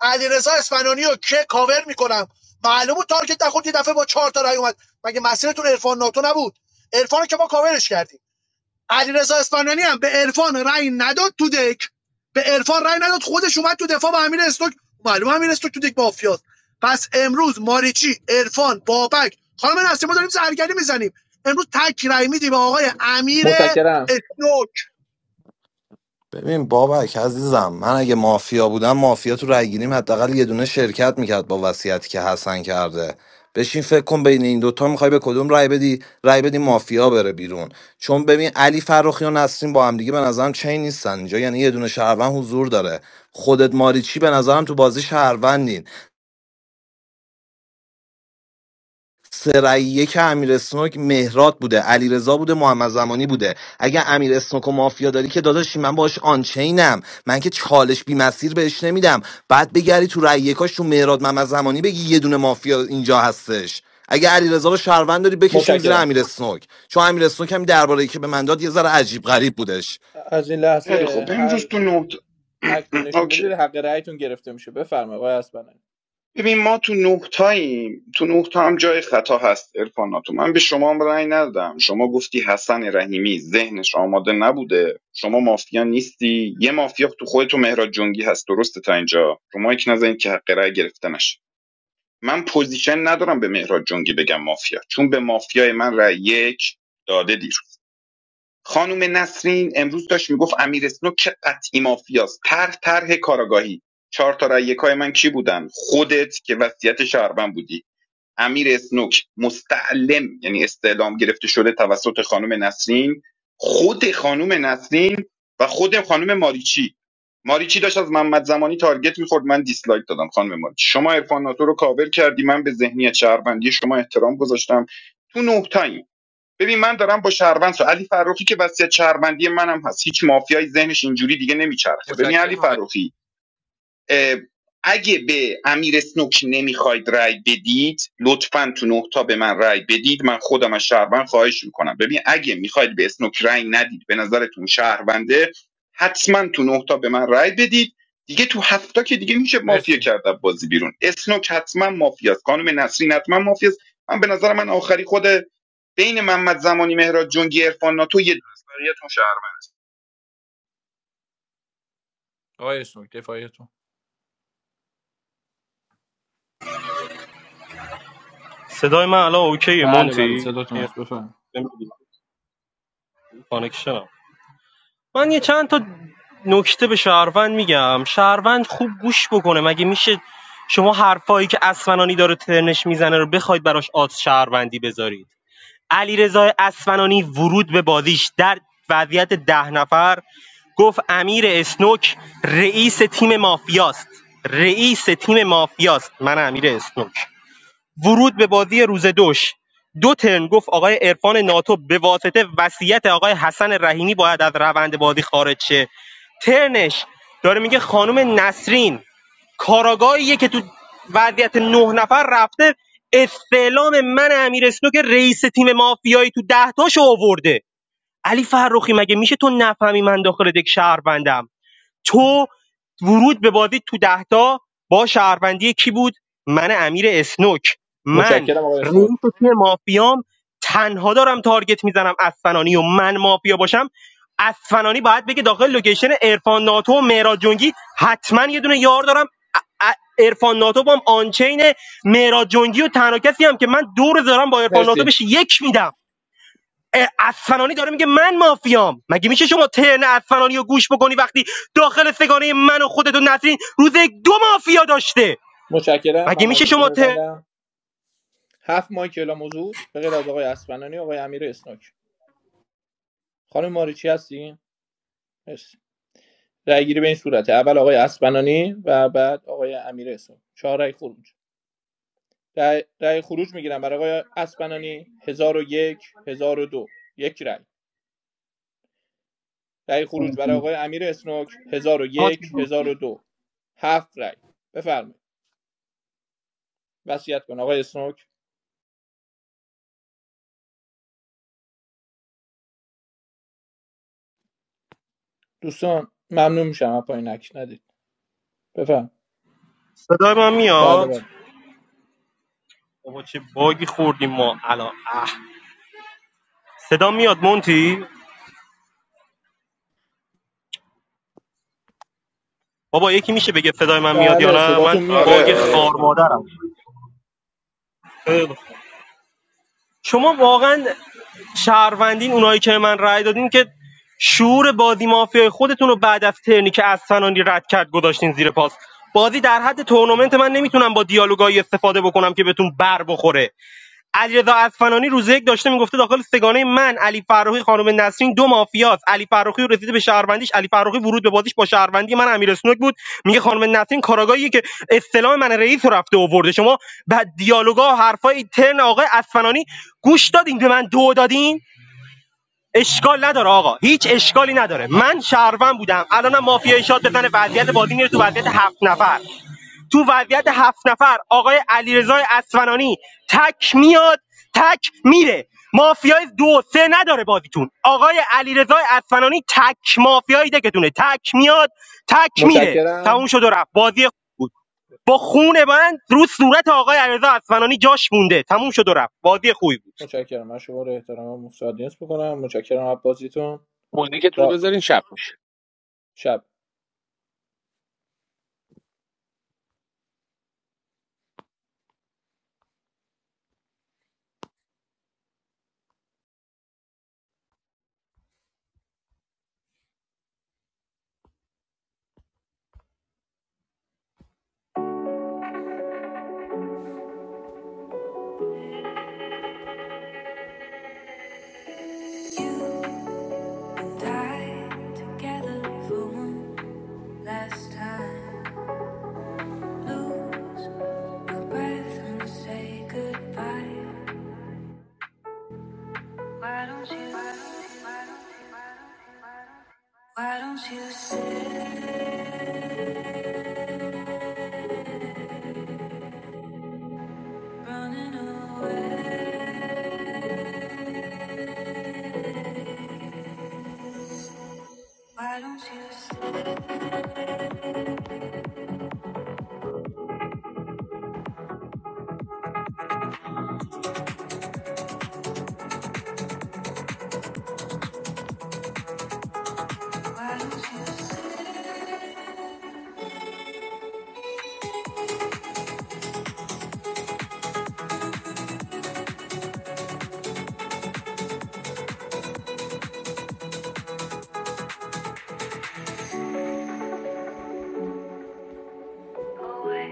علیرضا اصفهانی رو که کاور میکنم معلومه تارگت نخورد یه دفعه با چهار تا رای اومد مگه مسیرتون عرفان ناتو نبود عرفان که ما کاورش کردیم علیرضا اصفهانی هم به عرفان رأی نداد تو دک به عرفان رأی نداد خودش اومد تو دفاع با امیر استوک معلومه امیر استوک تو دک مافیاست پس امروز ماریچی عرفان بابک خانم نسیم ما داریم زرگری میزنیم امروز تک رأی میدیم به آقای امیر استوک ببین بابک عزیزم من اگه مافیا بودم مافیا تو رای گیریم حداقل یه دونه شرکت میکرد با وصیتی که حسن کرده بشین فکر کن بین این دوتا میخوای به کدوم رای بدی رای بدی مافیا بره بیرون چون ببین علی فرخی و نسرین با هم دیگه به نظرم چین نیستن اینجا یعنی یه دونه شهروند حضور داره خودت ماریچی به نظرم تو بازی شهروندین سریه که امیر اسنوک مهرات بوده علیرضا بوده محمد زمانی بوده اگه امیر اسنوک و مافیا داری که داداشی من باش آنچینم من که چالش بی مسیر بهش نمیدم بعد بگری تو رأی یکاش تو مهرات محمد زمانی بگی یه دونه مافیا اینجا هستش اگه علیرضا رو شهروند داری بکشیم زیر متشکرم امیر اسنوک چون امیر اسنوک هم درباره که به من داد یه ذره عجیب غریب بودش از این خیلی خب لحظه امروز هر تو نه اکتی تا- نشون اوکی بدید حق رأیتون گرفته میشه بفرمایید آقای اسپنانی ببین ما تو نه تاییم تو نه تا هم جای خطا هست ارفاناتو من به شما هم رأی ندادم شما گفتی حسن رحیمی ذهنش آماده نبوده شما مافیا نیستی یه مافیا تو خود تو مهراد جنگی هست درسته تا اینجا شما یک نزنید که حق رأی گرفته نشه من پوزیشن ندارم به مهراد جنگی بگم مافیا چون به مافیای من رأی یک داده دیر خانم نسرین امروز داشت میگفت امیر اسنوک که قطعی مافیاست طرح طرح کاراگاهی چهار تا رای من کی بودن خودت که وصیت شهروند بودی امیر اسنوک مستعلم یعنی استعلام گرفته شده توسط خانم نسرین خود خانم نسرین و خود خانم ماریچی ماریچی داشت از محمد زمانی تارگت میخورد من دیسلایک دادم خانم ماریچی شما عرفان ناتو رو کاور کردی من به ذهنیت شهروندی شما احترام گذاشتم تو نه تاییم. ببین من دارم با شهروند سو علی فروخی که وصیت شهروندی منم هست هیچ مافیایی ذهنش اینجوری دیگه نمیچرخه ببین علی فروخی اگه به امیر اسنوک نمیخواید رای بدید لطفا تو نه تا به من رای بدید من خودم از شهروند خواهش میکنم ببین اگه میخواید به اسنوک رای ندید به نظرتون شهرونده حتما تو نه تا به من رای بدید دیگه تو هفته که دیگه میشه مرسی مافیا کرد از بازی بیرون اسنوک حتما مافیاست خانم نسرین حتما مافیاست من به نظر من آخری خود بین محمد زمانی مهراد جنگی عرفان ناتو یه دونه است. بقیه‌تون شهر آقای اسنوک دفاعیتون صدای من الان اوکیه بله بله مونتی صداتون اه، هست بفرمایید نمی‌دونم. کانکشنم من یه چند تا نکته به شهروند میگم شهروند خوب گوش بکنه مگه میشه شما حرفایی که اسمنانی داره ترنش میزنه رو بخواید براش آد شهروندی بذارید علیرضا اصفهانی ورود به بازیش در وضعیت ده نفر گفت امیر اسنوک رئیس تیم مافیاست رئیس تیم مافیاست من امیر اسنوک ورود به بازی روز دوش دو ترن گفت آقای عرفان ناتو به واسطه وصیت آقای حسن رحیمی باید از روند بازی خارج شه ترنش داره میگه خانم نسرین کاراگاهیه که تو وضعیت نه نفر رفته استعلام من امیر که رئیس تیم مافیایی تو ده تاشو آورده علی فرخی مگه میشه تو نفهمی من داخل دک شهروندم تو ورود به بازی تو دهتا با شهروندی کی بود من امیر اسنوک من متشکرم آقای رئیس اسنوک تیم مافیام تنها دارم تارگت میزنم اسفنانی و من مافیا باشم اسفنانی باید بگه داخل لوکیشن ارفان ناتو و مهراد جنگی حتما یه دونه یار دارم ارفان ناتو با هم آنچین مهراد جنگی و تنها کسی هم که من دور دارم با ارفان ناتو مرسی بهش یک میدم اه، اصفهانی داره میگه من مافیام مگه میشه شما ترن اصفهانی رو گوش بکنی وقتی داخل سگانه من و خودت و نسرین روز یک دو مافیا داشته متشکرم من مگه میشه مایکتون شما رو ترن میبندم هفت مایک اعلام حضور به غیر از آقای اسبنانی آقای امیر اسنوک خانم ماریچی هستین مرسی رأی گیری به این صورته اول آقای اسبنانی و بعد آقای امیر اسنوک چهار رأی خروج رأی رأی خروج میگیرم برای آقای اسبنانی 1001 1002 یک هزار و دو، یک رأی رأی خروج برای آقای امیر اسنوک 1001 1002 هفت رأی بفرمایید وصیت کن آقای اسنوک دوستان ممنون میشم از پایین نکش ندید بفرم صدای من بله میاد بله بابا چه باگی خوردیم ما الان اه. صدا میاد مونتی بابا یکی میشه بگه صدای من میاد یا بله نه من صداتون میاد آره باگ آقای خار آره اسنوک مادرم خیلی شما واقعا شهروندین اونایی که من رأی دادین که شعور بازی مافیای خودتون رو بعد از ترنی که از سنانی رد کرد گذاشتین زیر پاس بازی در حد تورنمنت من نمیتونم با دیالوگایی استفاده بکنم که بهتون بر بخوره علیرضا اصفهانی روز یک داشته میگفته داخل سگانه من علی فرخی خانم نسرین دو مافیاست علی فرخی رسیده به شهروندیش علی فرخی ورود به بازیش با شهروندی من امیر اسنوک بود میگه خانم نسرین کاراگاهیه که اصطلاح من رئیس رو رفته آورده شما بعد دیالوگا و حرفای ترن آقای اصفهانی گوش دادین به من دو دادین اشکال نداره آقا هیچ اشکالی نداره من شهروند بودم الانم مافیای شاد بزنه وضعیت بازی میره تو وضعیت هفت نفر تو وضعیت هفت نفر آقای علیرضا اصفهانی تک میاد تک میره مافیای دو سه نداره بازیتون آقای علیرضا اصفهانی تک مافیای دکتونه تک میاد تک میره تموم موشکیرم، شد و رفت بازی خوب بود با خون من رو صورت آقای علیرضا اصفهانی جاش مونده تموم شد و رفت بازی خوبی بود موشکیرم. ماشو وارد ترجمه موسادی نسبت به کنار موشکیرم آپوزیتو، موزیکتون رو با بذارین شب میشه شب Why don't you sit running away? Why don't you sit? Why don't you sit?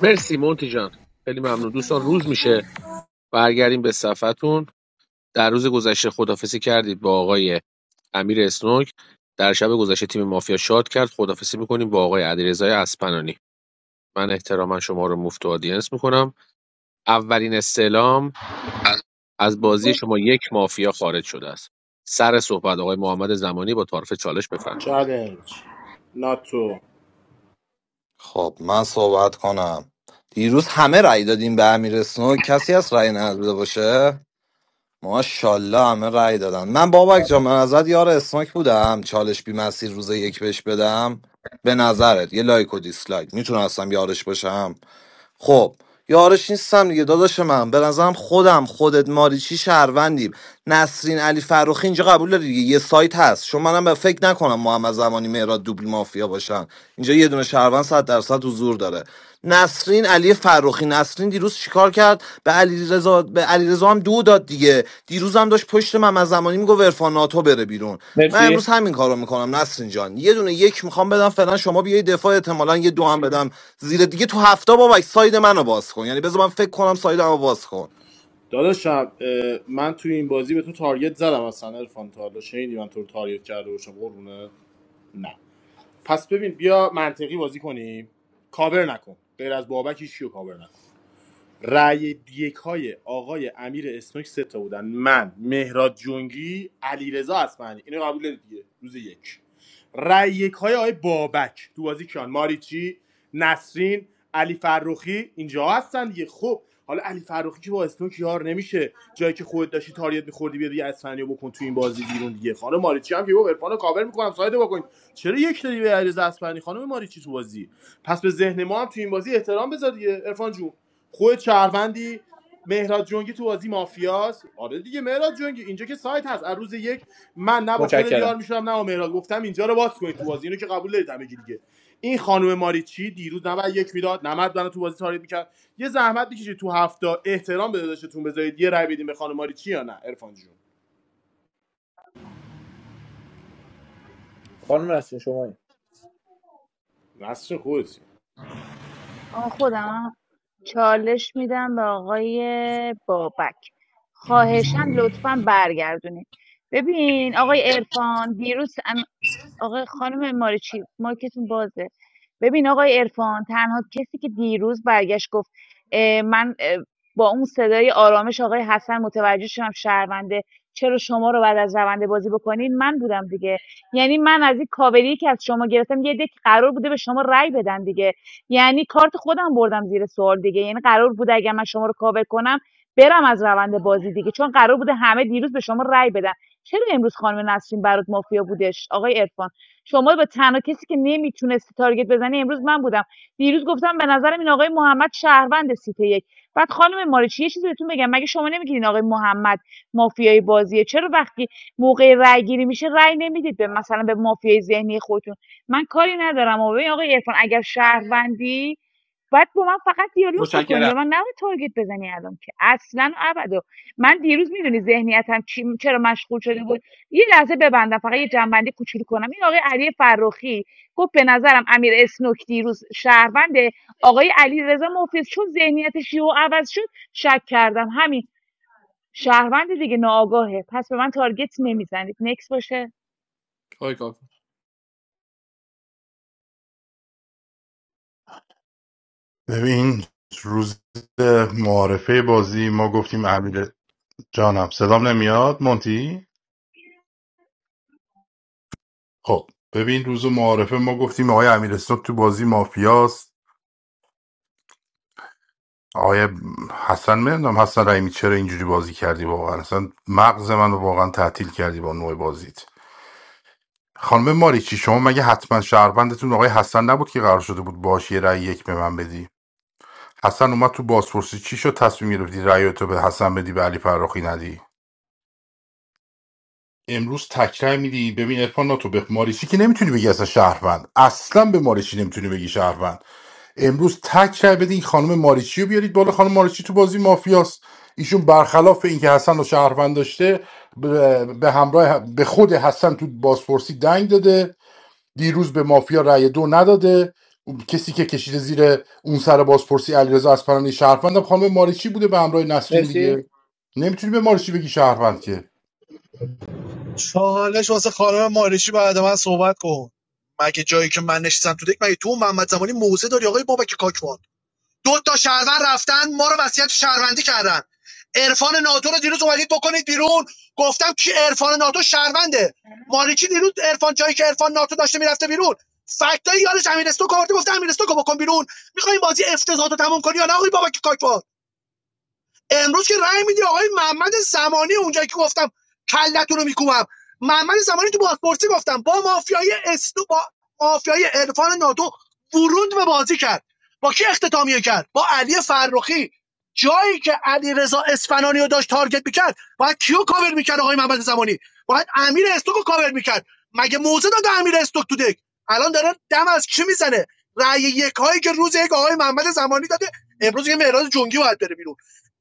مرسی مونتی جان خیلی ممنون دوستان روز میشه برگردیم به صفحتون در روز گذشته خدافسی کردید با آقای امیر اسنوک در شب گذشته تیم مافیا شاد کرد خدافسی میکنیم با آقای علیرضا اسپنانی من احتراما شما رو مفت و آدینس میکنم اولین استعلام از بازی شما یک مافیا خارج شده است سر صحبت آقای محمد زمانی با تعارف چالش بفهم چالنج ناتو خب من صحبت کنم دیروز همه رأی دادیم به امیر اسنوک کسی از رأی نداده باشه ماشاءالله همه رأی دادن من بابک جان به نظرت یار اسناک بودم چالش بی مسیر روز یک بهش بدم به نظرت یه لایک و دیسلایک میتونستم یارش باشم خب یارش نیستم دیگه داداش من به نظرم خودم خودت ماریچی شهروندیم نسرین علی فروخی اینجا قبول داری دیگه یه سایت هست چون منم به فکر نکنم محمد زمانی مهراد دوبل مافیا باشن اینجا یه دونه شهروند 100 درصد حضور داره نسرین علی فروخی نسرین دیروز چیکار کرد به علیرضا به علیرضا هم دو داد دیگه دیروز هم داشت پشت من از زمانی میگفت عرفان ناتو بره بیرون من مرسی امروز همین کارو میکنم نسرین جان یه دونه یک میخوام بدم فعلا شما بیای دفاع احتمالا یه دو هم بدم زیر دیگه تو هفته بابک ساید منو باز کن یعنی بذار من فکر کنم ساید منو باز کن داداشم اه، من توی این بازی به تو تارگت زدم اصلا عرفان تا حالا شنیدی من تو رو تارگت کرده باشم قربونه نه پس ببین بیا منطقی بازی کنیم کاور نکن غیر از بابک هیچ کیو کاور نکن رأی یک های آقای امیر اسنوک سه تا بودن من مهراد جنگی علیرضا اصفهانی اینو قبول دارید دیگه روز یک رأی یک های آقای بابک تو بازی کیان ماریچی نسرین علی فرخی اینجا هستن دیگه خب حالا علی فرخی که با اسنوک یار نمیشه جایی که خودت داشتی تاریت میخوردی بیا دیگه اصفهانی رو بکن تو این بازی بیرون دیگه خانم ماریچی هم که گفت عرفان رو کاور میکنم سایده بکن چرا یک داری به علیرضا اصفهانی خانم ماریچی تو بازی پس به ذهن ما هم تو این بازی احترام بذار دیگه عرفان جون خود شهروندی مهراد جنگی تو بازی مافیاست آره دیگه مهراد جنگی اینجا که سایت هست از روز یک من نه با خودت یار متشکرم میشدم نه با مهراد گفتم اینجا رو باز کنید تو بازی اینو که قبول دارید همگی دیگه این خانم ماریچی دیروز 91 یک میداد 90 تو بازی تاریخ میکرد یه زحمت بکشید تو هفته احترام به داداشتون بذارید یه رای بدیم به خانم ماریچی یا نه عرفان جون خانم نسرین شما راست خودت خودم چالش میدم به آقای بابک خواهشن لطفاً برگردونید ببین آقای ارفان دیروز آقا خانم ماریچی مایکتون بازه ببین آقای عرفان تنها کسی که دیروز برگشت گفت اه، من اه، با اون صدای آرامش آقای حسن متوجه شدم شهرونده چرا شما رو بعد از رونده بازی بکنین من بودم دیگه یعنی من از این کاوری که از شما گرفتم یه دک قرار بوده به شما رأی بدن دیگه یعنی کارت خودم بردم زیر سوال دیگه یعنی قرار بوده اگر من شما رو کاور کنم برم از روند بازی دیگه چون قرار بوده همه دیروز به شما رأی بدن چرا امروز خانم نسرین برات مافیا بودش آقای عرفان شما به تنها کسی که نمیتونستی تارگت بزنی امروز من بودم دیروز گفتم به نظرم این آقای محمد شهروند سیت یک بعد خانم مارچی یه چیزی بهتون بگم مگه شما نمیگید این آقای محمد مافیای بازیه چرا وقتی موقع رأی گیری میشه رای نمیدید به مثلا به مافیای ذهنی خودتون من کاری ندارم و این آقای عرفان اگر شهروندی باید با من فقط دیالوگ بکنی متشکرم به من نباید تارگت بزنی الان که اصلا و ابدا من دیروز میدونی ذهنیتم چی- چرا مشغول شده بود یه لحظه ببندم فقط یه جنبندی کوچولو کنم این آقای علی فرخی گفت به نظرم امیر اسنوک دیروز شهروند آقای علی رضا مفلس چون ذهنیتش یهو عوض شد شک کردم همین شهروند دیگه ناآگاهه پس به من تارگت نمیزنید نکس باشه آقای کاکو ببین روز معارفه بازی ما گفتیم امیر جانم صدام نمیاد مونتی خب ببین روز معارفه ما گفتیم آقای امیر استوک تو بازی مافیاست آقای حسن میدونم حسن رحیمی چرا اینجوری بازی کردی واقعا اصلا مغز منو واقعا تعطیل کردی با نوع بازیت خانم ماریچی شما مگه حتما شهروندتون آقای حسن نبود که قرار شده بود باش یه رأی یک به من بدی حسن اومد تو بازپرسی چی شد تصمیم گرفتی رأی تو به حسن بدی به علی فراخی ندی امروز تکرار میدی ببین ارفان تو به ماریچی که نمیتونی بگی اصلا شهروند اصلا به ماریچی نمیتونی بگی شهروند امروز تک رای بدین خانم ماریچی رو بیارید بالا خانم ماریچی تو بازی مافیاست ایشون برخلاف اینکه حسن رو شهروند داشته به همراه به خود حسن تو بازپرسی دنگ داده دیروز به مافیا رای دو نداده کسی که کشیده زیر اون سر بازپرسی علیرضا اصفهانی شهروند هم خانم ماریچی بوده به همراه نسرین مرسی دیگه نمیتونی به ماریچی بگی شهروند که چالش واسه خانم ماریچی بعد من صحبت کن مگه جایی که من نشستم تو دک مگه تو و محمد زمانی موزه داری آقای بابک کاکوان دو تا شهروند رفتن ما رو وصیت شهروندی کردن عرفان ناتو رو دیروز اومدید بکنید بیرون گفتم که عرفان ناتو شهرونده مالکی دیروز عرفان جایی که عرفان ناتو داشته میرفته بیرون فکتای یارش امیرستو کارت گفته امیرستو کو بکن بیرون میخوای بازی افتضاحات رو تموم کنی یا نه آقای بابک کاکوان امروز که رأی میدی آقای محمد زمانی اونجایی که گفتم کلتون رو میکوبم محمد زمانی تو بازپرسی گفتم با مافیای استو با مافیای عرفان ناتو ورود به بازی کرد با کی اختتامیه کرد با علی فرخی جایی که علی رضا اصفهانی رو داشت تارگت میکرد باید کیو کاور میکرد آقای محمد زمانی باید امیر استوک رو کاور میکرد مگه موزه داد امیر استوک تو دک الان داره دم از کی میزنه رأی یک هایی که روز یک آقای محمد زمانی داده امروز یه مهراد جنگی باید بره بیرون.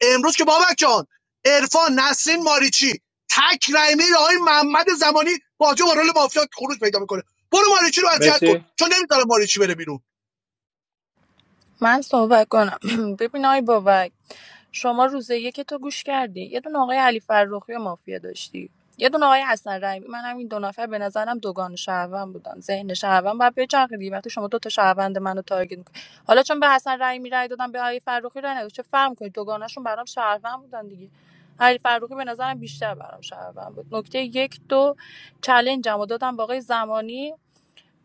امروز که بابک جان عرفان نسرین ماریچی تک رای میره آقای محمد زمانی بازی با رول مافیا خروج پیدا میکنه برو ماریچی رو اذیت کن مرسی چون نمیذاره ماریچی بره بیرون من صحبت کنم ببین آی بابک شما روز یک تو گوش کردی یه دونه آقای علی فرخی و مافیا داشتی یه دونه آقای حسن رحیمی من همین دو نفر به نظرم دوگان شهروند بودن ذهن شهروند باید بچرخه دیگه وقتی شما دو تا شهروند منو تارگت میکنی حالا چون به حسن رحیمی رای دادم به علی فرخی رای ندادم چه فرق کنید دوگانشون برام شهروند بودن دیگه علی فرخی به نظرم بیشتر برام شهروند بود نکته یک دو چلنجمو دادم با آقای زمانی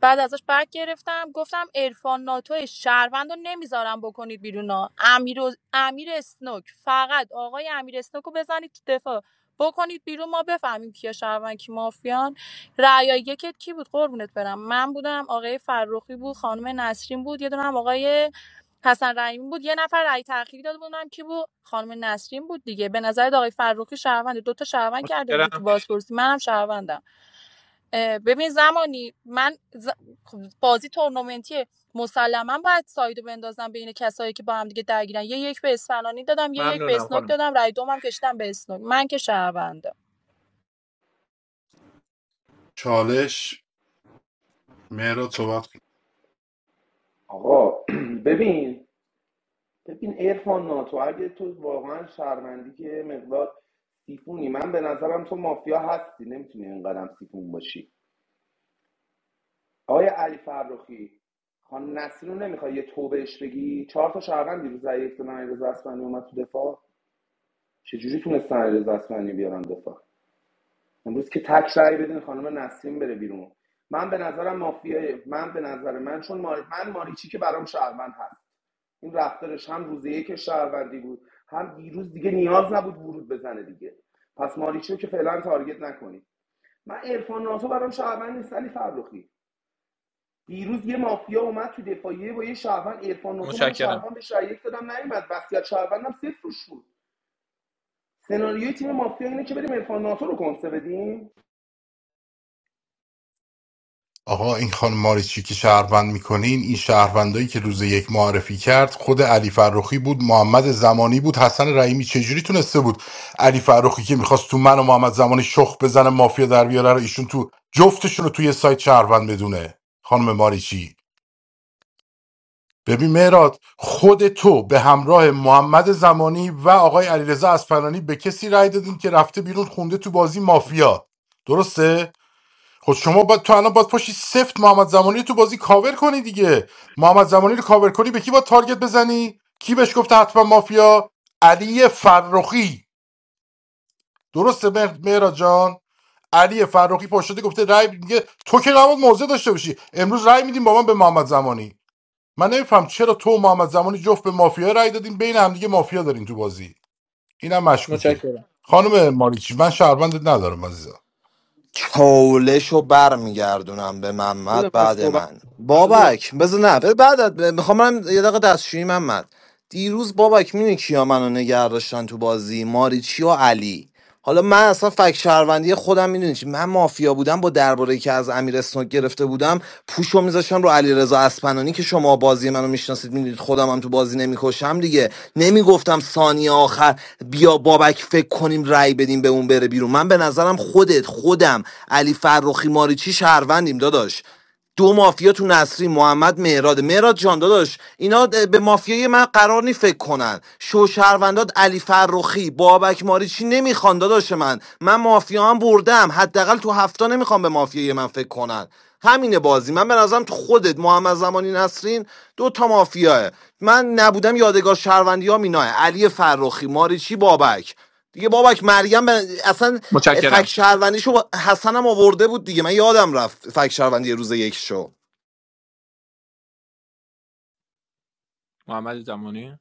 بعد ازش برگ گرفتم گفتم عرفان ناتو شهروند رو نمیذارم بکنید بیرون ها. امیر, و- امیر اسنوک فقط آقای امیر اسنوک رو بزنید تو دفاع بکنید بیرون ما بفهمیم کیا شهروند کی مافیان رعیا یکت کی بود قربونت برم من بودم آقای فرخی بود خانم نسرین بود یه دونه هم آقای حسن رحیمی بود یه نفر رأی تأخیری داده بودم کی بود خانم نسرین بود دیگه به نظر آقای فرخی شهروند دو تا شهروند کرده بود تو متشکرم بازپرسی منم شهروندم ببین زمانی من ز- خب، بازی تورنمنتیه مسلما باید سایدو بندازم بین کسایی که با هم دیگه درگیرن یه یک به اسفنانی دادم یه یک به ممنونم اسنوک خانم دادم رای دومم کشیدم به اسنوک من که شهروندم چالش مهراد صحبت کن. آقا ببین ببین ارفان ناتو اگه تو واقعا شرمندی که یه مقدار سیفونی من به نظرم تو مافیا هستی نمیتونی اینقدرم سیفون باشی آقای علی فرخی خان نسرین رو نمیخوای یه توبهش بگی چهار تا شهروند دیروز ضعیف من علیرضا اصفهانی اومد تو دفاع چجوری تونستن علیرضا اصفهانی بیارن دفاع امروز که تک رأی بدین خانم نسرین بره بیرون من به نظرم مافیای من به نظر من چون مار... من ماریچی که برام شهروند هست این رفتارش هم روز یک شهروندی بود هم دیروز دیگه نیاز نبود ورود بزنه دیگه پس ماریچو که فعلا تارگت نکنید من عرفان ناتو برام شهروند نیست علی فرخی دیروز یه مافیا اومد تو دفاعیه با یه شهروند عرفان ناتو من متشکرم شهروند بهش رأی یک دادم نیومد وصیت شهروندم صفر روش سناریوی تیم مافیا اینه که بریم عرفان ناتو رو کنسه بدیم آقا این خانم ماریچی که شهروند میکنین این شهروندایی که روز یک معرفی کرد خود علی فرخی بود محمد زمانی بود حسن رحیمی چجوری تونسته بود علی فرخی که میخواست تو من و محمد زمانی شخ بزنه مافیا در بیاره رو ایشون تو جفتشون رو توی سایت شهروند بدونه خانم ماریچی ببین مهراد خود تو به همراه محمد زمانی و آقای علیرضا اصفهانی به کسی رأی دادین که رفته بیرون خونده تو بازی مافیا درسته خود شما باید تو الان باید پاشی سفت محمد زمانی تو بازی کاور کنی دیگه محمد زمانی رو کاور کنی به کی باید تارگت بزنی کی بهش گفته حتما مافیا علی فرخی درسته مهر- مهراد جان علی فرخی پاشده گفته رای میگه تو که نباید موضع داشته باشی امروز رای میدیم با من به محمد زمانی من نمیفهم چرا تو و محمد زمانی جفت به مافیا رای دادیم بین همدیگه مافیا دارین تو بازی اینم مشکوکه متشکرم خانم ماریچی من شهروندت ندارم عزیزم چالش رو برمیگردونم به محمد بده من بعد صحبت من بذار من بابک بذار نه بذار بعد میخوام من یه دقیقه دستشویی محمد دیروز بابک میدونی کیا منو نگه داشتن تو بازی ماریچی و علی حالا من اصلا فک شهروندی خودم میدونی چی من مافیا بودم با درباره که از امیر اسنوک گرفته بودم پوشو میذاشتم رو علی رضا اسپنانی که شما بازی منو میشناسید میدونید خودم هم تو بازی نمیکشم دیگه نمیگفتم ثانیه آخر بیا بابک فکر کنیم رأی بدیم به اون بره بیرون من به نظرم خودت خودم علی فرخی ماریچی شهروندیم داداش دو مافیا تو نصری محمد مهراد مهراد جان داداش اینا به مافیای من قرار نی فکر کنن شو شهروندات علی فرخی بابک ماریچی نمیخوان داداش من من مافیا هم بردم حداقل تو هفته نمیخوام به مافیای من فکر کنن همین بازی من به نظرم تو خودت محمد زمانی نسرین دو تا مافیاه من نبودم یادگار شهروندی ها میناه علی فرخی ماریچی بابک دیگه بابک مریم به- اصلا فک متشکرم شهروندیشو با- حسنم آورده بود دیگه من یادم رفت فک شهروندی روز یک شو محمد زمانی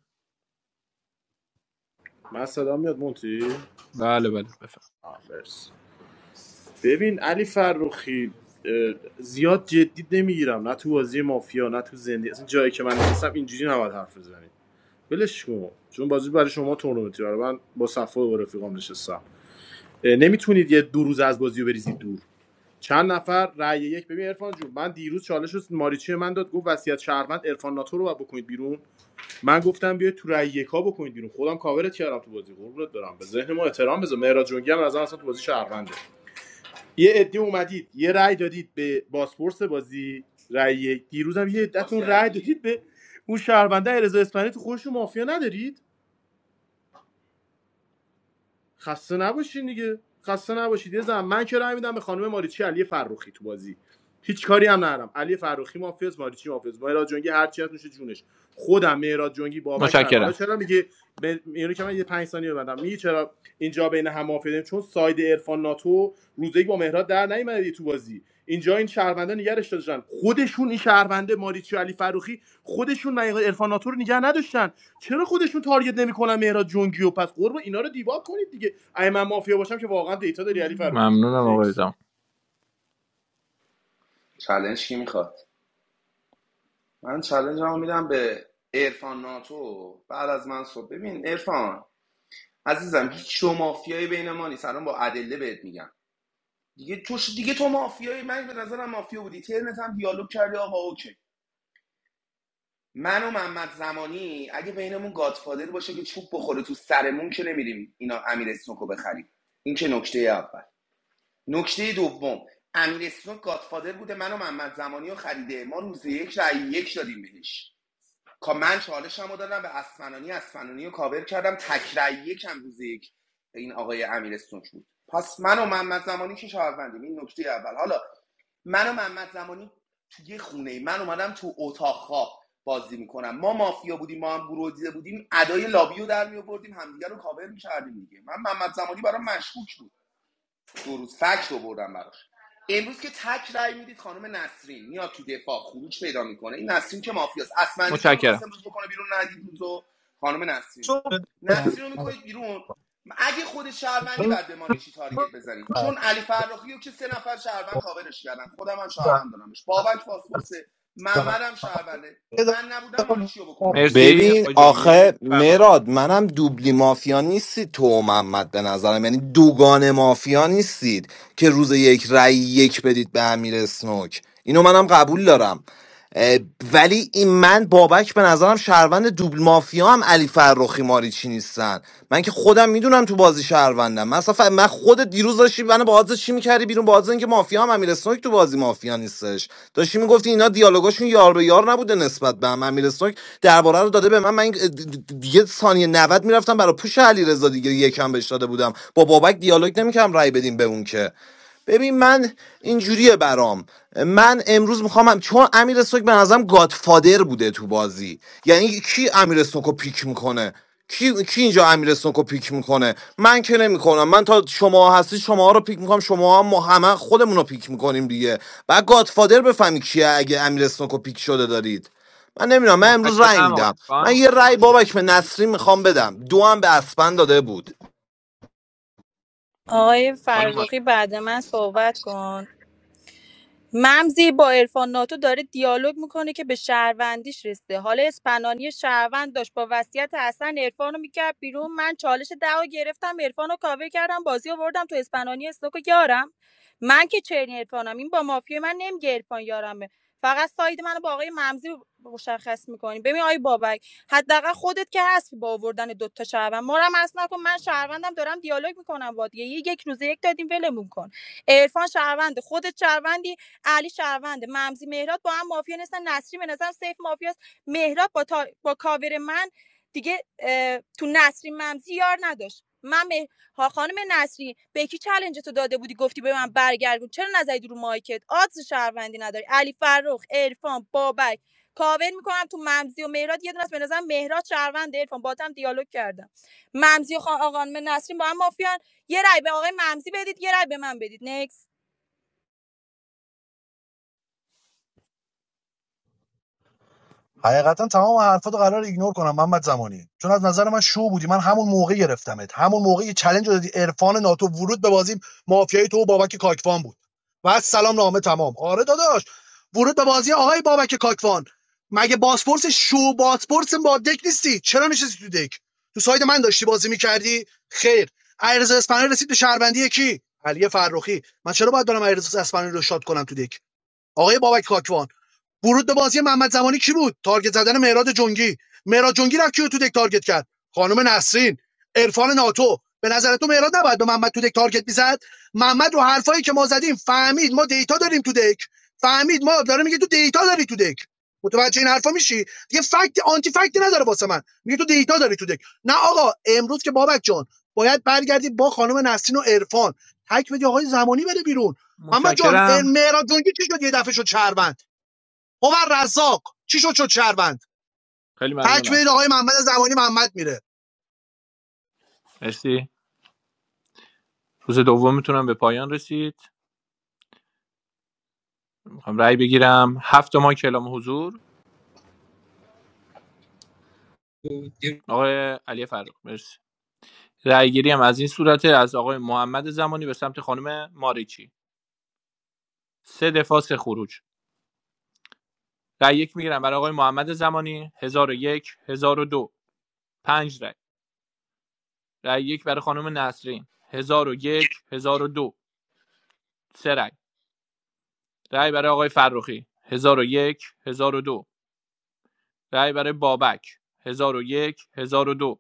صدا میاد مونتی بله بله بفهم آه، مرسی. ببین علی فروخی زیاد جدی نمیگیرم نه تو بازی مافیا نه تو زندگی اصلا جایی که من نشستم اینجوری نباید حرف بزنید ولش کن چون بازی برای شما تورنمنتی برای من با صفا و رفیقام نشستم نمیتونید یه دو روز از بازی رو بریزید دور چند نفر رأی یک ببین عرفان جون من دیروز چالش رو ماریچی من داد گفت وصیت شهروند عرفان ناتو رو بکنید بیرون من گفتم بیاید تو رأی یکا بکنید بیرون خودم کاورت کردم تو بازی قربونت برم به ذهن ما احترام بذار مهراد جنگی هم از اصلا تو بازی شهرونده یه عده اومدید یه رأی دادید به باسپورس بازی رأی یک. دیروزم یه عدهتون رأی دادید به اون شهرونده رضا اسپانی تو خودشون مافیا ندارید خسته نباشین دیگه خسته نباشید یه زن من که رأی میدم به خانم ماریچی علی فروخی تو بازی هیچ کاری هم ندارم علی فروخی مافیاس ماریچی مافیاس مهراد جنگی هر چی هست میشه جونش خودم مهراد جنگی بابک شهر حالا متشکرم چرا میگه به اینو که من یه 5 ثانیه ببندم میگه چرا اینجا بین هم مافیا داریم؟ چون ساید عرفان ناتو روزی با مهراد در نیومده تو بازی اینجا این شهرونده نگرش داشتن خودشون این شهرونده ماریچی علی فروخی خودشون ارفاناتو رو نگه نداشتن چرا خودشون تارگت نمیکنن مهراد جنگی و پس قرب اینا رو دیوار کنید دیگه اگه من مافیا باشم که واقعا دیتا داری علی فروخی جون ممنونم آقای نکس زمان چلنج کی میخواد من چلنج رو میدم به ارفان ناتو بعد از من صبح ببین ارفان عزیزم هیچ شو مافیایی بین ما نیست الان با ادله بهت میگم دیگه تو ش- دیگه تو مافیایی من به نظرم مافیا بودی ترنت هم دیالوگ کردی آقا اوکی من و محمد زمانی اگه بینمون گادفادر باشه که چوب بخوره تو سرمون که نمیریم اینا امیر اسنوکو بخریم این که نکته اول نکته دوم امیر اسنوک گادفادر بوده من و محمد زمانی رو خریده ما روز یک رای یک دادیم بهش کا من چالشم رو دادم به اسفنانی اسفنانی رو کاور کردم تک رای یکم روز یک این آقای امیر اسنوک بود پس من و محمد زمانی که شهروندیم این نکته اول حالا من و محمد زمانی تو یه خونه ای من اومدم تو اتاق خواب بازی میکنم ما مافیا بودیم ما هم گروه دیده بودیم ادای لابی در میآوردیم همدیگه رو کاور میکردیم دیگه من محمد زمانی برام مشکوک بود دو روز فکت آوردم براش امروز که تک رأی میدید خانم نسرین میاد تو دفاع خروج پیدا میکنه این نسرین که مافیاست اسمندی که میخواست متشکرم امروز بکنه بیرون ندید روزو خانم نسرین رو نسرین رو میکنید بیرون اگه خود شهروندی بعد به ماری چی تارگت بزنید چون علی فرخی رو که سه نفر شهروند کاورش کردن خودم هم شهروند دارمش بابک پاسپورسه محمد هم شهرونده من نبودم ماری چی رو بکن بیرون بازی مرسی ببین آقای تموم. جنگی آخه بفرمایید آقا. مراد منم دوبلی مافیا نیستید تو و محمد به نظرم یعنی دوگان مافیا نیستید که روز یک رأی یک بدید به امیر اسنوک اینو منم قبول دارم اه، ولی این من بابک به نظرم شهروند دوبل مافیا هم علی فرخی ماری چی نیستن من که خودم میدونم تو بازی شهروندم من اصلا ف- من خودت دیروز داشتی منو با آدرس چی میکردی بیرون با آدرس اینکه مافیا هم امیر اسنوک تو بازی مافیا نیستش داشتی میگفتی اینا دیالوگاشون یار به یار نبوده نسبت به هم امیر اسنوک درباره رو داده به من من دیگه ثانیه 90 میرفتم برای پوش علیرضا دیگه یکم بهش داده بودم با بابک دیالوگ نمیکردم رای بدیم به اون که ببین من اینجوریه برام من امروز میخوام چون امیر سوک به نظرم گادفادر بوده تو بازی یعنی کی امیر سوک پیک میکنه کی, کی اینجا امیر سوک پیک میکنه من که نمیکنم من تا شما هستی شما رو پیک میکنم شما هم همه خودمون رو پیک میکنیم دیگه بعد گادفادر بفهمی کیه اگه امیر سوک پیک شده دارید من نمیدونم من امروز رأی متشکرم آقای میدم من خان یه رأی بابک به نصری میخوام بدم دو هم به اسپن داده بود آقای خانم ماری فرزوقی بعد من صحبت کن ممزی با عرفان ناتو داره دیالوگ میکنه که به شهروندیش رسیده حالا اسپنانی شهروند داشت با وصیت حسن عرفان رو میکرد بیرون من چالش دعوا گرفتم عرفان رو کاور کردم بازی رو بردم تو اسپنانی استوکو یارم من که چرین عرفانم این با مافیا من نمیگه عرفان یارمه فقط ساید منو با آقای ممزی مشخص میکنی ببین آی بابک حداقل خودت که هستی با آوردن دو تا شهروند ما رو هم اصلا نکن من شهروندم دارم دیالوگ میکنم با دیگه یک روزه یک دادیم ولمون کن عرفان شهروند خودت شهروندی علی شهرونده ممزی مهراد با هم مافیا نیستن نصری به نظرم سیف مافیاست مهراد با, تا... با کاور من دیگه تو نصری ممزی یار نداشت من به مه... خانم نصری به کی چلنج تو داده بودی گفتی به من برگردون چرا نزدی رو مایکت آدز شهروندی نداری علی فرخ عرفان بابک کاور میکنم تو ممزی و مهراد یه دونه است به نظرم مهراد شهروند عرفان با دیالوگ کردم ممزی و خان آقا خانم نسرین با هم مافیان یه رای به آقای ممزی بدید یه رای به من بدید نکس حقیقتا تمام حرفاتو قرار ایگنور کنم محمد زمانی چون از نظر من شو بودی من همون موقع گرفتمت همون موقع یه چالش دادی عرفان ناتو ورود به بازی مافیای تو و بابک کاکوان بود و از سلام نامه تمام آره داداش ورود به بازی آقای بابک کاکوان مگه باسپورس شو باسپورس با دک نیستی چرا نشستی تو دک تو ساید من داشتی بازی میکردی خیر ایرز اسپانیایی رسید به شهروندی کی علی فرخی من چرا باید برم ایرز اسپانیایی رو شاد کنم تو دک آقای بابک کاکوان ورود به بازی محمد زمانی کی بود تارگت زدن مهراد جنگی مهراد جنگی رفت کیو تو دک تارگت کرد خانم نسرین عرفان ناتو به نظر تو مهراد نباید به محمد تو دک تارگت میزد محمد رو حرفایی که ما زدیم فهمید ما دیتا داریم تو دک فهمید ما داره میگه تو دیتا داری تو دک متوجه این حرفا میشی دیگه فکت آنتی فکتی نداره واسه من میگه تو دیتا داری تو دک نه آقا امروز که بابک جان باید برگردی با خانم نسرین و عرفان تک بدی آقای زمانی بره بیرون محمد جان متشکرم مهراد جنگی چی شد یه دفعه شد شهروند عمر رزاق چی شد شد شهروند خیلی تک ممنونم بدید آقای محمد زمانی محمد میره مرسی روز دوم میتونم به پایان رسید میخوام رأی بگیرم هفت ماه کلام حضور آقای علی فرخ مرسی رأی گیری هم از این صورت از آقای محمد زمانی به سمت خانم ماریچی سه دفاع سه خروج رأی یک میگیرم برای آقای محمد زمانی 1001 1002 پنج رأی رای یک برای خانم نسرین 1001 1002 سه رای رای برای آقای فرخی هزار هزار و یک، هزار و دو. رای برای بابک هزار هزار و یک، هزار و دو.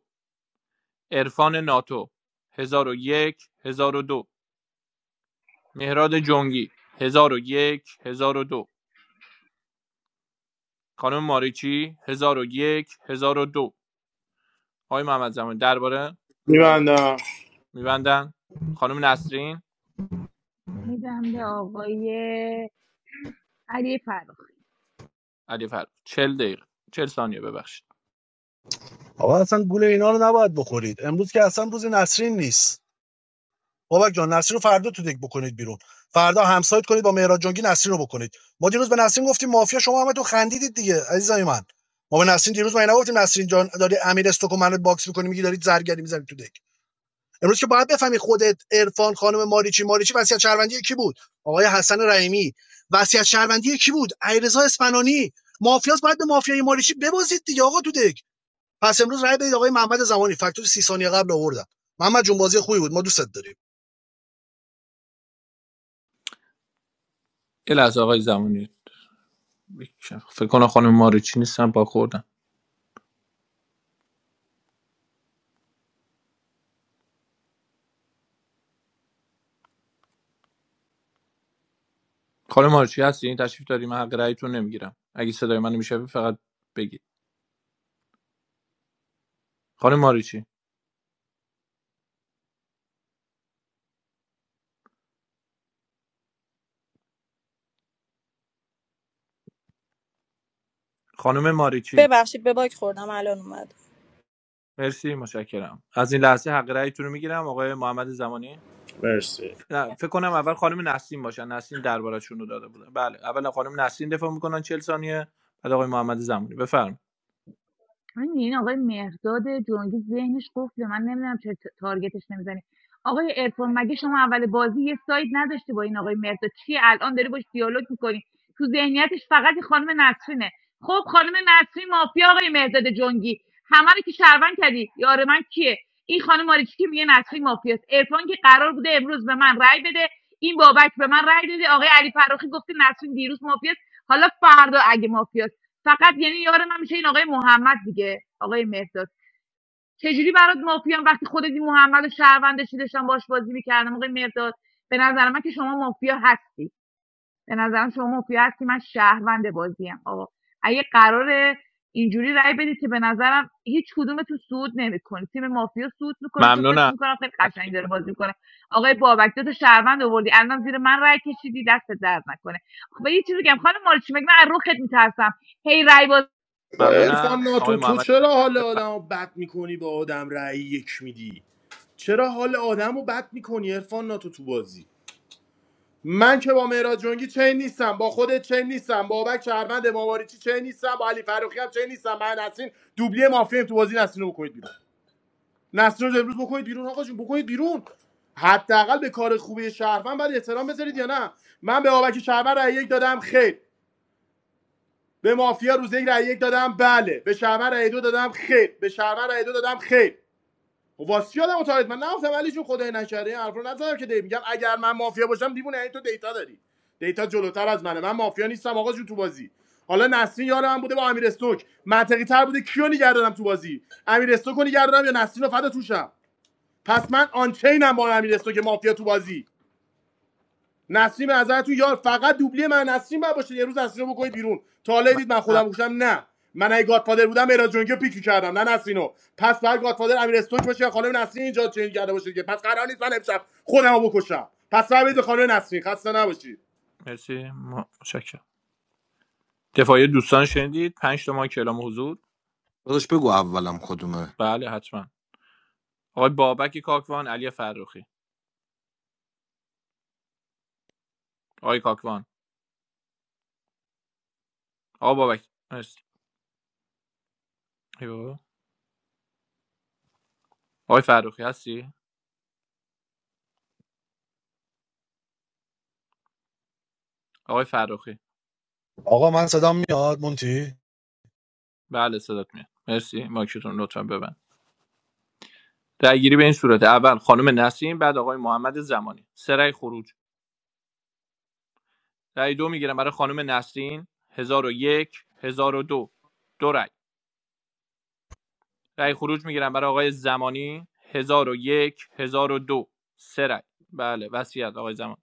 عرفان ناتو هزار هزار و یک، هزار و دو. مهراد جنگی هزار هزار و یک، هزار و دو. خانم ماریچی هزار هزار و یک، هزار و دو. آقای محمد زمان درباره میبندم میبندن خانم نسرین میدم به آقای علی فرخ علی فرخ چهل دقیقه چهل ثانیه ببخشید آقا اصلا گول اینا رو نباید بخورید امروز که اصلا روز نسرین نیست بابک جان نسرین رو فردا تو دک بکنید بیرون فردا همسایت کنید با مهراد جنگی نسرین رو بکنید ما دیروز به نسرین گفتیم مافیا شما هم تو خندیدید دیگه عزیزای من ما به نسرین دیروز ما نگفتیم نسرین جان داری امیر استوک و منو باکس می‌کنی میگی دارید زرگری می‌زنید تو دک امروز که باید بفهمی خودت عرفان خانم ماریچی ماریچی وصیت شهروندی کی بود آقای حسن رحیمی وصیت شهروندی کی بود علیرضا اسپنانی مافیاس باید به مافیای ماریچی ببازید دیگه آقا تو دک پس امروز رای بدید آقای محمد زمانی فاکتور 30 ثانیه قبل آوردم محمد جون بازی خوبی بود ما دوستت داریم یه لحظه آقای زمانی فکر کنم خانم ماریچی نیستم با خوردم خانم ماریچی هستی این تشریف داری من حق رأیتون نمیگیرم اگه صدای منو میشوی فقط بگید خانم ماریچی خانم ماریچی ببخشید به باک خوردم الان اومد مرسی متشکرم از این لحظه حق رأیتون رو میگیرم آقای محمد زمانی مرسی نه فکر کنم اول خانم نسیم باشن نسیم دربارشون رو داده بودن بله اول خانم نسیم دفاع میکنن چهل ثانیه بعد آقای محمد زمانی بفرم همین این آقای مهرداد جنگی ذهنش قفله من نمیدونم چرا تارگتش نمیزنی آقای ارفان مگه شما اول بازی یه ساید نداشتی با این آقای مهرداد چی الان داری باش دیالوگ میکنی تو ذهنیتش فقط خانم نسرینه خب خانم نسرین مافیا آقای مهرداد جنگی همه رو که شهروند کردی یار من کیه این خانم ماریچی که میگه نسرین مافیاست ارفان که قرار بوده امروز به من رأی بده این بابک به من رأی داده آقای علی فراخی گفته نسرین دیروز مافیاست حالا فردا اگه مافیا فقط یعنی یار من میشه این آقای محمد دیگه آقای مهرداد چجوری برات مافیان وقتی خودت این محمد و شهروندشی داشتم باش بازی میکردم آقای مهرداد به نظر من که شما مافیا هستی به نظرم شما مافیا هستی من شهروند بازیم آقا اگه قرار اینجوری رای بدید که به نظرم هیچ کدوم تو سود نمیکنه تیم مافیا سود میکنه چون فکر ممنونم میکنم خیلی قشنگ داره بازی میکنه آقای بابک دو تا شهروند آوردی الان زیر من رای کشیدی دست درد نکنه خب یه چیزی بگم خانم مالچی مگه من از روخت میترسم هی رأی باز با عرفان ممنونم آقای ناتو تو محمد چرا حال بفرمایید آدمو بد میکنی با آدم رأی یک میدی چرا حال آدمو بد میکنی عرفان ناتو تو بازی من که با مهراد جنگی چین نیستم با خودت چین نیستم با بابک شهروند مواریچی چین نیستم با علی فروخی هم چین نیستم من نسرین دوبلی مافیا تو بازی نسرین رو بکنید بیرون نسرین رو امروز بکنید بیرون آقا جون بکنید بیرون حداقل به کار خوبی شهروند بعد احترام بذارید یا نه من به بابک شهروند رأی یک دادم خیر به مافیا روز یک رأی یک دادم بله به شهروند رأی دو دادم خیر به شهروند رأی دو دادم خیر خب واسه یادم تاریت من نگفتم ولی چون خدای نکرده این حرفا رو نزدم که دی میگم اگر من مافیا باشم دیوونه یعنی تو دیتا داری دیتا جلوتر از منه من مافیا نیستم آقا جون تو بازی حالا نسرین یار من بوده با امیر استوک منطقی تر بوده کیو نگردم تو بازی امیر استوک رو نگردم یا نسرین رو فدا توشم پس من آنچینم با امیر استوک مافیا تو بازی نسیم نظر تو یار فقط دوبلی من نسیم باید باشه یه روز نسیم رو بکنید بیرون تا حالا دید من ممنونم خودم گوشم نه من اگه گادفادر بودم مهراد جونگی پیک کردم نه نسرینو پس بعد گادفادر امیر استوک باشه یا خانم نسرین اینجا چنین کرده باشه دیگه پس قرار نیست من امشب خودم رو بکشم پس فهمید خانم نسرین خسته نباشید مرسی م- متشکرم دفاعی دوستان شنیدید پنج تا ما کلام حضور داداش بگو اولم کدومه بله حتما آقای بابک کاکوان علی فرخی آقای کاکوان آقا بابک مرسی آقای فرخی هستی آقای فرخی آقا من صدام میاد مونتی بله صدات میاد مرسی ماکتون لطفا ببند رأی گیری به این صورت اول خانم نسرین بعد آقای محمد زمانی سه رأی خروج رأی دو میگیرم برای خانم نسرین 1001 1002 دو دو رأی رای خروج میگیرم برای آقای زمانی 1001 1002 سرای بالا وصیت آقای زمان.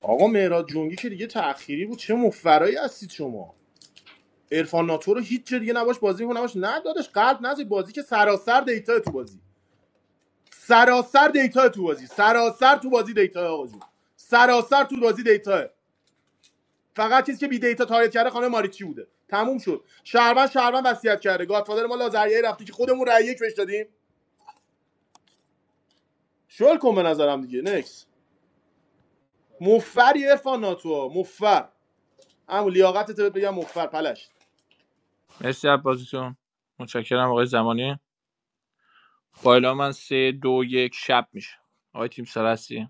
آقا مهراد جونگی که دیگه تأخیری بود چه مفرایی هستید شما عرفان ناتو رو هیچ جا نباش بازی کنه نباش داداش قلب نذارید بازی که سراسر دیتا تو بازی سراسر دیتا تو بازی سراسر تو بازی دیتا آقا جون سراسر تو بازی دیتا فقط چیزی که بی دیتا تاریت کرده خانم ماریچی بوده تموم شد شهروند شهروند وصیت کرده گادفادر ما لازریه رفتی که خودمون رأی یک بهش دادیم شل کن به نظرم دیگه نکس مفری عرفان ناتو مفر همون لیاقتت بهت بگم مفر پلشت اسپاپوزیشن. من شکر میکنم آقای زمانی. پایلمان سه دو یک شب میشه. آقای تیم سراسری.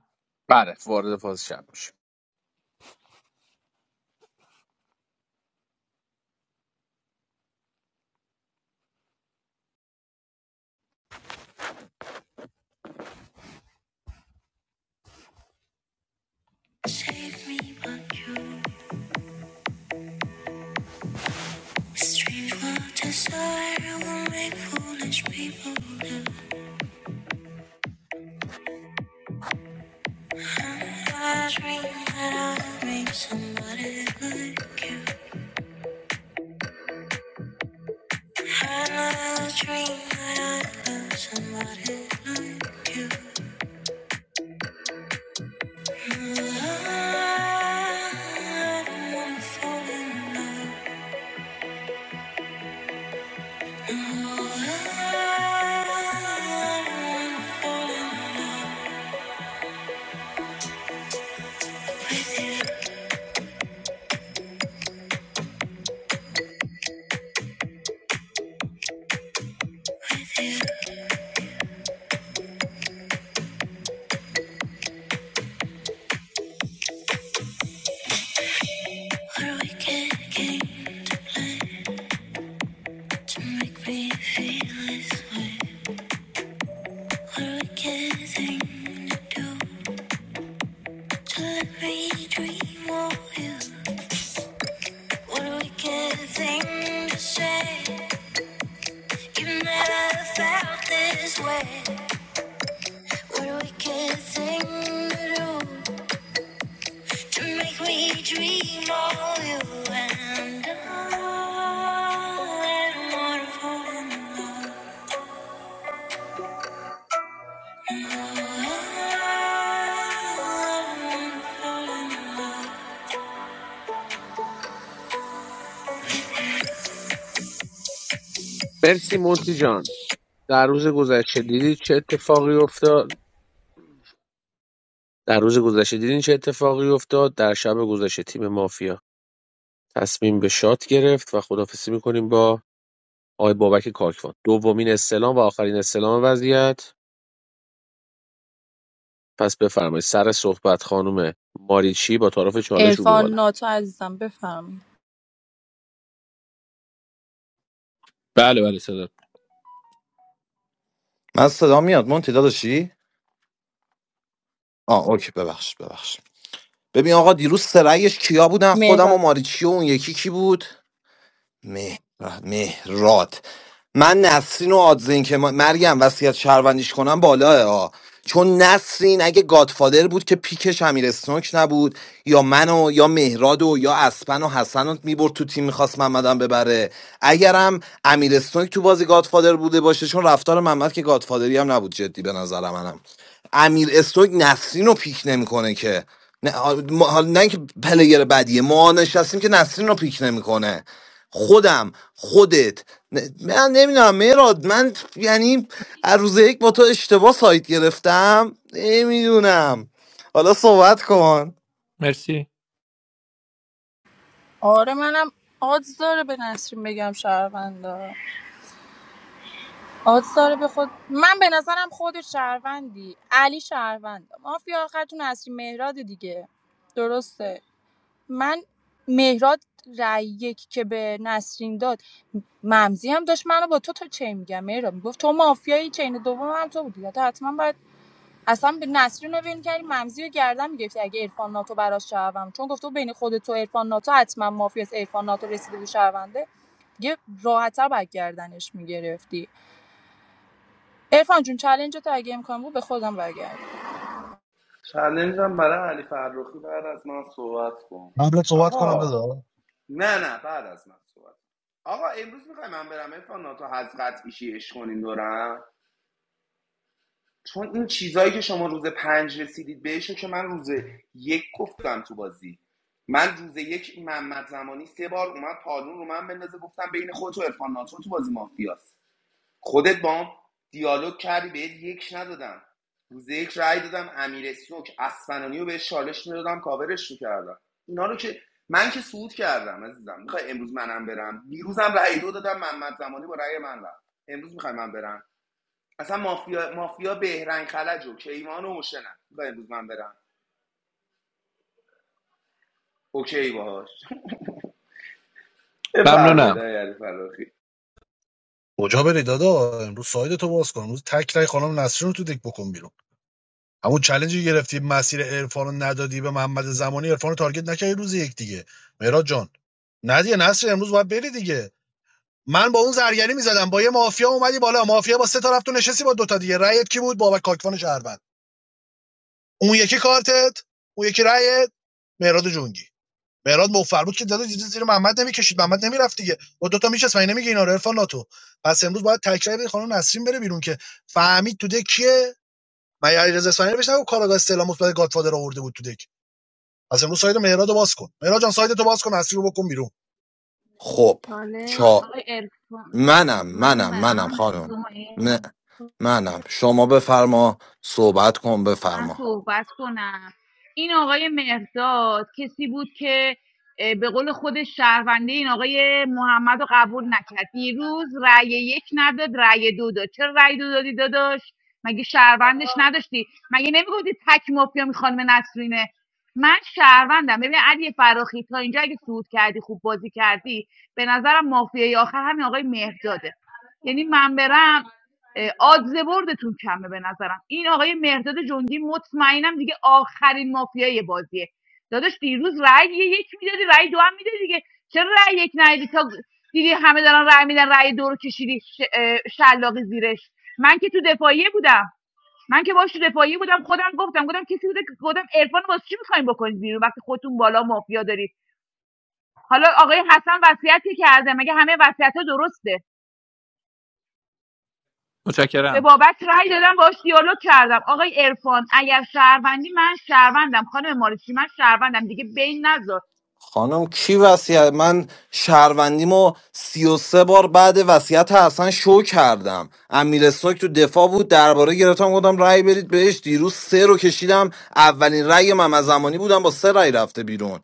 بله وارد فاز شب میشه Thing to say, you never felt this way. What a wicked thing to do مرسی مونتی جان در روز گذشته دیدی چه اتفاقی افتاد در روز گذشته دیدین چه اتفاقی افتاد در شب گذشته تیم مافیا تصمیم به شات گرفت و خدافسی میکنیم با آقای بابک کاکوان دومین استلام و آخرین استلام وضعیت پس بفرمایید سر صحبت خانم ماریچی با تعارف چالش رو به ارفان بالا ناتو عزیزم بفرمایید بله بله صدا من صدا میاد مونتی داداشی آه اوکی ببخشید ببخشید ببین آقا دیروز سرایش کیا بودن خودم و مهراد ماریچی و اون یکی کی بود مه... مهرات من نسرین و آدزین که ما- مریم وصیت شهروندیش کنم بالاه ها چون نسرین اگه گادفادر بود که پیکش امیر اسنوک نبود یا منو یا مهراد و یا اسپن و حسن رو میبرد تو تیم میخواست محمدم ببره اگرم امیر اسنوک تو بازی گادفادر بوده باشه چون رفتار محمد که گادفادری هم نبود جدی به نظر منم امیر اسنوک نسرین رو پیک نمیکنه که نه, آ- ما- حالا نه اینکه پلیر بدیه ما نشستیم که نسرین رو پیک نمیکنه خودم خودت نه- من نمیدونم مراد من یعنی از روز یک با تو اشتباه سایت گرفتم نمیدونم حالا صحبت کن مرسی آره منم آدز داره به نسرین بگم شهروندا آدز داره به خود من به نظرم خود شهروندی علی شهروند مافیا آخرتون نسرین مهراد دیگه درسته من مهراد رای یک که به نسرین داد ممزی هم داشت منو با تو تا چین میگم مهراد میگفت تو مافیایی چین دوم هم تو بودی حتما باید اصلا به نسرین رو ول کردی ممزی رو گردن میگرفتی اگه عرفان ناتو براش شهروند چون گفته بین خودت و عرفان ناتو حتما مافیاس عرفان ناتو رسیده به شهرونده دیگه راحت‌تر باید گردنش میگرفتی عرفان جون چلنج تو اگه امکان بود به خودم برگرد چلنجم برای علی فرخی بعد از من صحبت کن قبلت صحبت کنم آقا دادا نه نه بعد از من صحبت آقا امروز میخوای من برم ارفان ناتو حضرت ایشی عشق کنین دورم چون این چیزایی که شما روز پنج رسیدید بهشو که من روز یک گفتم تو بازی من روز یک محمد زمانی سه بار اومد پالون رو من بندازه گفتم بین خود و ارفان ناتو تو بازی مافیاست خودت با دیالوگ کردی بهت یک ندادم روز یک رأی دادم امیر سوک اسفنانی رو بهش چالش میدادم کاورش میکردم اینا رو که من که سود کردم عزیزم میخوای امروز منم برم دیروزم رای دو دادم محمد زمانی با رأی من رفت امروز میخوای من برم اصلا مافیا مافیا بهرنگ خلج و کیوان و مشنم میخوای امروز من برم اوکی باهاش بفرمایید ممنونم آقای علی فراخی کجا بری دادا امروز ساید تو باز کن امروز تک رای خانم نسرین رو تو دک بکن بیرون همون چلنجی که گرفتی مسیر عرفان رو ندادی به محمد زمانی عرفان رو تارگت نکردی روز یک دیگه مهراد جان ندیه نصر امروز باید بری دیگه من با اون زرگری میزدم با یه مافیا اومدی بالا مافیا با سه تا رفت تو نشستی با دوتا دیگه رأیت کی بود بابک کاکوان شهروند اون یکی کارتت اون یکی رأیت مهراد جونگی مهراد مفر بود که داده دیده زیر محمد نمیکشید محمد نمیرفت دیگه با دوتا میشست من نمیگه اینا رو عرفان ناتو پس امروز باید تکرار بدی خانم نسرین بره بیرون که فهمید تو دک کیه مگه علیرضا اصفهانی بهش نگو کاراگاه استعلام مثبت گادفادر آورده بود تو دک از امروز ساید مهراد رو باز کن مهراد جان ساید تو باز کن نسری رو بکن بیرون خب چالش چا آقای عرفان منم من منم بر منم من خانم شما این نه منم شما بفرما صحبت کن من بفرما صحبت کنم این آقای مهرداد کسی بود که به قول خود شهرونده این آقای محمد رو قبول نکرد دیروز رأی یک نداد رأی دو داد چرا رأی دو دادی داداش مگه شهروندش نداشتی مگه نمیگفتی تک مافیا می خانم نسرینه من شهروندم ببین علی فراخی تا اینجا اگه صعود کردی خوب بازی کردی به نظرم مافیای آخر همین آقای مهرداده یعنی من برم آدز بردتون کمه به نظرم این آقای مهرداد جنگی مطمئنم دیگه آخرین مافیای بازیه داداش دیروز رأی یه یک میدادی رأی دو هم میدادی دیگه چرا رأی یک ندادی تا دیدی همه دارن رأی میدن رأی دو رو کشیدی شلاقی زیرش من که تو دفاعیه بودم من که باش تو دفاعیه بودم خودم گفتم گفتم کسی بوده که گفتم عرفان واسه چی میخواین بکنید بیرون وقتی خودتون بالا مافیا دارید حالا آقای حسن وصیتی کرده مگه همه وصیت‌ها درسته به متشکرم بابک رأی دادم باش دیالوگ کردم آقای عرفان اگر شهروندی من شهروندم خانم مارسی من شهروندم دیگه بین نذار خانم کی وصیت من شهروندیمو 33 بار بعد وصیت حسن شو کردم امیر سوک تو دفاع بود درباره گرفتم گفتم رأی برید بهش دیروز سه رو کشیدم اولین رأی من از زمانی بودم با سه رأی رفته بیرون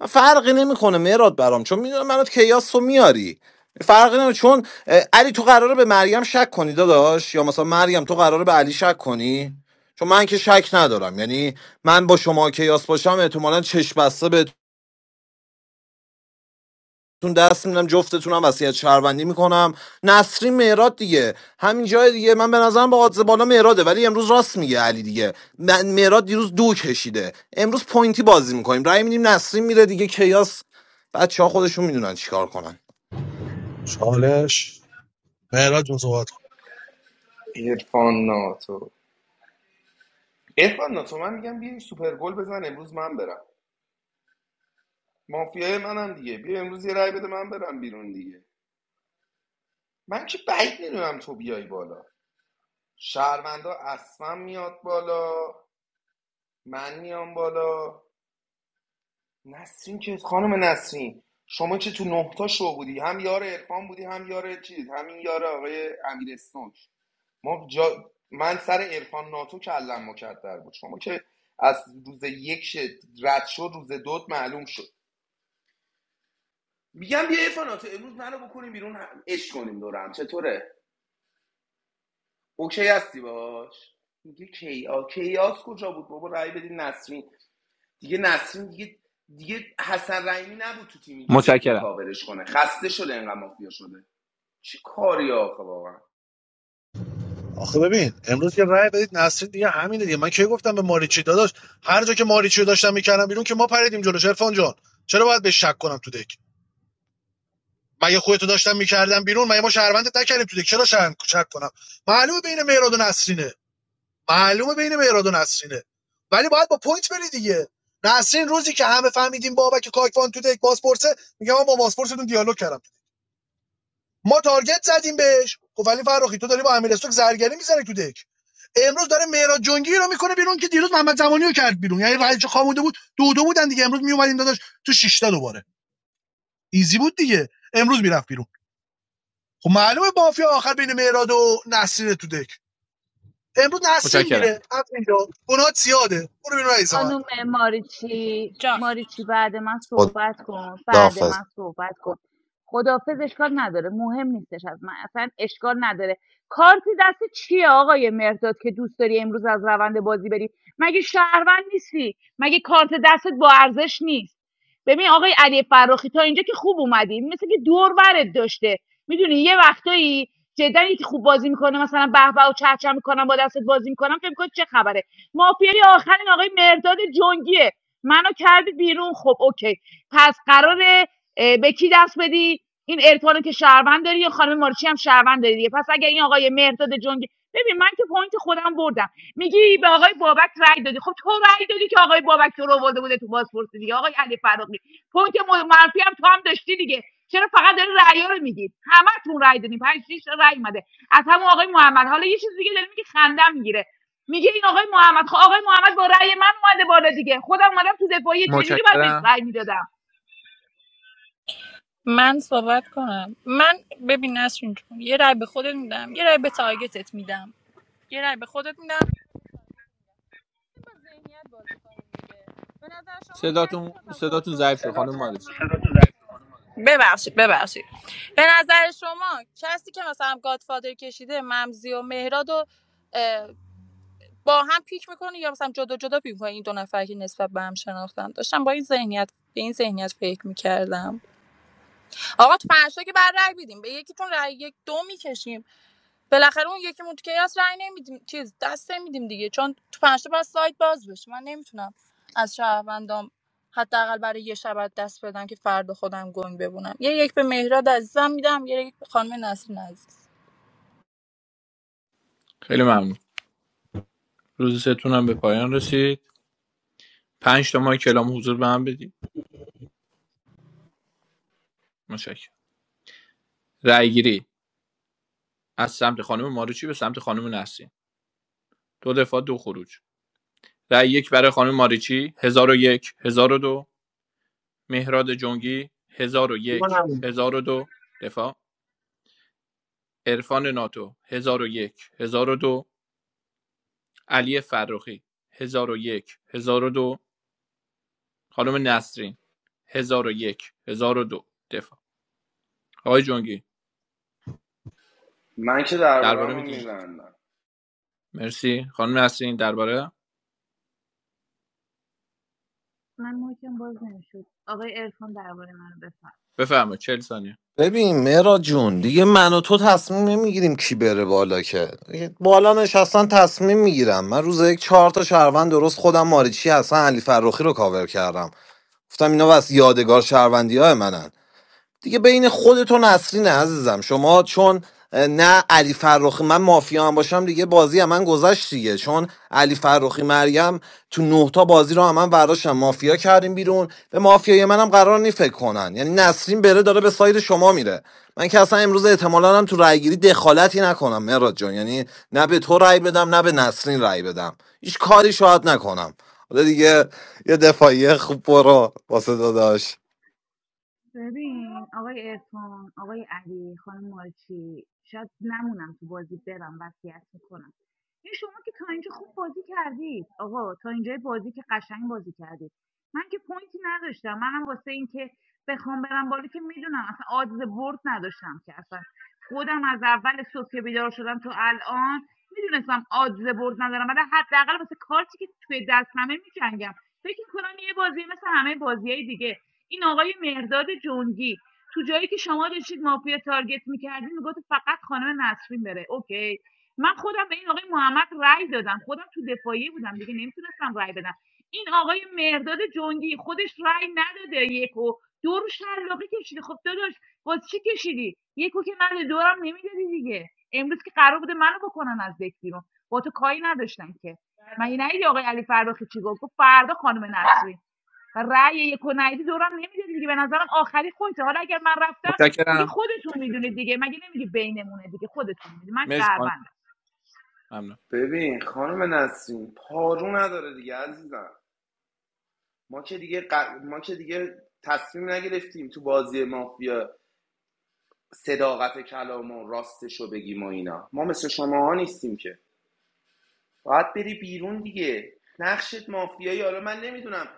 من فرقی نمیکنه مراد برام چون میدونم منو کیاس رو میاری فرقی نمیکنه چون اه، علی تو قراره به مریم شک کنی داداش یا مثلا مریم تو قراره به علی شک کنی چون من که شک ندارم یعنی من با شما کیاس باشم احتمالا چشم بسته به تون دست میدم جفتتونم وصیت شهروندی میکنم نصری مهراد دیگه همین جای دیگه من به نظرم با آدز بالا مهراده ولی امروز راست میگه علی دیگه من مهراد دیروز دو کشیده امروز پوینتی بازی میکنیم رای میدیم نصری میره دیگه کیاس بچه ها خودشون میدونن چیکار کنن چالش مهراد جون صحبت کن. عرفان ناتو ارفان ناتو من میگم بیا یه سوپر گل بزن امروز من برم مافیای منم دیگه بیا امروز یه رای بده من برم بیرون دیگه من که بعید میدونم تو بیای بالا شهروندا اصلا میاد بالا من میام بالا نسرین که خانم نسرین شما که تو نه تا شو بودی هم یار عرفان بودی هم یار چیز همین یار آقای امیر اسنوک ما جا... من سر عرفان ناتو کلم مکدر بود شما که از روز یک رد شد روز دوت معلوم شد میگم بیا عرفان ناتو امروز منو بکنیم بیرون هم- عشق کنیم دورم چطوره اوکی هستی باش میگه کیا کیاس کجا بود بابا رای بدین نسرین دیگه نسرین دیگه دیگه حسن رحیمی نبود تو تیم اینجوری بتونه متشکرم کاورش کنه خسته شده اینقدر مافیا شده چه کاری آخه واقعا آخه ببین امروز یه رأی بدید نسرین دیگه همینه دیگه من کی گفتم به ماریچی داداش هر جا که ماریچی رو داشتم میکردم بیرون که ما پریدیم جلوش عرفان جان چرا باید به شک کنم تو دک مگه خودتو داشتم میکردم بیرون مگه ما شهروندت نکردیم تو دک چرا شهر شک کنم معلومه بین مهراد و نسرینه معلومه بین مهراد و نسرینه ولی باید با پوینت بری دیگه نسرین روزی که همه فهمیدیم بابک کاکوان تو دک بازپرسه میگم من با بازپرستون دیالوگ کردم ما تارگت زدیم بهش خب ولی فرخی تو داری با امیر استوک زرگری میزنی تو دک امروز داره مهراد جنگی رو میکنه بیرون که دیروز محمد زمانی رو کرد بیرون یعنی رایج خامونده بود دو دو بودن دیگه امروز میومدیم داداش تو شش تا دوباره ایزی بود دیگه امروز میرفت بیرون خب معلومه مافیا آخر بین مهراد و نصیر تو دک امروز نسرین متشکرم میره از اینجا گناهات زیاده برو بیرون رئیس من خانم ماریچی جان ماریچی بعد من صحبت کن بعد خداحافظ من صحبت کن خدافز اشکال نداره مهم نیستش از من اصلا اشکال نداره کارتی دست چیه آقای مرداد که دوست داری امروز از روند بازی بری مگه شهروند نیستی مگه کارت دستت با ارزش نیست ببین آقای علی فراخی تا اینجا که خوب اومدی مثل که دور برت داشته میدونی یه وقتایی جدا که خوب بازی میکنه مثلا به به و چهچه میکنم با دستت بازی میکنم فکر می‌کنی چه خبره مافیای آخر این آقای مرداد جنگیه منو کردی بیرون خب اوکی پس قراره اه، به کی دست بدی این ارفانو که شهروند داری یا خانم مارچی هم شهروند داری دیگه پس اگه این آقای مرداد جنگی ببین من که پوینت خودم بردم میگی به آقای بابک رای دادی خب تو رای دادی که آقای بابک تو رو برده بوده تو پاسپورت دیگه آقای علی فراقی پوینت م- منفی هم تو هم داشتی دیگه چرا فقط داری رأی رو میگید همتون رأی دادین پنج شیش تا رأی اومده از همون آقای محمد حالا یه چیز دیگه داره میگه خندم میگیره میگه این آقای محمد خب آقای محمد با رأی من اومده بالا دیگه خودم اومدم تو دفاعیه چجوری باید بهش متشکرم رأی میدادم من صحبت کنم من ببین نسرین جون یه رای به خودت میدم یه رای به تارگتت میدم یه رای به خودت میدم با ذهنیت بازی کنیم دیگه. به نظر شما کسی صداتون که مثلا صداتون ضعیف شد گادفادر خانم مارج ببخشید ببخشید به نظر شما کسی که مثلا گادفادر کشیده ممزی و مهراد و با هم پیک میکنه یا مثلا جدا جدا پیک میکنه این دو نفر که نسبت به هم شناختن داشتم با این ذهنیت به این ذهنیت فکر میکردم آقا تو پنجتا که بعد رای بدیم به یکیتون رای یک دو میکشیم بالاخره اون یکی مون که هست رای نمیدیم چیز دست نمیدیم دیگه چون تو پنج تا باید سایت باز بشه من نمیتونم از شهروندام حداقل برای یه شب دست بدم که فردا خودم گنگ ببونم یه یک به مهراد عزیزم میدم یه یک به خانم نسرین عزیز خیلی ممنون روز ستون هم به پایان رسید پنج تا ماه کلام حضور به هم بدید متشکرم رأیگیری از سمت خانم ماریچی به سمت خانم نسرین دو دفاع دو خروج رأی یک برای خانم ماریچی 1001 دو مهراد جنگی 1001 دو دفاع عرفان ناتو 1001 دو علی فرخی 1001 دو خانم نسرین 1001 دو دفاع آقای جنگی من که دربارم درباره رو میدین میبندم مرسی خانم نسرین درباره من محکم باز نمیشد آقای عرفان درباره منو بفرمایید بفرمایید چهل ثانیه ببین مهراد جون دیگه من و تو تصمیم نمیگیریم کی بره بالا که دیگه بالا نشستن تصمیم میگیرم من روز یک چهار تا شهروند درست خودم ماریچی حسن علی فروخی رو کاور کردم گفتم اینا از یادگار شهروندی های منن دیگه بین خودت و نسرین عزیزم شما چون نه علی فرخی من مافیا هم باشم دیگه بازی هم من گذشت دیگه چون علی فرخی مریم تو نه تا بازی رو هم من برداشتم مافیا کردیم بیرون به مافیای منم قرار نی فکر کنن یعنی نسرین بره داره به سایر شما میره من که اصلا امروز احتمالا هم تو رأیگیری دخالتی نکنم مراد جان یعنی نه به تو رای بدم نه به نسرین رأی بدم هیچ کاری شاید نکنم حالا دیگه یه دفاعیه خوب برو واسه داداش ببین آقای ارفان آقای علی خانم مارچی شاید نمونم تو بازی برم وصیت میکنم این شما که تا اینجا خوب بازی کردید آقا تا اینجا بازی که قشنگ بازی کردید من که پوینتی نداشتم منم واسه این که بخوام برم بالا که میدونم اصلا آدز برد نداشتم که اصلا خودم از اول صبح که بیدار شدم تو الان میدونستم آدز برد ندارم ولی حداقل واسه کارتی که توی دستمه میجنگم فکر کنم یه بازی مثل همه بازیهای دیگه این آقای مهرداد جنگی تو جایی که شما داشتید مافیا تارگت میکردین میگفت فقط خانم نسرین بره اوکی من خودم به این آقای محمد رأی دادم خودم تو دفاعیه بودم دیگه نمیتونستم رأی بدم این آقای مهرداد جنگی خودش رأی نداده یکو دو رو شلاقی کشیده خب داداش باز چی کشیدی یکو که نداده دورم نمیدادی دیگه امروز که قرار بوده منو بکنن از دک بیرون با تو کاری نداشتن که من یه آقای علی فرخی چی گفت گفت فردا خانم نسرین رأی یک و ندی دورم نمیده دیگه به نظرم آخری خودته حالا اگر من رفتم دیگه متشکرم خودتون میدونید دیگه مگه نمیگی بینمونه دیگه خودتون میدونید من مرسی خانم شهروندم ممنون ببین خانم نسرین پارو نداره دیگه عزیزم ما که دیگه ق- ما که دیگه تصمیم نگرفتیم تو بازی مافیا صداقت کلامون راستش رو بگیم و اینا ما مثل شماها نیستیم که باید بری بیرون دیگه نقشت مافیایی حالا من نمیدونم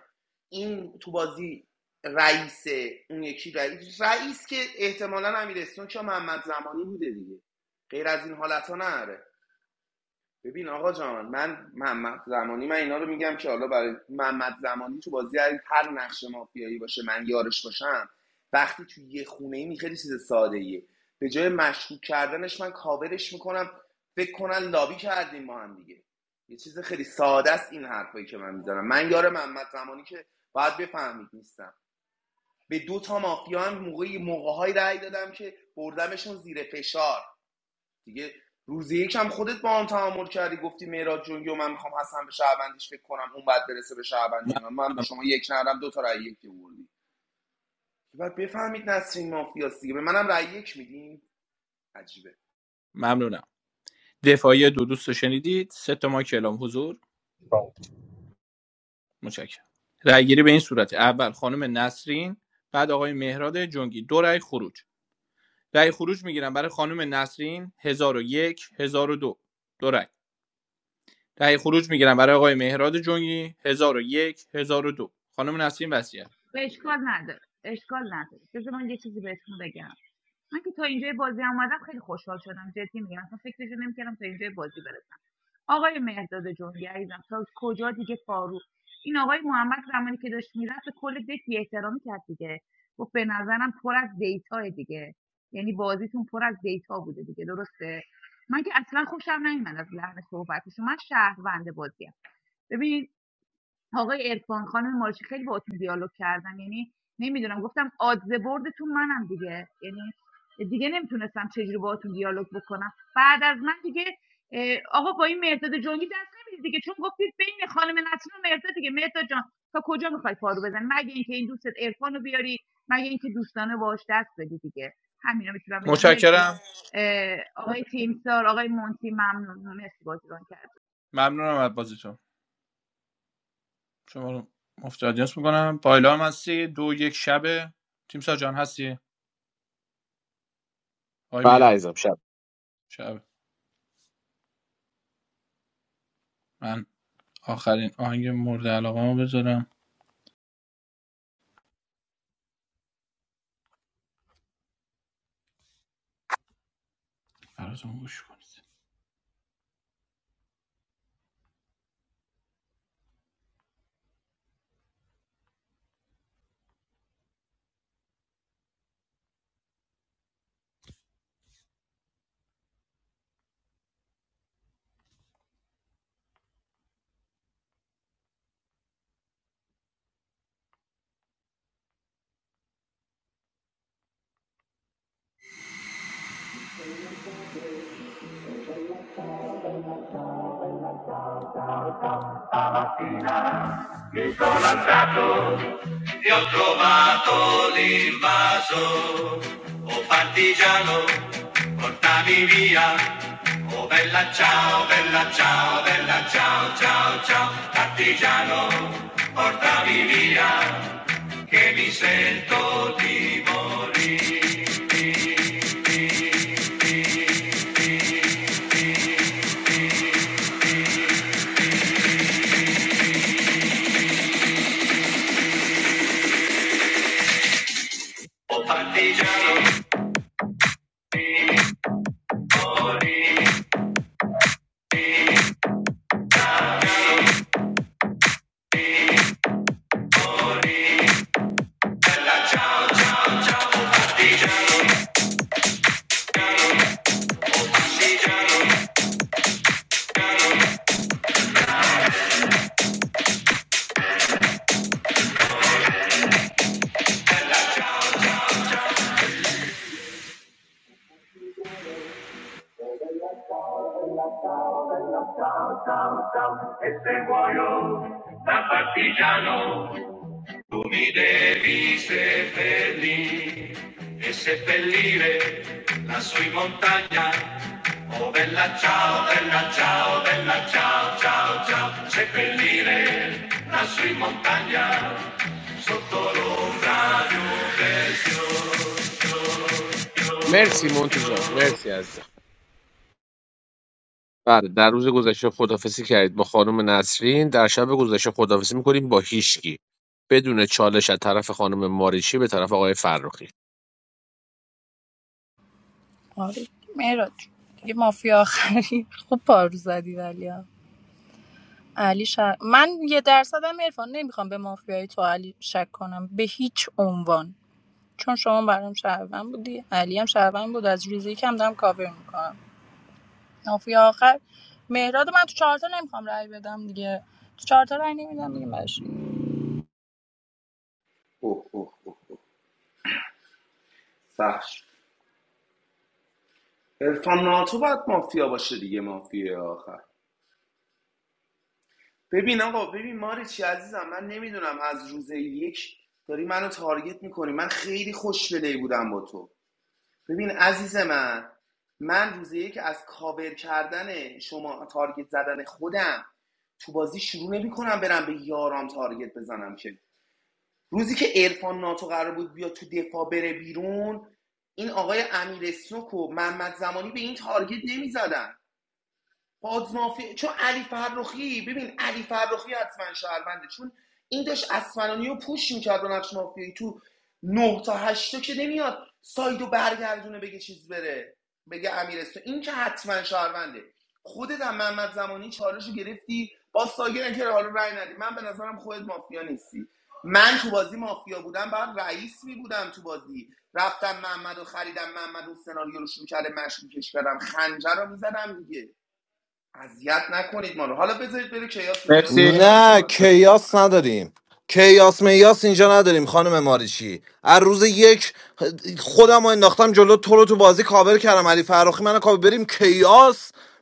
این تو بازی رئیسه اون یکی رئیس رئیس که احتمالا امیرستون که محمد زمانی بوده دیگه غیر از این حالت ها ببین آقا جان من محمد زمانی من اینا رو میگم که حالا برای محمد زمانی تو بازی هر هر نقش مافیایی باشه من یارش باشم وقتی تو یه خونه ای چیز ساده به جای مشکوک کردنش من کاورش میکنم فکر کنن لابی کردیم ما هم دیگه یه چیز خیلی ساده است این حرفایی که من میزنم من یار محمد زمانی که باید بفهمید نیستم به دو تا مافیا هم موقعی موقعهایی رأی دادم که بردمشون زیر فشار دیگه روز یک هم خودت با هم تعامل کردی گفتی میراد جونگی و من میخوام حسن به شهروندیش فکر کنم اون بعد برسه به شهروندی من من به شما یک ندم دو تا رأی یک آوردی بعد بفهمید نسرین مافیاست دیگه به منم رأی یک میدین عجیبه ممنونم دفاعی دو دوست رو شنیدید سه تا ما کلام حضور متشکرم رأی گیری به این صورت اول خانم نسرین بعد آقای مهراد جنگی دو رأی خروج رأی خروج میگیرم برای خانم نسرین هزار و یک هزار و دو دو رأی رأی خروج میگیرم برای آقای مهراد جنگی 1001 1002 خانم نسرین وصیت و اشکال نداره اشکال نداره بذار من یه چیزی بهتون بگم من که تا اینجای بازی اومدم خیلی خوشحال شدم جدی میگم اصلا فکرشو نمیکردم تا اینجای بازی برسم آقای مهداد جنگی عزیزم تا کجا دیگه فارو این آقای محمد زمانی که داشت میرفت به کل دک احترامی کرد دیگه گفت به نظرم پر از دیتا دیگه یعنی بازیتون پر از دیتا بوده دیگه درسته من که اصلا خوشم نمیاد از لحن صحبتشون من شهروند بازیم ببین آقای عرفان خانم مارشی خیلی باهاتون دیالوگ کردم یعنی نمیدونم گفتم آدزه بردتون منم دیگه یعنی دیگه نمیتونستم چجوری باهاتون دیالوگ بکنم بعد از من دیگه آقا با این مرداد جنگی دست نمیدید دیگه چون گفتید بین خانم نسرین و مرداد دیگه مرداد جان تا کجا میخوای پارو بزنی مگه اینکه این دوستت عرفان رو بیاری مگه اینکه دوستانه باش دست بدی دیگه همینا میتونم بگم مرسی متشکرم اه، آقای تیمسار آقای مونتی ممنون مرسی بازیگان کرد ممنونم از بازیتون شما رو مفت آدینس میکنم پایلا هم هستی دو یک شبه تیم سا هستی آقای بله مهرام عزیزم شب شب آخرین آن چه مورد علاقه‌ام بذارم. ارزانگوش کنید. Io ho trovato l'invaso, oh partigiano, portami via, oh bella ciao, bella ciao, bella ciao, ciao, ciao, partigiano, portami via, che mi sento di morire, oh partigiano. e se muoio da partigiano, tu mi devi seppellire e seppellire lassù in montagna. Oh bella ciao, bella ciao, bella ciao, ciao, ciao, seppellire lassù in montagna, sotto l'ombra di un bel fiore. مرسی مونتی جان مرسی عزیزم بله در روز گذشته خدافزی کردید با خانم نسرین در شب گذشته خدافزی میکنیم با هیشکی بدون چالش از طرف خانم ماریچی به طرف آقای فرخی آره مهراد جون. دیگه مافیا آخری خوب پارو زدی ولی ها. علی شر... من یه درصدم عرفان نمیخوام به مافیای تو علی شک کنم به هیچ عنوان چون شما برام شهروند بودی علی هم شهروند بود از ریزی کم دارم کاور میکنم مافی آخر مهراد من تو چهارتا نمیخوام رای بدم دیگه تو چهارتا رای نمیدم دیگه براش. اوه اوه اوه اوه فحش عرفان ناتو باید مافیا باشه دیگه مافیا آخر ببین آقا ببین ماری چی عزیزم من نمیدونم از روز یک داری منو تارگت میکنی من خیلی خوشبلی بودم با تو ببین عزیز من من روز یک از کاور کردن شما تارگت زدن خودم تو بازی شروع نمی کنم برم به یارام تارگت بزنم که روزی که ارفان ناتو قرار بود بیا تو دفاع بره بیرون این آقای امیر سوک و محمد زمانی به این تارگت نمی زدن. بازمافی چون علی فرخی ببین علی فرخی حتما شهرونده چون این داشت اسمرانی رو پوش میکرد با نقش مافیایی تو 9 تا 8 تا که نمیاد سایدو برگردونه بگه چیز بره بگه امیرستو این که حتما شهرونده خودت هم محمد زمانی چالش گرفتی با سایر که حالا رای ندی من به نظرم خودت مافیا نیستی من تو بازی مافیا بودم بعد رئیس می بودم تو بازی رفتم محمدو خریدم محمدو سناریو رو شروع کرده مشکوکش کردم خنجر رو میزدم دیگه اذیت نکنید ما رو حالا بذارید بره کیاس تو کیاس مرسی بیشتر نه صحبت میکنیم کیاس بفهمید نداریم کیاس میاس اینجا نداریم خانم ماریچی از روز یک خودم رو انداختم جلو تو رو تو بازی کاور کردم علی فراخی منو کاور بریم کیاس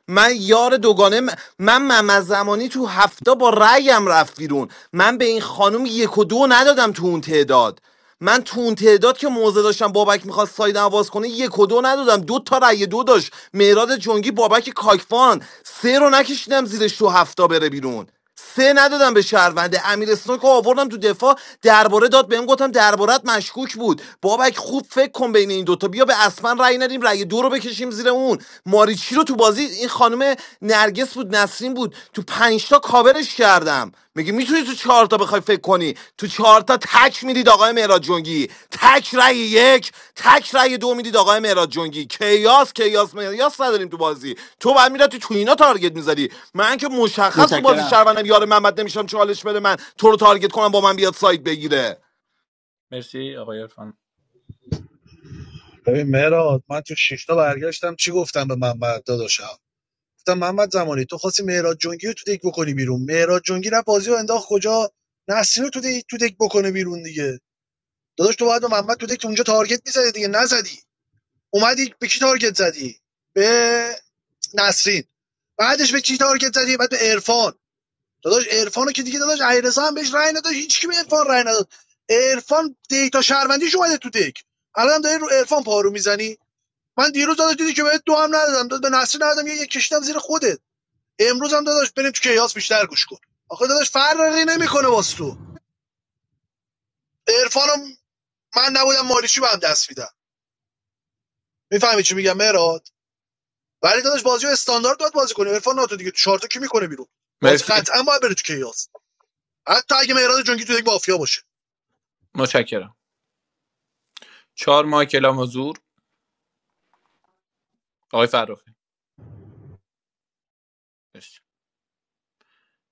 من یار دوگانه م- من مم زمانی تو هفته با رأیم رفت بیرون من به این خانم یک و دو ندادم تو اون تعداد من تو اون تعداد که موزه داشتم بابک میخواست ساید عوض کنه یک و دو ندادم دو تا رأی دو داشت مهراد جنگی بابک کاکفان سه رو نکشیدم زیرش تو هفته بره بیرون سه ندادم به شهرونده امیر اسنوک رو آوردم تو دفاع درباره داد بهم گفتم دربارت مشکوک بود بابک خوب فکر کن بین این دوتا بیا به اسمن رأی ندیم رأی دو رو بکشیم زیر اون ماریچی رو تو بازی این خانم نرگس بود نسرین بود تو پنجتا کاورش کردم میگی میتونی تو چهار تا بخوای فکر کنی تو چهار تا تک میدید آقای مهراد جنگی تک رأی یک تک رأی دو میدید آقای مهراد جنگی کیاس کیاس کیاس نداریم تو بازی تو بعد میرفتی تو تو اینا تارگت میزدی من که مشخص تو بازی متشکرم شهروندم یار محمد نمیشم چالش بده من تو رو تارگت کنم با من بیاد سایت بگیره مرسی آقای عرفان ببین مهراد من تو شیشتا برگشتم چی گفتم به محمد داداشم گفتم محمد زمانی تو خواستی مهراد جنگی رو تو دک بکنی بیرون مهراد جنگی رفت بازیو رو انداخت کجا نصری رو تو دک تو دک بکنه بیرون دیگه داداش تو باید به محمد تو دک تو اونجا تارگت میزدی دیگه نزدی اومدی به کی تارگت زدی به نسرین بعدش به کی تارگت زدی بعد به عرفان داداش عرفانو که دیگه داداش علیرضا هم بهش رأی نداد هیچ کی به عرفان رأی نداد عرفان دیتا شهروندیش اومده تو دک الان داری رو عرفان پارو میزنی من دیروز داداش دیدی که بهت دو هم ندادم داد به نصری ندادم یه یک کشیدم زیر خودت امروز هم داداش بریم تو کیاس بیشتر گوش کن آخه داداش فرقی نمیکنه واسه تو عرفانم من نبودم ماریچی به هم دست میدم میفهمی چی میگم مهراد ولی داداش بازی استاندارد باید بازی کنی عرفان ناتو دیگه تو چارتو کی میکنه بیرون بازی مرسی قطعا باید بره تو کیاس حتی اگه مهراد جنگی تو یک مافیا باشه متشکرم چهار ماه کلام حضور آقای فرخی مرسی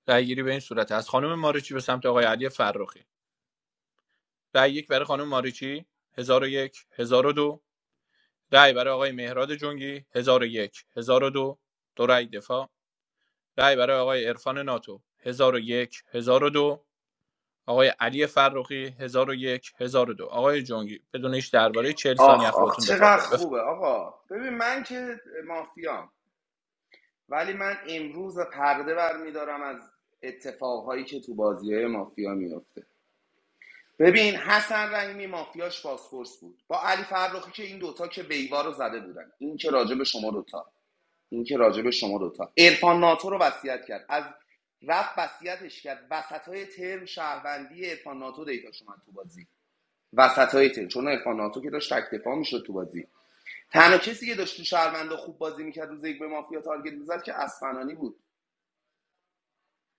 رأی گیری به این صورت است. خانم ماریچی به سمت آقای علی فرخی رأی یک برای خانم ماریچی هزار و یک هزار و دو. رأی برای آقای مهراد جنگی هزار و یک، هزار و دو دو رأی دفاع رأی برای آقای عرفان ناتو هزار هزار و یک، هزار و دو. آقای علی فرخی هزار هزار و یک، هزار و دو. آقای جنگی بدون هیچ درباره چهل ثانیه آخ از آخ خودتون دفاع چقدر کنید بفرمایید خوبه آقا ببین من که مافیام ولی من امروز پرده برمیدارم از اتفاقهایی که تو بازی مافیا میفته ببین حسن رحیمی مافیاش بازپرس بود با علی فرخی که این دوتا که بیوا رو زده بودن این که راجع به شما دوتا این که راجع به شما دوتا عرفان ناتو رو وصیت کرد از رفت وصیتش کرد وسط های ترم شهروندی عرفان ناتو دیتاش اومد تو بازی وسط های تیم چون عرفان ناتو که داشت تک دفاع میشد تو بازی تنها کسی که داشت تو شهروندا خوب بازی میکرد روز یک به مافیا تارگت میزد که اسفنانی بود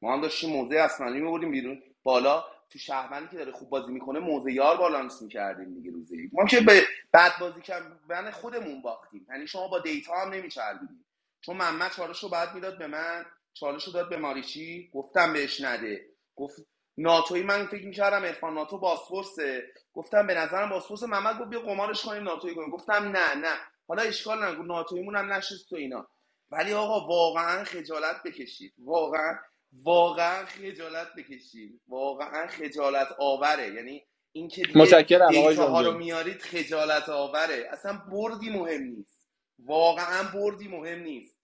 ما هم داشتیم موزه اسمانی میبریم بیرون بالا تو شهرمندی که داره خوب بازی میکنه موزه یار بالانس میکردیم دیگه روزی ما که به بد بازی کردن خودمون باختیم یعنی شما با دیتا هم نمیچربیدیم چون محمد چالش رو بعد میداد به من چالش رو داد به ماریچی گفتم بهش نده گفت ناتوی من فکر میکردم ارفان ناتو باسپورسه گفتم به نظرم باسپورس محمد گفت بیا قمارش کنیم ناتوی کنیم گفتم نه نه حالا اشکال نگو ناتویمون هم نشست تو اینا ولی آقا واقعا خجالت بکشید واقعا واقعا خجالت بکشیم واقعا خجالت آوره یعنی این که دیگه متشکرم آقای دیتا ها جنگی رو میارید خجالت آوره اصلا بردی مهم نیست واقعا بردی مهم نیست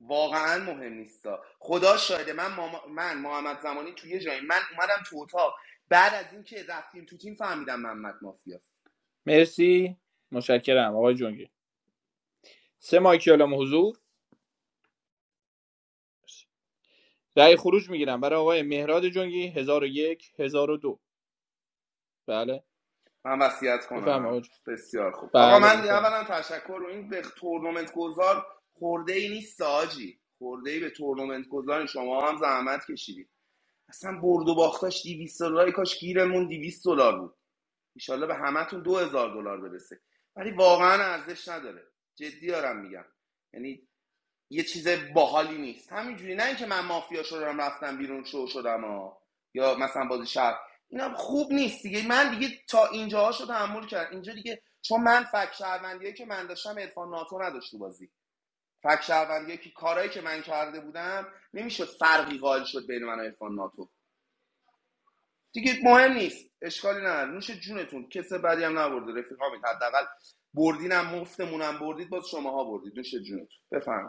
واقعا مهم نیست خدا شاهده من ماما- من محمد زمانی توی یه جایی من اومدم تو اتاق بعد از اینکه رفتیم تو تیم فهمیدم محمد مافیاست مرسی متشکرم آقای جنگی سه ماه کلام حضور رأی خروج میگیرم برای آقای مهراد جنگی 1001 1002 بله من وصیت بفرمایید کنم آقا جون. بسیار خوب آقا بله من بفرمایید اولا تشکر رو این به تورنمنت گذار خورده ای نیست آجی خورده ای به تورنمنت گذار شما هم زحمت کشیدید اصلا برد و باختاش 200 دلار کاش گیرمون 200 دلار بود ان شاءالله به همتون 2000 دلار برسه ولی واقعا ارزش نداره جدی دارم میگم یعنی یه چیز باحالی نیست همینجوری نه اینکه من مافیا شدم رفتم بیرون شو شدم ها یا مثلا بازی شب اینا خوب نیست دیگه من دیگه تا اینجاها شو تحمل کردم اینجا دیگه چون من فک شهروندیه که من داشتم عرفان ناتو نداشت تو بازی فک شهروندیه که کارایی که من کرده بودم نمیشد فرقی قائل شد بین من و عرفان ناتو دیگه مهم نیست اشکالی نداره نوش جونتون کس بدی هم نبرده رفیقا حداقل بردینم مفتمونم بردید باز شماها بردید نوش جونتون بفهم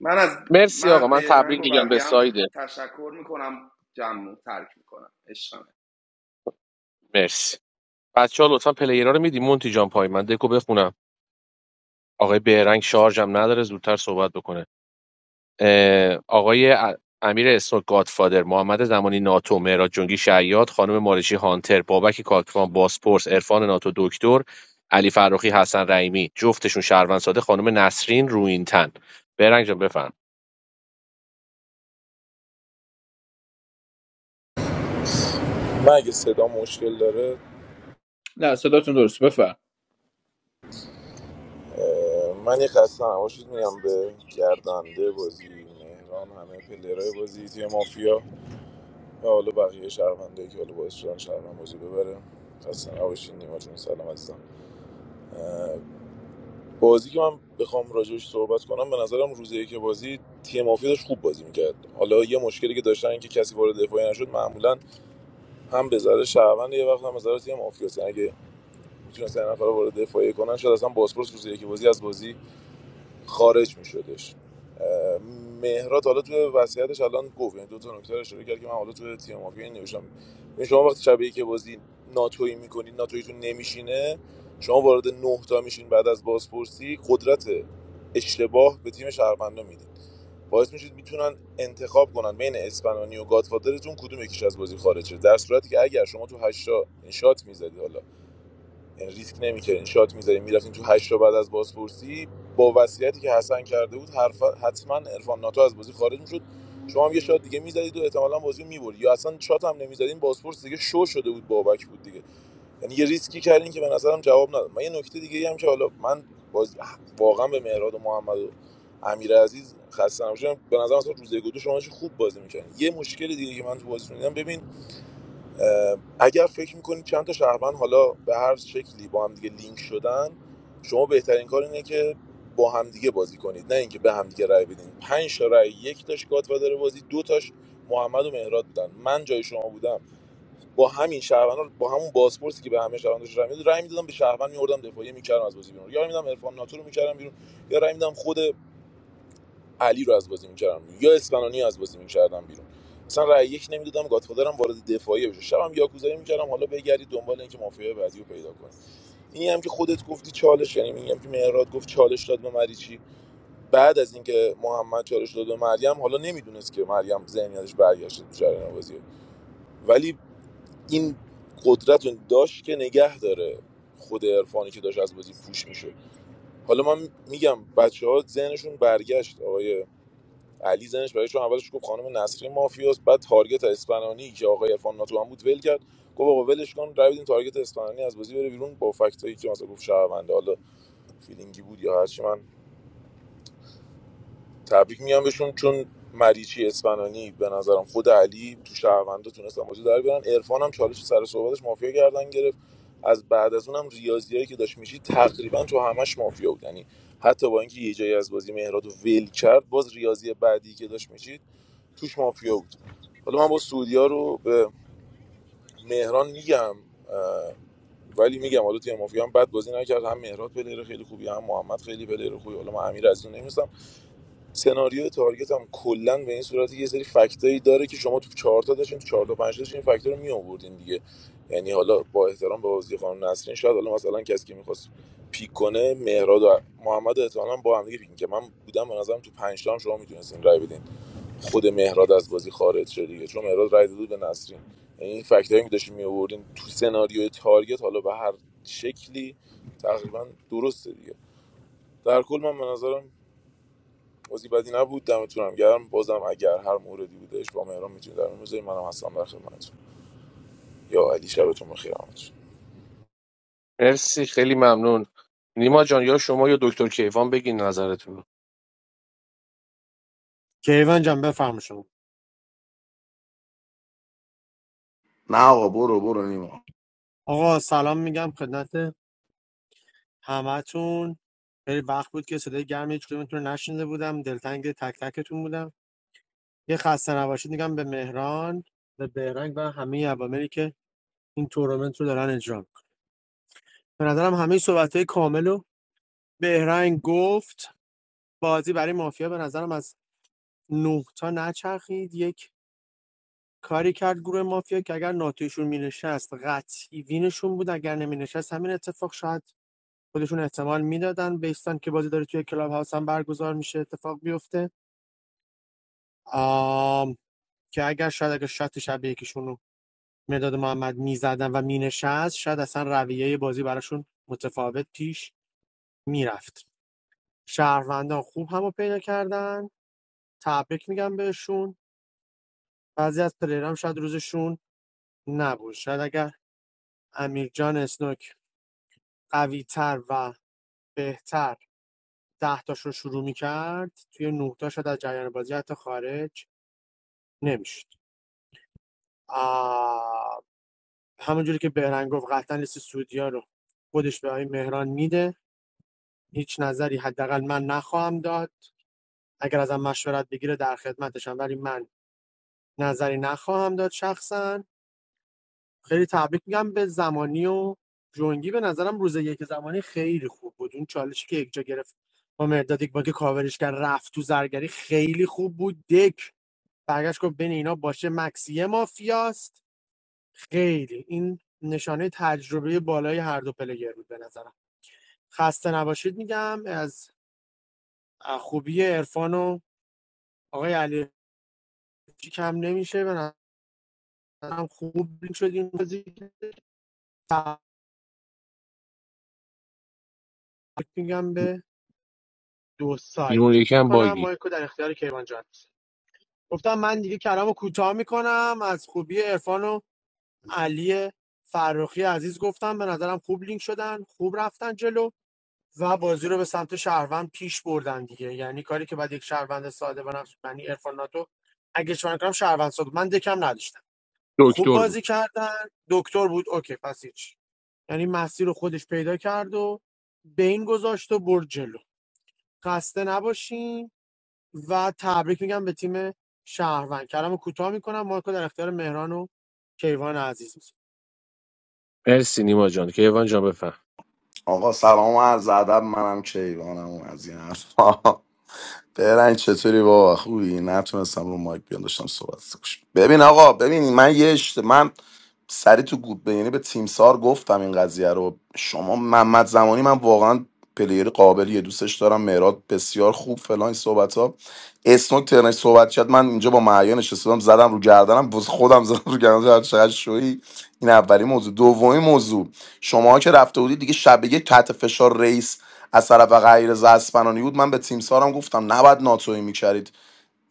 من از مرسی آقا من من تبریک بهرنگ و میگم به بقیه هم سایده تشکر میکنم جمع رو ترک میکنم عشقمه مرسی بچه ها لطفا پلیرها رو میدیم مونتی جان پای من دکو بخونم آقای بهرنگ شارژم نداره زودتر صحبت بکنه آقای امیر اسنوک گادفادر محمد زمانی ناتو مهراد جنگی شیاد خانم مارشی هانتر بابک کاکوان باسپورس عرفان ناتو دکتر علی فرخی حسن رحیمی جفتشون شهروند ساده خانم نسرین روینتن برنگ جان بفرم من اگه صدا مشکل داره نه صداتون درست بفرم من یه خسته نباشید میگم به گردنده بازی مهران همه پلیرهای بازی تیم مافیا و حالا بقیه شهروندایی که حالا باعث شدن شهروند بازی ببره خسته نباشید نیما جون سلام عزیزم اه، بازی که من بخوام راجعش صحبت کنم به نظرم روزی که بازی تیم مافیا داشت خوب بازی میکرد حالا یه مشکلی که داشتن اینکه کسی وارد دفاعی نشد معمولا هم به ذره شهروند یه وقت هم به ذره تیم مافیا اگه میتونستن یه نفر وارد دفاعی کنن شاید اصلا بازپرس روزی که بازی از بازی خارج میشدش مهرات حالا توی وصیتش الان گفت یعنی دو تا نکته رو اشاره کرد که من حالا توی تیم مافیا این نوشتم یعنی شما وقتی شبیه که بازی ناتویی میکنید ناتویتون نمیشینه شما وارد نه تا میشین بعد از بازپرسی قدرت اشتباه به تیم شهروندا میدید باعث میشید میتونن انتخاب کنن بین اسپنانی و گادفادرتون کدوم یکیش از بازی خارج شه در صورتی که اگر شما تو هشتا شات میزدید حالا یعنی ریسک نمیکردین شات میذارین میرفتین تو هشت تا بعد از بازپرسی با وصیتی که حسن کرده بود حرف حتما عرفان ناتو از بازی خارج میشد شما هم یه شات دیگه میزدید و احتمالاً بازی رو میبرد یا اصلا شات هم نمیزدین بازپرس دیگه شو شده بود بابک بود دیگه یعنی یه ریسکی کردین که به نظرم جواب نداد من یه نکته دیگه هم که حالا من باز واقعا به مهراد و محمد و امیر عزیز خسته نباشم به نظرم اصلا روزه گدو شما خوب بازی میکردین یه مشکل دیگه که من تو بازی دیدم ببین اگر فکر میکنید چند تا شهروند حالا به هر شکلی با هم دیگه لینک شدن شما بهترین کار اینه که با همدیگه بازی کنید نه اینکه به همدیگه رای بدین پنج تا رای یک تاش گاتفادر بازی دو تاش محمد و مهراد بودن من جای شما بودم با همین شهروند با همون بازپرسی که به همه شهرونداش رای میدادم رای میدادم به شهروند میوردم دفاعیه میکردم از بازی بیرون یا میدم عرفان ناتو رو میکردم بیرون یا رای میدم خود علی رو از بازی می‌کردم یا اسپنانی از بازی می‌کردم بیرون مثلا رأی یک نمیدادم گاتفادرم وارد دفاعی بشه شبم یاکوزایی می‌کردم حالا بگردی دنبال اینکه مافیای بعدی رو پیدا کنی اینی هم که خودت گفتی چالش یعنی میگم که مهراد گفت چالش داد به مریچی بعد از اینکه محمد چالش داد به مریم حالا نمیدونست که مریم ذهنیتش برگشته تو جریان بازی ولی این قدرت رو داشت که نگه داره خود عرفانی که داشت از بازی پوش میشه حالا من میگم بچه ذهنشون برگشت آقای علی زنش برای چون اولش گفت خانم نسرین مافیاست بعد تارگت اسپنانی که آقای عرفان ناتو هم بود ول کرد گفت آقا ولش کن روید این تارگت اسپنانی از بازی بره بیرون با فکتایی که مثلا گفت شهرونده حالا فیلینگی بود یا هرچی من تبریک میگم بهشون چون مریچی اسپنانی به نظرم خود علی تو شهرونده تونستن بازی در بیارن عرفان هم چالش سر صحبتش مافیا گردن گرفت از بعد از اونم ریاضیایی که داشت میشی تقریبا تو همش مافیا بود یعنی حتی با اینکه یه جایی از بازی مهراد رو ول کرد باز ریاضی بعدی که داشت میشید توش مافیا بود حالا من با سعودیا رو به مهران میگم ولی میگم حالا توی مافیا هم بد بازی نکرد هم مهرات پلیر خیلی خوبی هم محمد خیلی پلیر خوبی حالا من امیر از اون نمیستم سناریو تارگت هم کلا به این صورتی یه سری فکتایی داره که شما تو چهار تا داشتین تو چهار تا پنج تا داشتین این فکتا رو می آوردین دیگه یعنی حالا با احترام به بازی قانون نسرین شاید حالا مثلا کسی که میخواست پیک کنه مهراد و محمد احتمالاً با هم دیگه پیک که من بودم به نظرم تو پنج تا هم شما میتونستین رای بدین خود مهراد از بازی خارج شد دیگه چون مهراد رای داده بود به نسرین یعنی این فکتایی که داشتیم می‌آوردیم تو سناریوی تارگت حالا به هر شکلی تقریبا درسته دیگه در کل من به نظرم بازی بدی نبود دمتون هم گرم بازم اگر هر موردی بودش با مهران میتونید در می‌ذاریم منم هستم در خدمتتون یا علی شبتون بخیر همتون مرسی خیلی ممنون نیما جان یا شما یا دکتر کیوان بگین نظرتون رو. کیوان جان بفرما شما نه آقا برو برو نیما آقا سلام میگم خدمت همتون خیلی وقت بود که صدای گرم هیچ کدومتون رو نشنیده بودم دلتنگ تک تکتون بودم یه خسته نباشید میگم به مهران به بهرنگ و همه عواملی که این تورنمنت رو دارن اجرا میکنن به نظرم همه صحبت های کامل رو بهرنگ گفت بازی برای مافیا به نظرم از نه تا نچرخید یک کاری کرد گروه مافیا که اگر ناتویشون مینشست قطعی وینشون بود اگر نمینشست همین اتفاق شاید خودشون احتمال میدادن بیستان که بازی داره توی کلاب هاوس هم برگزار میشه اتفاق بیفته که اگر شاید اگر شات شبیه یکیشون رو مداد محمد میزدن و مینشست شاید اصلا رویه بازی براشون متفاوت پیش میرفت شهروندان خوب همو پیدا کردن تبریک میگم بهشون بعضی از پلیرام شاید روزشون نبود شاید اگر امیرجان اسنوک قوی تر و بهتر ده تاش رو شروع میکرد توی نه تا شاید از جریان بازی حتی خارج نمیشد همونجوری که بهرنگ گفت قطعا لیست سعودیا رو خودش به آقای مهران میده هیچ نظری حداقل من نخواهم داد اگر ازم مشورت بگیره در خدمتشم ولی من نظری نخواهم داد شخصا خیلی تبریک میگم به زمانی و جونگی به نظرم روز یک زمانی خیلی خوب بود اون چالشی که یک جا گرفت با مرداد یک با که کاورش کرد رفت تو زرگری خیلی خوب بود دک برگشت گفت بین اینا باشه مکسی مافیاست خیلی این نشانه تجربه بالای هر دو پلیر بود به نظرم خسته نباشید میگم از خوبی عرفان و آقای علی کم نمیشه به نظرم خوب شدیم بازی تبریک میگم به دو سایت اون یکی هم کنم باگی مایکو در اختیار کیوان جان گفتم من دیگه کلامو کوتاه میکنم از خوبی عرفان و علی فرخی عزیز گفتم به نظرم خوب لینک شدن خوب رفتن جلو و بازی رو به سمت شهروند پیش بردن دیگه یعنی کاری که بعد یک شهروند ساده بنفش یعنی عرفان ناتو اگه چون کنم شهروند ساده من دکم نداشتم خوب دکتر بازی بود کردن دکتر بود اوکی پس هیچ یعنی مسیر رو خودش پیدا کرد و به این گذاشت و برد جلو خسته نباشین و تبریک میگم به تیم شهروند کلام کوتاه میکنم مارکو در اختیار مهران و کیوان عزیز میسه. مرسی نیما جان کیوان جان بفرم آقا سلام و عرض ادب منم کیوانم و از این حرفا برنج چطوری بابا خوبی نتونستم رو مایک بیان داشتم صحبت گوش ببین آقا ببین من یه اشت... من سری تو گود به- یعنی به تیمسار گفتم این قضیه رو شما محمد زمانی من واقعا پلیر قابلیه دوستش دارم مهراد بسیار خوب فلان این صحبت ها اسنوک ترنش صحبت کرد من اینجا با معیان نشستم زدم رو گردنم باز خودم زدم رو گردنم زدم چقدر شوی این اولی موضوع دومی موضوع شما که رفته بودید دیگه شب یک تحت فشار رئیس از طرف غیر اسپنانی بود من به تیم سارم گفتم نباید ناتوی میکردید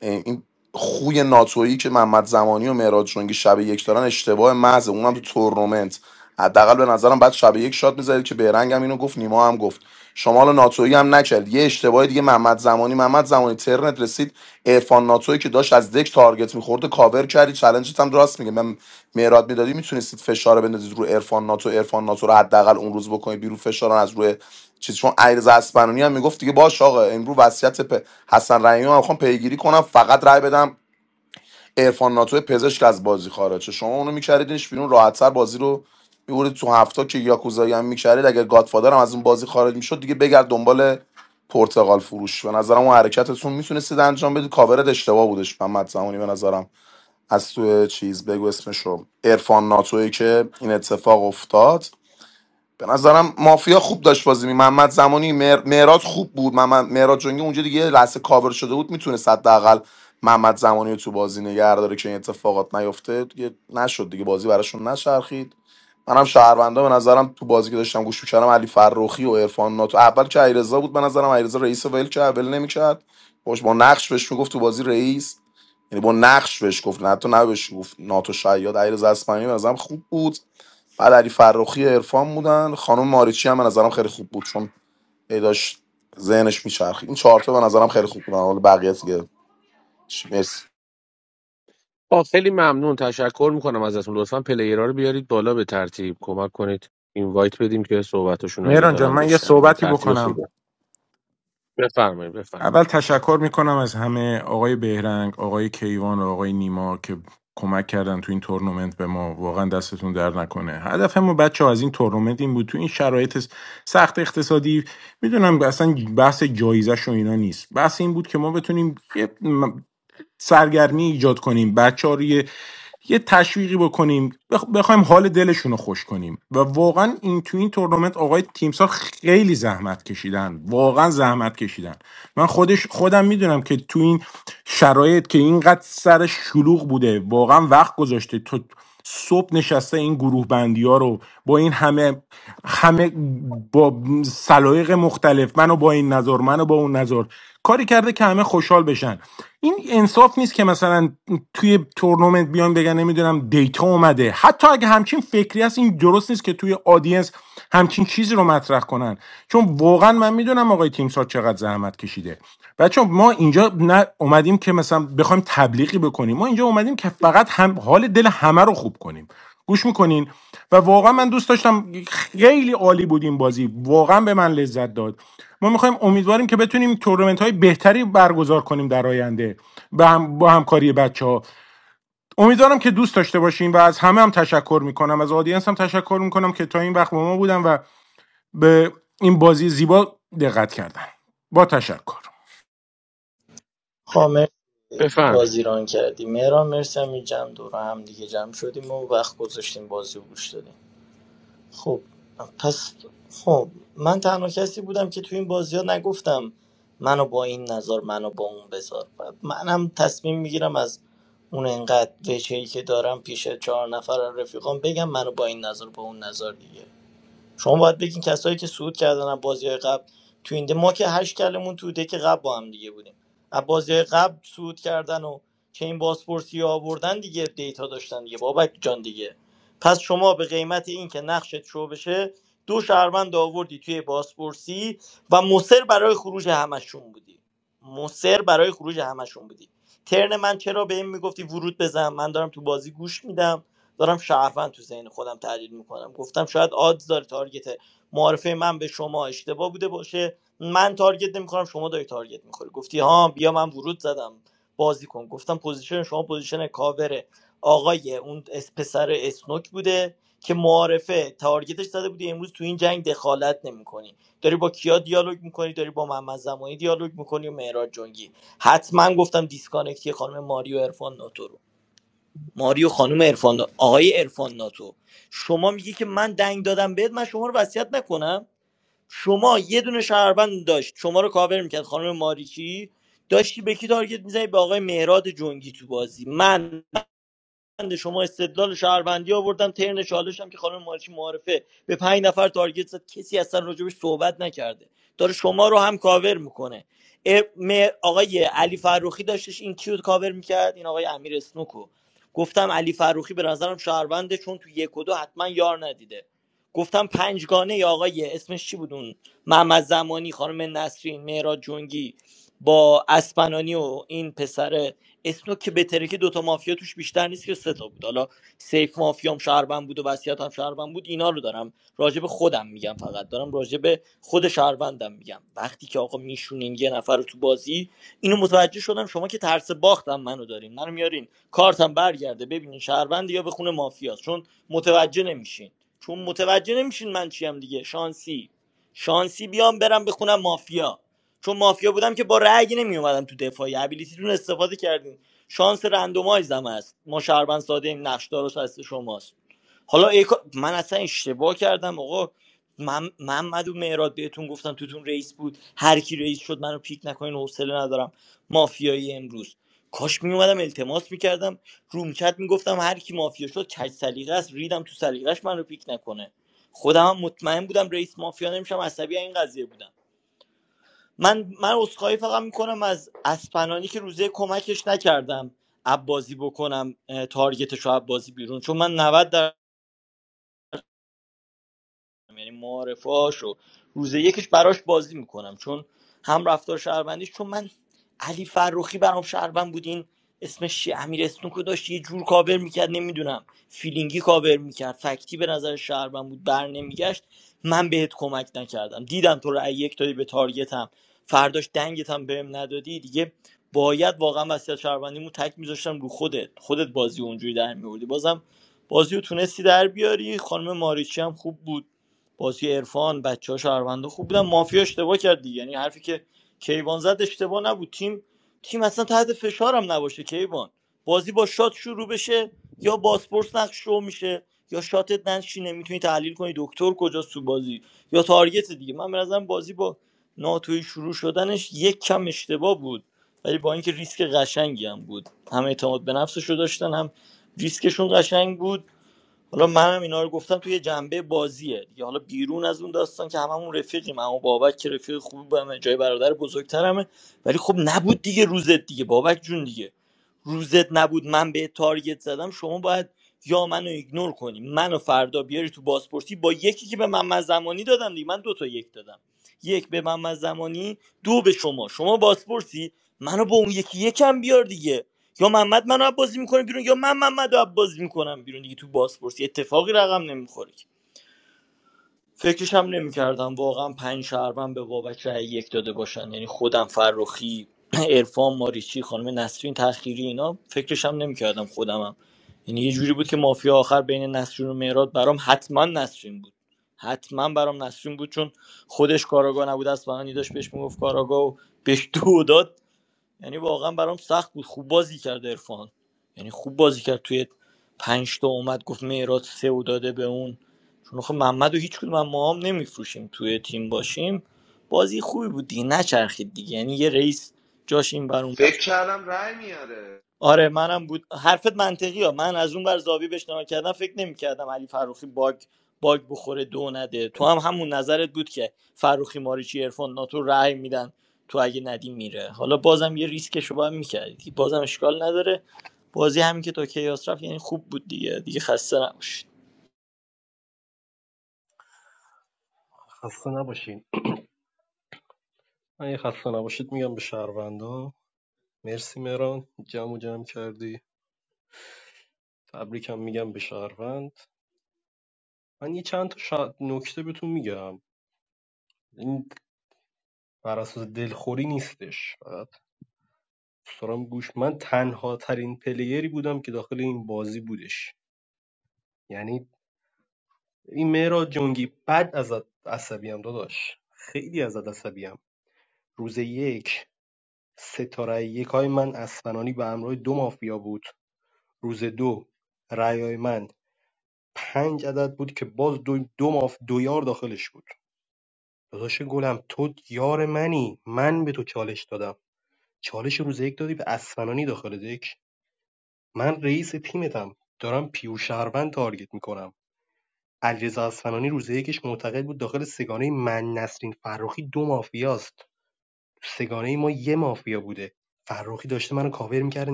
این خوی ناتویی که محمد زمانی و مهراد جنگی شب یک دارن اشتباه محض اونم تو تورنمنت حداقل به نظرم بعد شب یک شات می‌زدید که بیرنگ هم اینو گفت نیما هم گفت شما حالا ناتویی هم نکرد یه اشتباه دیگه محمد زمانی محمد زمانی ترنت رسید عرفان ناتویی که داشت از دک تارگت میخورده کاور کردی چالنجت هم راست میگه من مهراد میدادی میتونستید فشار رو بندازید رو عرفان ناتو عرفان ناتو رو حداقل اون روز بکنید بیرون فشار رو از روی چیز چون علیرضا اصفهانی هم میگفت دیگه باش آقا امرو وصیت پ... حسن رحیمی رو میخوام پیگیری کنم فقط رای بدم عرفان ناتو پزشک از بازی خارجه شما اونو میکردینش بیرون راحتتر بازی رو میبرید تو هفته که یاکوزایی هم میکردید اگر گادفادر هم از اون بازی خارج میشد دیگه بگرد دنبال پرتغال فروش به نظرم اون حرکتتون میتونستید انجام بدید کاورت اشتباه بودش محمد زمانی به نظرم از تو چیز بگو اسمشو عرفان ناتویی که این اتفاق افتاد به نظرم مافیا خوب داشت بازی می محمد زمانی مهر- خوب بود محمد مهراد جنگی اونجا دیگه لحظه کاور شده بود میتونست حداقل محمد زمانی رو تو بازی نگه داره که این اتفاقات نیفته دیگه نشد دیگه بازی براشون نچرخید منم شهروندا به نظرم تو بازی که داشتم گوش میکردم علی فرخی و عرفان ناتو اول که علیرضا بود به نظرم علیرضا رئیس ول که اول نمیکرد باش با نقش بهش میگفت تو بازی رئیس یعنی با نقش بهش گفت نه تو نه بهش گفت ناتو شاید علیرضا اصفهانی به نظرم خوب بود بعد علی فرخی عرفان بودن خانم ماریچی هم به نظرم خیلی خوب بود چون هی داشت ذهنش میچرخید این چهارتا به نظرم خیلی خوب بودن حالا بقیه دیگه مرسی آه خیلی ممنون تشکر میکنم ازتون لطفا پلیرها رو بیارید بالا به ترتیب کمک کنید اینوایت بدیم که صحبتشون رو اگه مهران جان دارن من یه بشنویم به صحبتی ترتیب بکنم خوبه بفرمایید بفرمایید اول تشکر میکنم از همه آقای بهرنگ آقای کیوان و آقای نیما که کمک کردن تو این تورنمنت به ما واقعا دستتون در نکنه هدف ما بچه از این تورنمنت این بود تو این شرایط سخت اقتصادی میدونم اصلا بحث جایزش و اینا نیست بحث این بود که ما بتونیم یه سرگرمی ایجاد کنیم بچه رو یه یه تشویقی بکنیم بخ... بخوایم حال دلشون رو خوش کنیم و واقعا این تو این تورنمنت آقای تیمسار خیلی زحمت کشیدن واقعا زحمت کشیدن من خودش خودم میدونم که تو این شرایط که اینقدر سر شلوغ بوده واقعا وقت گذاشته تو صبح نشسته این گروه بندی ها رو با این همه همه با سلایق مختلف منو با این نظر منو با اون نظر کاری کرده که همه خوشحال بشن این انصاف نیست که مثلا توی تورنمنت بیان بگن نمیدونم دیتا اومده حتی اگه همچین فکری هست این درست نیست که توی آدینس همچین چیزی رو مطرح کنن چون واقعا من میدونم آقای تیمسار چقدر زحمت کشیده بچه ما اینجا نه اومدیم که مثلا بخوایم تبلیغی بکنیم ما اینجا اومدیم که فقط هم حال دل همه رو خوب کنیم گوش میکنین و واقعا من دوست داشتم خیلی عالی بود این بازی واقعا به من لذت داد ما میخوایم امیدواریم که بتونیم تورنمنت های بهتری برگزار کنیم در آینده با, هم، با همکاری بچه ها امیدوارم که دوست داشته باشین و از همه هم تشکر میکنم از آدینس هم تشکر میکنم که تا این وقت با ما بودن و به این بازی زیبا دقت کردن با تشکر خامر بفرمایید بازی ران کردی مهران مرسی هم جمع دور هم دیگه جمع شدیم و وقت گذاشتیم بازی رو گوش دادیم خب پس خب من تنها کسی بودم که تو این بازی ها نگفتم منو با این نظر منو با اون بذار و منم تصمیم میگیرم از اون انقدر وجهی که دارم پیش چهار نفر رفیقام بگم منو با این نظر با اون نظر دیگه شما باید بگین کسایی که صعود کردن از بازی قبل تو این ده- ما که هشت کلمون تو دک قبل با هم دیگه بودیم از بازی قبل صعود کردن و چه این بازپرسی آوردن دیگه دیتا داشتن دیگه بابک جان دیگه پس شما به قیمت این که نقشت شو بشه دو شهروند آوردی توی بازپرسی و مصر برای خروج همشون بودی مصر برای خروج همشون بودی ترن من چرا به این میگفتی ورود بزن من دارم تو بازی گوش میدم دارم شهروند تو ذهن خودم تحلیل میکنم گفتم شاید آدز داره تارگت معارفه من به شما اشتباه بوده باشه من تارگت نمیخورم شما داری تارگت میخوری گفتی ها بیا من ورود زدم بازی کن گفتم پوزیشن شما پوزیشن کاوره آقای اون اس- پسر اسنوک بوده که معارفه تارگتش زده بودی امروز تو این جنگ دخالت نمیکنی داری با کیا دیالوگ میکنی داری با محمد زمانی دیالوگ میکنی و مهراد جنگی حتما گفتم دیسکانکتی خانم ماریو عرفان ناتو رو. ماریو خانم عرفان آقای عرفان ناتو شما میگی که من دنگ دادم بهت من شما رو وصیت نکنم شما یه دونه شهروند داشت شما رو کاور میکرد خانم ماریچی داشتی به کی تارگت میزنی به آقای مهراد جنگی تو بازی من بنده شما استدلال شهروندی آوردم ترن چالش هم که خانم مارچی معارفه به پنج نفر تارگت زد کسی اصلا راجبش صحبت نکرده داره شما رو هم کاور میکنه آقای علی فروخی داشتش این کیو کاور میکرد این آقای امیر اسنوکو گفتم علی فروخی به نظرم شهرونده چون تو یک و دو حتما یار ندیده گفتم پنجگانه یا آقای اسمش چی بود اون محمد زمانی خانم نسرین مهراد جنگی با اسپنانی و این پسر اسنوک که بهتره که دوتا مافیا توش بیشتر نیست که سه تا بود حالا سیف مافیام شهروند بود و وصیتم شهروند بود اینا رو دارم راجع به خودم میگم فقط دارم راجع به خود شهروندم میگم وقتی که آقا میشونین یه نفر رو تو بازی اینو متوجه شدم شما که ترس باختم منو دارین منو میارین کارتم برگرده ببینین شهروند یا بخونه مافیاست چون متوجه نمیشین چون متوجه نمیشین من چیم دیگه شانسی شانسی بیام برم بخونم مافیا چون مافیا بودم که با رأی نمی اومدم تو دفاعی ابیلیتیتون استفاده کردین شانس رندومایز هم هست ما شهروند ساده ایم نقشدارش هست شماست حالا ای من اصلا اشتباه کردم آقا من محمد و مهراد بهتون گفتم توتون رئیس بود هر کی رئیس شد منو پیک نکنین حوصله ندارم مافیایی امروز کاش می اومدم التماس میکردم رومکت میگفتم هر کی مافیا شد کج سلیقه است ریدم تو سلیقش منو پیک نکنه خودم هم مطمئن بودم رئیس مافیا نمیشم عصبی این قضیه بودم من من عذرخواهی فقط میکنم از اسپنانی که روزه کمکش نکردم اب بازی بکنم اه، تارگتش رو اب بازی بیرون چون من 90 در یعنی معارفاش و روز یکش براش بازی میکنم چون هم رفتار شهروندیش چون من علی فرخی برام شهروند بود این اسمش چیه امیر اسنوکو داشت یه جور کاور میکرد نمیدونم فیلینگی کاور میکرد فکتی به نظر شهروند بود بر نمیگشت من بهت کمک نکردم دیدم تو رأی یک دادی به تارگتم فرداش دنگتم بهم ندادی دیگه باید واقعا وصیت شهروندیمو تک میذاشتم رو خودت خودت بازی اونجوری در میوردی بازم بازی رو تونستی در بیاری خانم ماریچی هم خوب بود بازی عرفان بچه ها شهروندا خوب بودن مافیا اشتباه کرد دیگه یعنی حرفی که کیوان زد اشتباه نبود تیم تیم اصلا تحت فشارم نباشه کیوان بازی با شات شروع بشه یا باسپورس نقش شو میشه یا شاتت ننشینه میتونی تحلیل کنی دکتر کجاست تو بازی یا تارگت دیگه من به نظرم بازی با ناتوی شروع شدنش یک کم اشتباه بود ولی با اینکه ریسک قشنگی هم بود هم اعتماد به نفسش رو داشتن هم ریسکشون قشنگ بود حالا منم اینا رو گفتم توی جنبه بازیه دیگه حالا بیرون از اون داستان که هممون رفیقیم اما بابک که رفیق خوبمه جای برادر بزرگترمه ولی خب نبود دیگه روزت دیگه بابک جون دیگه روزت نبود من به تارگت زدم شما باید یا منو ایگنور کنی منو فردا بیاری تو بازپرسی با یکی که به محمد زمانی دادم دیگه من دو تا یک دادم یک به محمد زمانی دو به شما شما بازپرسی منو با اون یکی یکم بیار دیگه یا محمد منو از بازی میکنه بیرون یا من محمد رو از بازی میکنم بیرون دیگه تو بازپرس یه اتفاقی رقم نمیخوره که. فکرش هم نمیکردم واقعا پنج شهروند به بابک رأی یک داده باشن یعنی خودم فرخی عرفان ماریچی خانم نسرین تأخیری اینا فکرش هم نمیکردم خودمم یعنی یه جوری بود که مافیا آخر بین نسرین و مهراد برام حتما نسرین بود حتما برام نسرین بود چون خودش کاراگاه نبود از داشت بهش میگفت کاراگاه و بهش دو داد یعنی واقعا برام سخت بود خوب بازی کرد عرفان یعنی خوب بازی کرد توی پنج تا اومد گفت معراج سه و داده به اون چون خب محمد و هیچ کدوم ما هم نمیفروشیم توی تیم باشیم بازی خوبی بود دیگه نچرخید دیگه یعنی یه رئیس جاش این بر اون فکر کردم رای میاره آره منم بود حرفت منطقی ها من از اون بر زاویه بهش نگاه کردم فکر نمیکردم علی فروخی باگ باگ بخوره دو نده تو هم همون نظرت بود که فروخی ماریچی عرفان ناتو رأی میدن تو اگه ندی میره حالا بازم یه ریسکشو باید میکردی بازم اشکال نداره بازی همین که تا کیاس رفت یعنی خوب بود دیگه دیگه خسته نباشید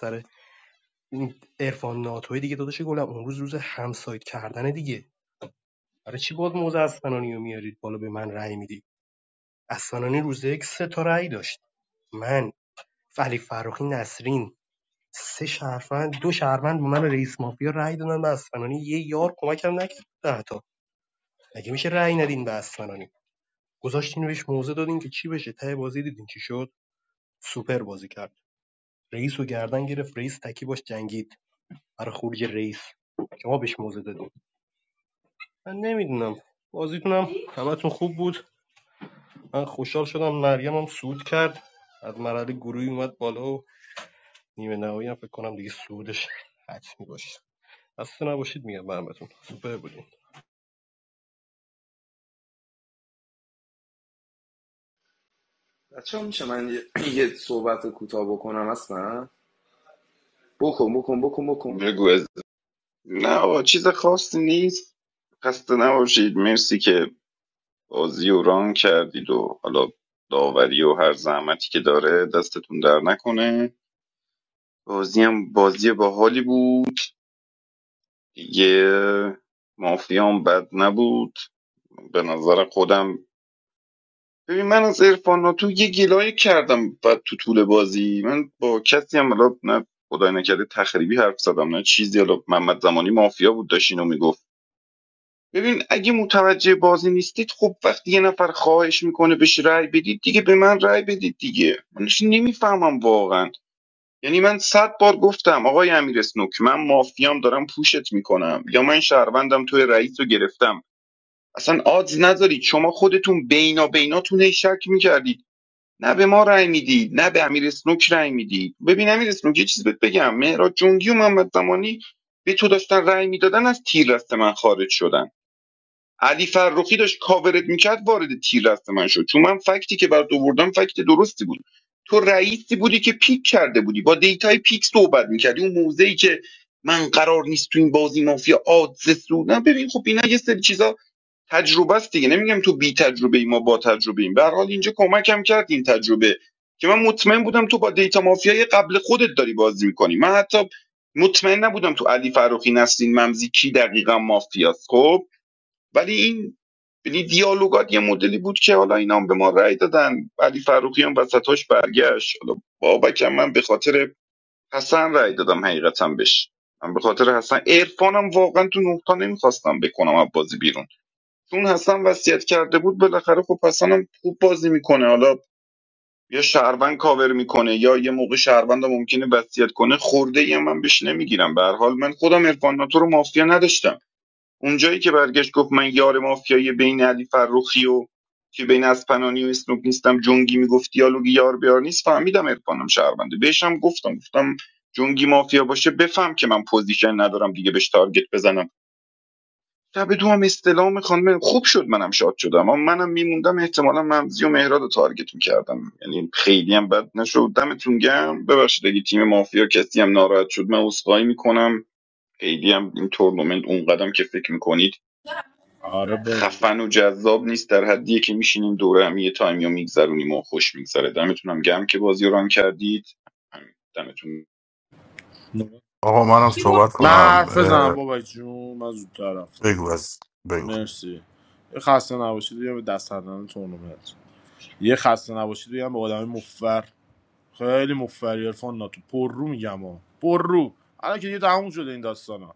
سر بچه میشه من یه, یه صحبت کوتاه بکنم اصلا بکن بکن بکن بکن بگو نه آقا چیز خاصی نیست خسته نباشید مرسی که بازی و ران کردید و حالا داوری و هر زحمتی که داره دستتون در نکنه بازی هم بازی باحالی بود یه مافیام بد نبود به نظر خودم ببین من از ارفان تو یه گلایه کردم و تو طول بازی من با کسی هم حالا نه خدای نکرده تخریبی حرف زدم نه چیزی حالا محمد زمانی مافیا بود داشت اینو میگفت ببین اگه متوجه بازی نیستید خب وقتی یه نفر خواهش میکنه بهش رأی بدید دیگه به من رأی بدید دیگه منش نمیفهمم واقعا یعنی من صد بار گفتم آقای امیر اسنوک من مافیام دارم پوشت میکنم یا من شهروندم توی رئیس رو گرفتم اصلا آدز نذارید شما خودتون بینا بیناتون هی شک میکردید نه به ما رأی میدید نه به امیر اسنوک رأی میدید ببین امیر اسنوک یه چیز بهت بگم مهراد جنگی و محمد زمانی به تو داشتن رأی میدادن از تیر دست من خارج شدن علی فرخی داشت کاورت میکرد وارد تیر دست من شد چون من فکتی که برات آوردم فکت درستی بود تو رئیسی بودی که پیک کرده بودی با دیتای پیک صحبت میکردی اون موزه که من قرار نیست تو این بازی مافیا آدز سود نه ببین خب اینا یه سری چیزا تجربه است دیگه نمیگم تو بی تجربه ای ما با تجربه ایم به هر حال اینجا کمکم کرد این تجربه که من مطمئن بودم تو با دیتا مافیای قبل خودت داری بازی میکنی من حتی مطمئن نبودم تو علی فروخی نسرین ممزی کی دقیقا مافیاست خب ولی این یعنی دیالوگات یه مدلی بود که حالا اینا هم به ما رأی دادن علی فروخی هم وسطاش برگشت حالا بابک هم من به خاطر حسن رأی دادم حقیقتا بهش من به خاطر حسن عرفانم واقعا تو نقطا نمیخواستم بکنم از بازی بیرون چون حسن وصیت کرده بود بالاخره خب حسن هم خوب بازی میکنه حالا یا شهروند کاور میکنه یا یه موقع شهروند هم ممکنه وصیت کنه خورده ای من بهش نمیگیرم به هر حال من خودم عرفان ناتو رو مافیا نداشتم اونجایی که برگشت گفت من یار مافیایی بین علی فروخی و که بین اسپنانی و اسنوک نیستم جنگی میگفت دیالوگ یار بیار نیست فهمیدم ارفانم شهرونده بهشم گفتم گفتم جنگی مافیا باشه بفهم که من پوزیشن ندارم دیگه بهش تارگت بزنم شب دو هم استلام خانم خوب شد منم شاد شدم اما منم میموندم احتمالا ممزی و مهراد رو تارگت میکردم یعنی خیلی هم بد نشد دمتون گرم ببخشید اگه تیم مافیا کسی هم ناراحت شد من عذرخواهی میکنم خیلی هم این تورنمنت اونقدم که فکر میکنید آره بابا خفن و جذاب نیست در حدیه که میشینیم دوره هم یه تایمی رو میگذرونیم و خوش میگذره دمتونم گم که بازی رو ران کردید دمتون آقا منم صحبت من کنم حرف بزنم بابا جون من زودتر رفتم بگو از بگو مرسی یه خسته نباشید بگم به دست دادن تورنمنت یه خسته نباشید بگم به آدمای مفر خیلی مفری عرفان ناتو پر رو میگم ها پر رو الان که دیگه تموم شده این داستان ها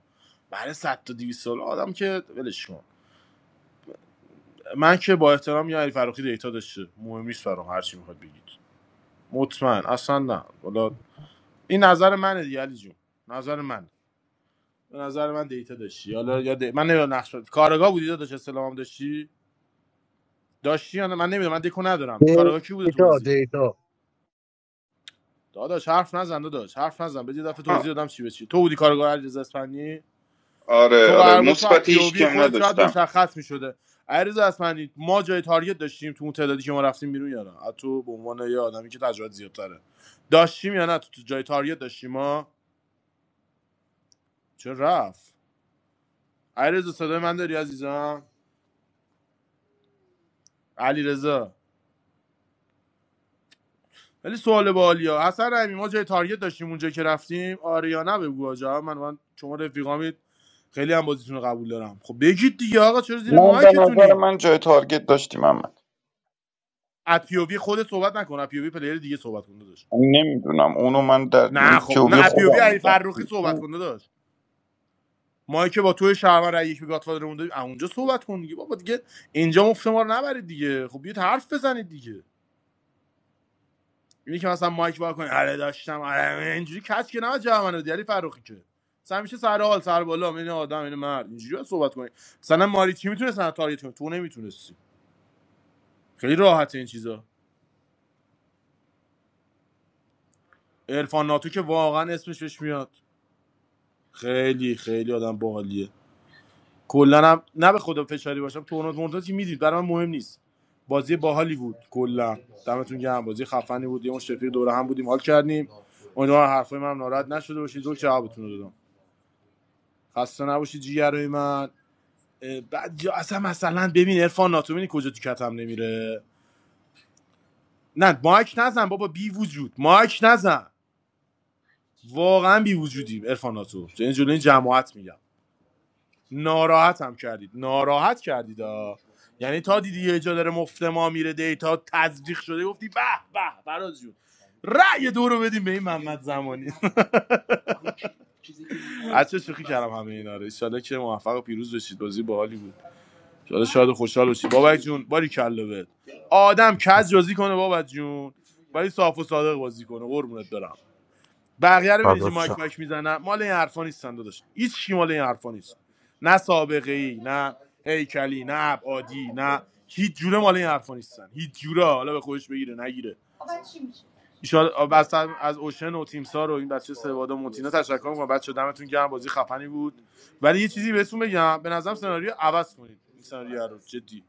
برای 100 تا 200 سال آدم که ولش کن من که با احترام یا علی فروخی دیتا داشته مهم نیست برام هر چی میخواد بگید مطمئن اصلا نه والا این نظر منه دیگه علی جون نظر من به نظر من دیتا داشتی حالا یا دی... من نمیدونم نقش کارگاه بودی داداش استلامم داشتی داشتی یا نه من نمیدونم من دکو ندارم کارگاه کی بوده تو دیتا بازی دیتا داداش حرف نزن داداش حرف نزن بدید دفعه آ- توضیح دادم چی به چی تو بودی کارگاه علیرضا اصفهانی آره تو آره قرار بوده تو از مثبتی پی او هیچ وی کم خودت شاید نداشتم مشخص می‌شده علیرضا اصفهانی ما جای تارگت داشتیم تو اون تعدادی که ما رفتیم بیرون یا نه تو به عنوان یه آدمی که تجربه زیادتره داشتیم یا نه تو تو جای تارگت داشتیم ما چه رفت علیرضا صدای من داری عزیزم علیرضا ولی سوال بالیا حسن رحیمی ما جای تارگت داشتیم اونجا که رفتیم آره یا نه بگو آجا من من شما رفیقامید خیلی هم بازیتون رو قبول دارم خب بگید دیگه آقا چرا زیر من به نظر مایکتونین من جای تارگت داشتیم اما از پی او وی خودت صحبت نکن از پی او وی پلیر دیگه صحبت کن نمیدونم اونو من در من نه خب نه پیووی اپیووی خودم علی فرخی میگم صحبت کنده داشت ما که با توی شهرمن رای یک به گاتفادر مونده اونجا صحبت کن دیگه بابا دیگه اینجا مفت ما رو نبرید دیگه خب یه حرف بزنید دیگه اینی که مثلا مایک وا کنه آره داشتم آره اینجوری کچ که نه جهمن علی فرخی که مثلا همیشه سر حال سر بالا این آدم این مرد اینجوری صحبت کنید مثلا ماری چی میتونه سن تارگت کنه تو نمیتونستی خیلی راحته این چیزا عرفان ناتو که واقعا اسمش بهش میاد خیلی خیلی آدم باحالیه کلا هم نه به خدا فشاری باشم تورنمنت مرتضی میدید برای من مهم نیست بازی باحالی بود کلا دمتون گرم بازی خفنی بود یه اون شفیق دوره هم بودیم حال کردیم امیدوارم حرفای من ناراحت نشده باشید دو جوابتون رو دادم خسته نباشید جیگرهای من بعد یا اصلا مثلا ببین عرفان ناتومینی کجا تو کتم نمیره نه مایک نزن بابا بی وجود مایک نزن واقعا بی وجودی عرفان ناتو یعنی جلوی این جلوی جماعت میگم ناراحت هم کردید ناراحت کردید ها. یعنی تا دیدی یه جا داره مفت ما میره دیتا تزریق شده گفتی به به فراز جون رأی دو رو بدیم به این محمد زمانی چه شوخی کردم همه اینا رو ان شاءالله که موفق و پیروز بشید بازی باحالی بود ان شاءالله شاد و خوشحال بشید بابک جون باری کلا بهت آدم کج بازی کنه بابک جون ولی صاف و صادق بازی کنه قربونت برم بقیه رو می‌بینی فدات شم. مایک مایک میزنن مال این حرفا نیستن داداش هیچ کی مال این حرفا نیست نه سابقه ای نه هیکلی نه ابعادی نه هیچ جوره مال این حرفا نیستن هیچ جوره حالا به خودش بگیره نگیره ایشال بس از اوشن و تیمسار و این بچه سوادا مونتینا تشکر میکنم بچه دمتون گرم بازی خفنی بود ولی یه چیزی بهتون بگم به نظرم سناریو عوض کنید این سناریو رو جدی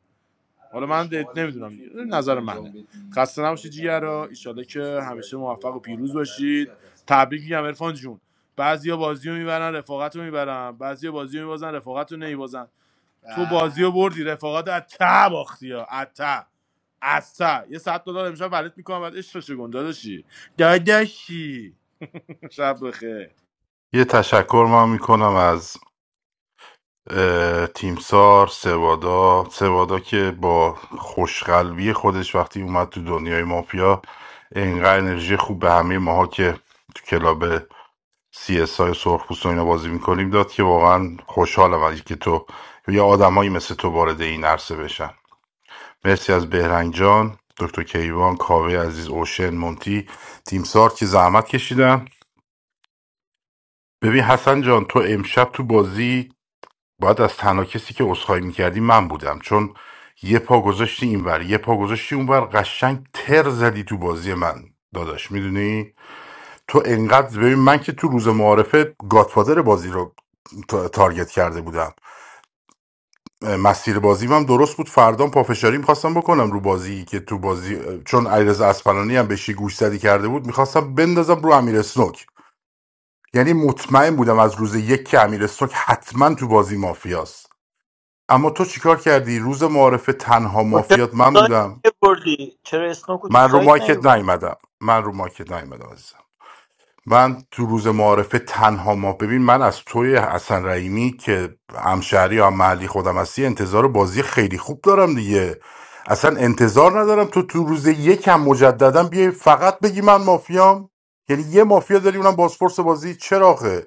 حالا من نمیدونم این نظر منه خسته نباشید جیگرا ایشاله که همیشه موفق و پیروز باشید تبریک میگم عرفان جون بعضیا بازی میبرن رفاقت میبرن بعضیا بازی رو میبازن رفاقت رو نمیبازن تو بازی رو بردی رفاقت رو از ته باختی یه ساعت دلار امشب ولت میکنم بعد عشقش گنده داشتی داداشی شب بخیر یه تشکر من میکنم از اه، تیمسار سوادا سوادا که با خوشقلبی خودش وقتی اومد تو دنیای مافیا انقدر انرژی خوب به همه ماها که تو کلاب سی اس های سرخ پوست و اینا بازی میکنیم داد که واقعا خوشحالم از که تو یا آدمایی مثل تو وارد این عرصه بشن مرسی از بهرنگ جان دکتر کیوان کاوه عزیز اوشن مونتی تیمسار که زحمت کشیدن ببین حسن جان تو امشب تو بازی باید از تنها کسی که عذرخواهی میکردی من بودم چون یه پا گذاشتی اینور یه پا گذاشتی اونور قشنگ تر زدی تو بازی من داداش میدونی تو انقدر ببین من که تو روز معارفه گادفادر بازی رو تا- تارگت کرده بودم مسیر بازیم هم درست بود فردام پافشاری میخواستم بکنم رو بازی که تو بازی چون علیرضا اسپلانی هم بهشی گوشزدی کرده بود میخواستم بندازم رو امیر اسنوک یعنی مطمئن بودم از روز یک که امیر حتما تو بازی مافیاست اما تو چیکار کردی روز معارفه تنها خب چرا تو مافیات من سایت بودم نیوردی چرا اسنوکو تو من رو سایت مایکت نیومدم من رو مایکت نیومدم عزیزم من تو روز معارفه تنها ما ببین من از توی حسن رحیمی که همشهری یا هم محلی خودم هستی انتظار بازی خیلی خوب دارم دیگه اصلا انتظار ندارم تو تو روز یکم مجددا بیای فقط بگی من مافیام یعنی یه مافیا داری اونم بازپرس بازی چراخه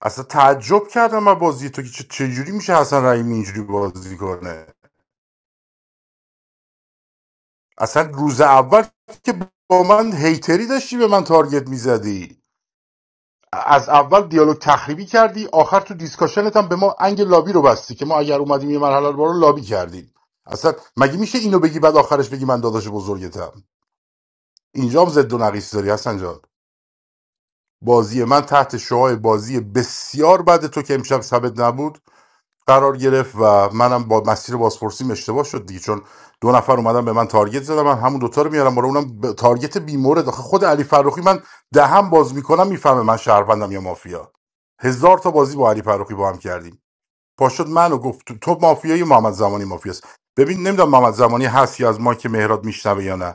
اصلا تعجب کردم من بازی تو که چه- چجوری میشه حسن رحیمی اینجوری بازی کنه اصلا روز اول که با من هیتری داشتی به من تارگت میزدی از اول دیالوگ تخریبی کردی آخر تو دیسکاشنت هم به ما انگ لابی رو بستی که ما اگر اومدیم یه مرحله رو لابی کردیم اصلا مگه میشه اینو بگی بعد آخرش بگی من داداش بزرگتم اینجا هم زد و نقیص داری حسن جان بازی من تحت شعاع بازی بسیار بعد تو که امشب شبت نبود قرار گرفت و منم با مسیر بازپرسیم اشتباه شد دیگه چون دو نفر اومدن به من تارگت زدن من همون دوتا رو میارم بالا اونم ب- تارگت بیمورد آخه خود علی فرخی من دهم باز میکنم میفهمه من شهروندم یا مافیا هزار تا بازی با علی فرخی با هم کردیم پاشد منو گفت تو تو مافیایی محمد زمانی مافیاست ببین نمیدونم محمد زمانی هست یا از ما که مهراد میشنوه یا نه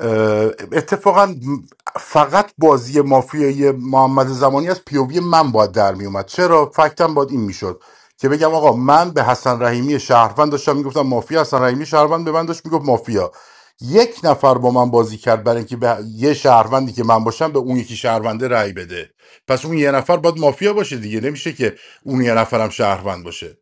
اه، اتفاقا فقط بازی مافیای محمد زمانی از پیووی من باید در میومد اومد چرا فکتم باید این میشد که بگم آقا من به حسن رحیمی شهروند داشتم میگفتم مافیا حسن رحیمی شهروند به من داشت میگفت مافیا یک نفر با من بازی کرد برای اینکه به یه شهروندی که من باشم به اون یکی شهرونده رأی بده پس اون یه نفر باید مافیا باشه دیگه نمیشه که اون یه نفرم شهروند باشه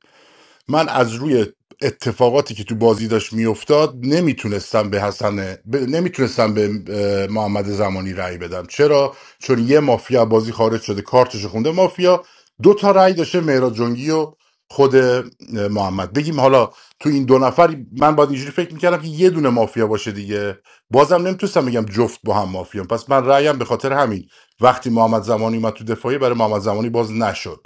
من از روی اتفاقاتی که تو بازی داشت میافتاد نمیتونستم به حسن ب... نمیتونستم به اه، محمد زمانی رأی بدم چرا چون یه مافیا بازی خارج شده کارتش خونده مافیا دو تا رأی داشته مهراد جنگی و خود اه، محمد بگیم حالا تو این دو نفر من باید اینجوری فکر میکردم که یه دونه مافیا باشه دیگه بازم نمیتونستم بگم جفت با هم مافیا پس من رأیم به خاطر همین وقتی محمد زمانی اومد تو دفاعی برای محمد زمانی باز نشد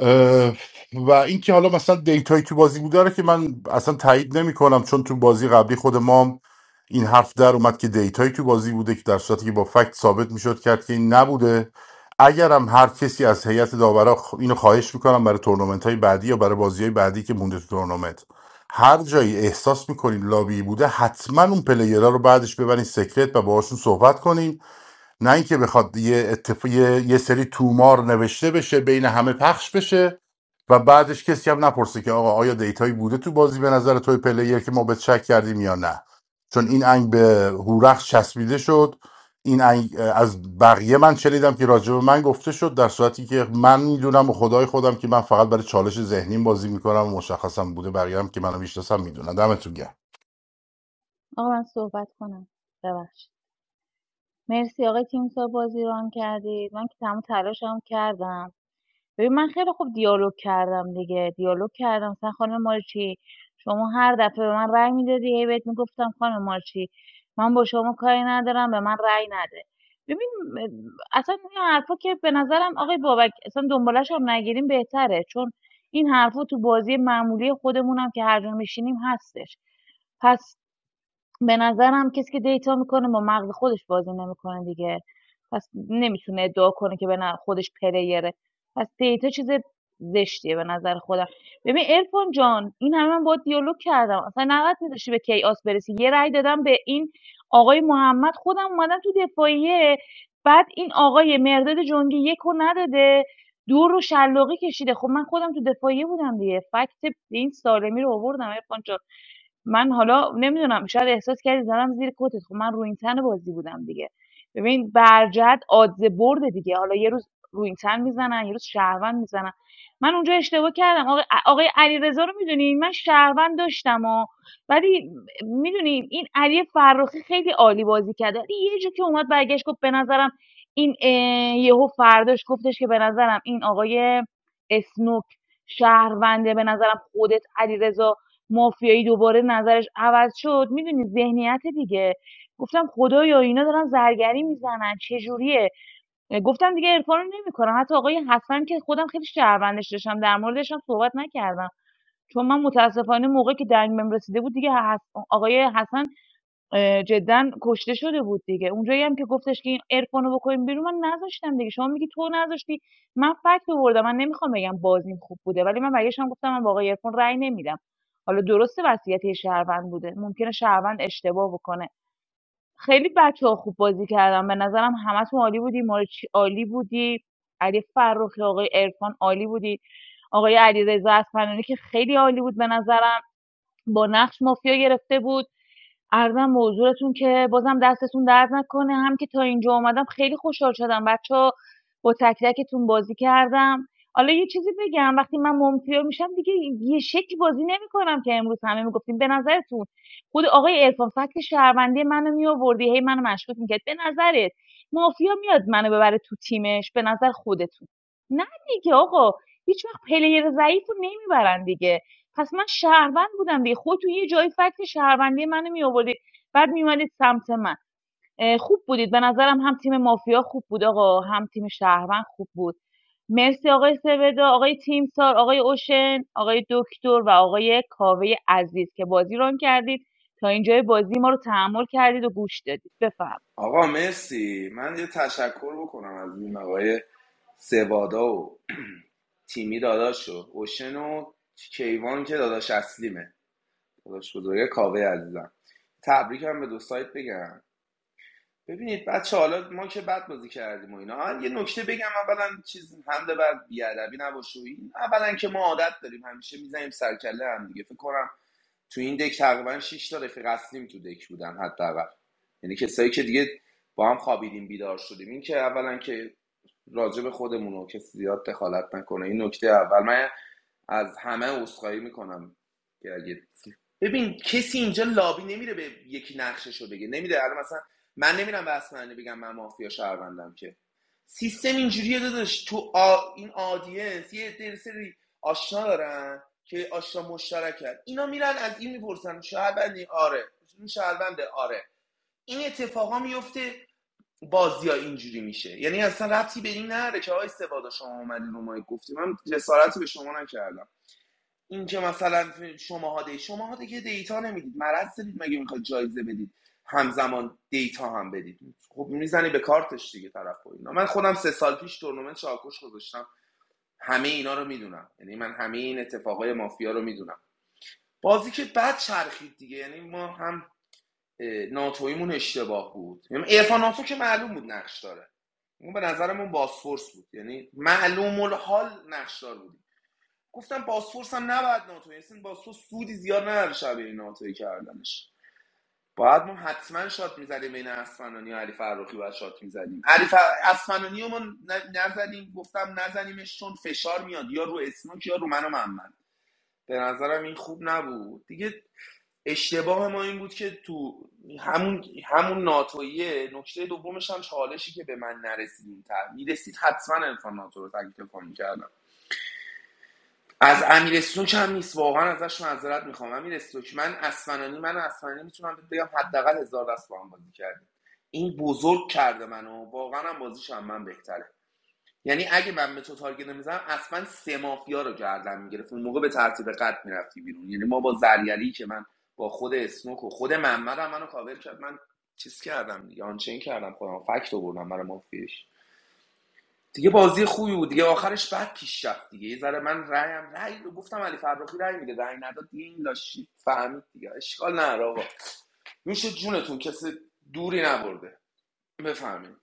اه، و اینکه حالا مثلا دیتایی تو بازی بوده رو که من اصلا تایید نمی کنم چون تو بازی قبلی خود ما هم این حرف در اومد که دیتایی تو بازی بوده که در صورتی که با فکت ثابت میشد کرد که این نبوده اگرم هر کسی از هیئت داورا خ- اینو خواهش میکنم برای تورنمنت های بعدی یا برای بازی های بعدی که مونده تو تورنمنت هر جایی احساس میکنین لابی بوده حتما اون پلیرها رو بعدش ببرین سکرت و باهاشون صحبت کنین نه اینکه بخواد یه, اتف... یه... یه سری تومار نوشته بشه بین همه پخش بشه و بعدش کسی هم نپرسه که آقا آیا دیتایی بوده تو بازی به نظر توی پلیر که ما به شک کردیم یا نه چون این انگ به هورخش چسبیده شد این انگ از بقیه من شنیدم که راجع به من گفته شد در صورتی که من میدونم و خدای خودم که من فقط برای چالش ذهنیم بازی میکنم و مشخصم بوده بقیه هم که منو میشناسم میدونن دمتون گرم آقا من صحبت کنم ببخشید مرسی آقای تیمسار بازی رو ران کردید من که تمام تلاشم کردم ببین من خیلی خوب دیالوگ کردم دیگه دیالوگ کردم مثلا خانم مارچی شما هر دفعه به من رأی میدادی هی بهت میگفتم خانم مارچی من با شما کاری ندارم به من رأی نده ببین اصلا این حرفا که به نظرم آقای بابک اصلا دنبالش هم نگیریم بهتره چون این حرفا تو بازی معمولی خودمونم که هر جا میشینیم هستش پس به نظرم کسی که دیتا میکنه با مغز خودش بازی نمیکنه دیگه پس نمیتونه ادعا کنه که به خودش پلیره پس دیتا چیز زشتیه به نظر خودم ببین ارفان جان این همه من با دیالوگ کردم اصلا نقد میذاشتی به کیاس برسی یه رأی دادم به این آقای محمد خودم اومدم تو دفاعیه بعد این آقای مرداد جنگی یکو نداده دو رو شلاقی کشیده خب من خودم تو دفاعیه بودم دیگه فکت این سالمی رو آوردم ارفان جان من حالا نمیدونم شاید احساس کردی زدم زیر کتت خب من روینتن بازی بودم دیگه ببین برجت آدز برده دیگه حالا یه روز روینتن میزنن یه روز شهروند میزنن من اونجا اشتباه کردم آقای, آقای علیرضا رو میدونی من شهروند داشتم و ولی میدونی این علی فرخی خیلی عالی بازی کرده یه جا که اومد برگشت گفت به نظرم این یهو فرداش گفتش که به نظرم این آقای اسنوک شهرونده به نظرم خودت علیرضا مافیایی دوباره نظرش عوض شد میدونی ذهنیت دیگه گفتم خدایا اینا دارن زرگری میزنن چه جوریه؟ گفتم دیگه این کارو نمی‌کنم حتی آقای حسن که خودم خیلی شهروندش داشتم در موردش هم صحبت نکردم چون من متاسفانه موقعی که دنگ بهم رسیده بود دیگه حس- آقای حسن اه، جدا کشته شده بود دیگه اونجایی هم که گفتش که این عرفانو بکنیم بیرون من نذاشتم دیگه شما میگی تو نذاشتی من فکت آوردم من نمیخوام بگم بازیم خوب بوده ولی من برگشتم گفتم من با آقای عرفان رأی نمیدم حالا درسته وصیت یه شهروند بوده ممکنه شهروند اشتباه بکنه خیلی بچه‌ها خوب بازی کردن به نظرم همتون عالی بودی مارچی عالی بودی علی فرخی آقای عرفان عالی بودی آقای علیرضا اصفهانی که خیلی عالی بود به نظرم با نقش مافیا گرفته بود ارزم موضوع که بازم دستتون درد نکنه هم که تا اینجا اومدم خیلی خوشحال شدم بچه با تک تکتون بازی کردم حالا یه چیزی بگم وقتی من ممتیو میشم دیگه یه شکلی بازی نمیکنم که امروز همه میگفتیم به نظرتون خود آقای عرفان فکت شهروندی منو میآوردی هی منو مشکوک میکرد به نظرت مافیا میاد منو ببره تو تیمش به نظر خودتون نه دیگه آقا هیچ وقت پلیر ضعیف رو نمیبرن دیگه پس من شهروند بودم دیگه خودتون یه جایی فکت شهروندی منو میآوردی بعد میومدید سمت من خوب بودید به نظرم هم تیم مافیا خوب بود آقا هم تیم شهروند خوب بود مرسی آقای سودا آقای تیمسار آقای اوشن آقای دکتر و آقای کاوه عزیز که بازی ران کردید تا اینجای بازی ما رو تحمل کردید و گوش دادید بفهم آقا مرسی من یه تشکر بکنم از این آقای سوادا و تیمی داداش و اوشن و کیوان که داداش اصلیمه داداش بزرگه کاوه عزیزم تبریکم به دو سایت بگم ببینید بچه حالا ما که بد بازی کردیم و اینا یه نکته بگم اولا چیز حمله بر بیادبی نباشه و این اولا که ما عادت داریم همیشه میزنیم سرکله هم دیگه فکر کنم تو این دک تقریبا شش تا رفیق اصلیم تو دک بودن حتی حداقل یعنی کسایی که دیگه با هم خوابیدیم بیدار شدیم این که اولا که راجع به خودمون و کسی زیاد دخالت نکنه این نکته اول من از همه عذرخواهی میکنم که اگه ببین کسی اینجا لابی نمیره به یکی نقششو بگه نمیره الان مثلا من نمیرم به اسمنانی بگم من مافیا شهروندم که سیستم اینجوریه داداش تو آ- این آدینس یه عده سری آشنا دارن که آشنا مشترک کرد اینا میرن از این میپرسن شهروندی آره این شهرونده آره این اتفاقا میفته بازیا اینجوری میشه یعنی اصلا ربطی به این نره که آقای سوادا شما اومدین رو ما گفتیم من جسارتی به شما نکردم این که مثلا شماها دی شماها دیگه دیتا نمیدید مرض دارید مگه میخواد جایزه بدید همزمان دیتا هم بدید خب میزنی به کارتش دیگه طرف و اینا من خودم سه سال پیش تورنمنت چاکوش گذاشتم همه اینا رو میدونم یعنی من همه این اتفاقای مافیا رو میدونم بازی که بعد چرخید دیگه یعنی ما هم ناتویمون اشتباه بود یعنی عرفان ناتو که معلوم بود نقش داره اون به نظرمون باسفورس بود یعنی معلوم الحال نقشدار بود گفتم باسفورس هم نباید ناتوی اصلا باسفورس سودی زیاد نداره شبیه این ناتوی کردنش باید ما حتما شات میزدیم بین اسفنانی و علی فرخی باید شات میزدیم علی فر... اسفنانی رو ما نزدیم گفتم نزنیمش چون فشار میاد یا رو اسموک یا رو من و محمد به نظرم این خوب نبود دیگه اشتباه ما این بود که تو همون همون ناتویه نکته دومش هم چالشی که به من نرسید این تر میرسید حتما امکان ناتو رو تکلیف میکردم از امیر استوک هم نیست واقعا ازش معذرت میخوام امیر استوک من اسفنانی من اصفهانی میتونم بهت بگم حداقل هزار دست با هم بازی کردیم این بزرگ کرده منو واقعا هم بازیش هم من بهتره یعنی اگه من به تو تارگت نمیزنم اصلا سه مافیا رو گردن میگرفت اون موقع به ترتیب قد میرفتی بیرون یعنی ما با زریلی که من با خود اسنوک و خود محمد هم منو کاور کرد من چیز کردم دیگه آنچین کردم خودم فکت آوردم برای مافیاش دیگه بازی خوبی بود دیگه آخرش بعد پیش رفت دیگه یه ذره من رأیم رأی رو گفتم علی فرخی رأی میده رأی نداد دیگه این لاشی فهمید دیگه اشکال نداره آقا میشه جونتون کسی دوری نبرده بفهمید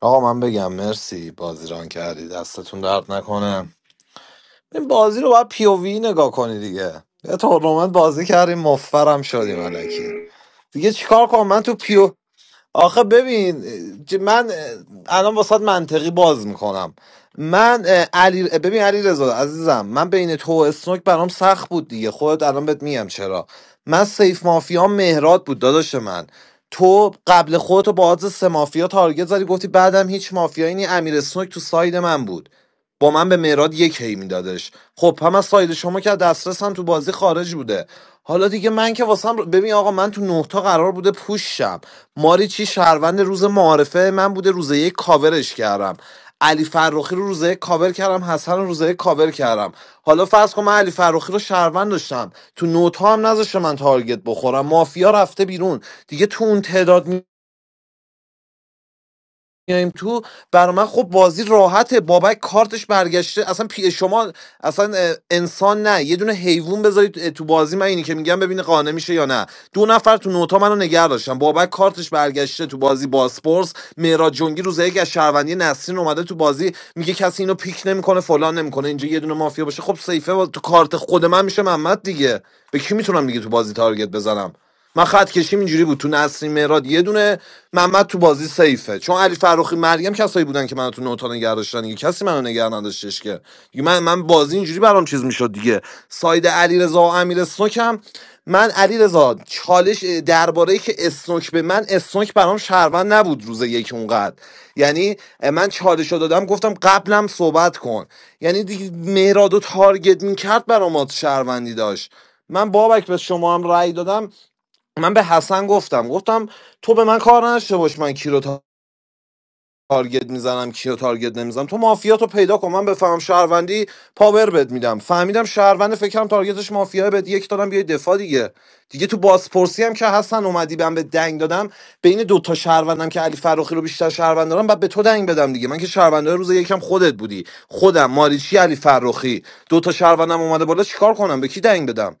آقا من بگم مرسی بازی ران کردی دستتون درد نکنه این بازی رو باید پی او وی نگاه کنی دیگه یه تورنمنت بازی کردیم مفرم شدیم علکی دیگه چیکار کنم من تو پیو آخه ببین ج- من اه، الان واسات منطقی باز میکنم من علی ببین علی رضا عزیزم من بین تو و اسنوک برام سخت بود دیگه خودت الان بهت میگم چرا من سیف مافیا مهرات بود داداش من تو قبل خودتو با آدرس سه مافیا تارگت زدی گفتی بعدم هیچ مافیایی نی امیر اسنوک تو ساید من بود با من به مراد یک هی میدادش خب هم از ساید شما که از دسترس هم تو بازی خارج بوده حالا دیگه من که واسم ببین آقا من تو نه تا قرار بوده پوششم شم ماری چی شهروند روز معارفه من بوده روز یک کاورش کردم علی فرخی رو روزه کاور کردم حسن رو روزه کاور کردم حالا فرض کن من علی فرخی رو شهروند داشتم تو نوتا هم نذاشته من تارگت بخورم مافیا رفته بیرون دیگه تو اون تعداد میایم تو برا من خب بازی راحته بابک کارتش برگشته اصلا پی شما اصلا انسان نه یه دونه حیوان بذارید تو بازی من اینی که میگم ببینه قانه میشه یا نه دو نفر تو نوتا منو نگه داشتن بابک کارتش برگشته تو بازی باسپورس مهراد جنگی روز یک از شهروندی نسرین اومده تو بازی میگه کسی اینو پیک نمیکنه فلان نمیکنه اینجا یه دونه مافیا باشه خب سیفه با- تو کارت خود من میشه محمد دیگه به کی میتونم دیگه تو بازی تارگت بزنم من خط کشیم اینجوری بود تو نسرین مراد یه دونه محمد تو بازی سیفه چون علی فراخی مریم کسایی بودن که منو تو نوتا نگه داشتن دیگه کسی منو نگه نداشتش که دیگه من من بازی اینجوری برام چیز میشد دیگه ساید علیرضا و امیر سنوکم من علیرضا چالش درباره ای که اسنوک به من اسنوک برام شهروند نبود روز یک اونقدر یعنی من چالش رو دادم گفتم قبلم صحبت کن یعنی دیگه مهراد و تارگت میکرد برام آت شهروندی داشت من بابک به شما هم رأی دادم من به حسن گفتم گفتم تو به من کار نداشته باش من کی رو تارگت میزنم کی رو تارگت نمیزنم تو مافیات رو پیدا کن من بفهمم شهروندی پاور بد میدم فهمیدم شهروند فکرم تارگتش مافیا بد یک دادم بیای دفاع دیگه دیگه تو بازپرسی هم که حسن اومدی بهم به دنگ دادم بین دو تا شهروندم که علی فراخی رو بیشتر شهروند دارم بعد به تو دنگ بدم دیگه من که شهروندای روز یکم خودت بودی خودم ماریچی علی فراخی دو تا شهروندم اومده بالا چیکار کنم به کی دنگ بدم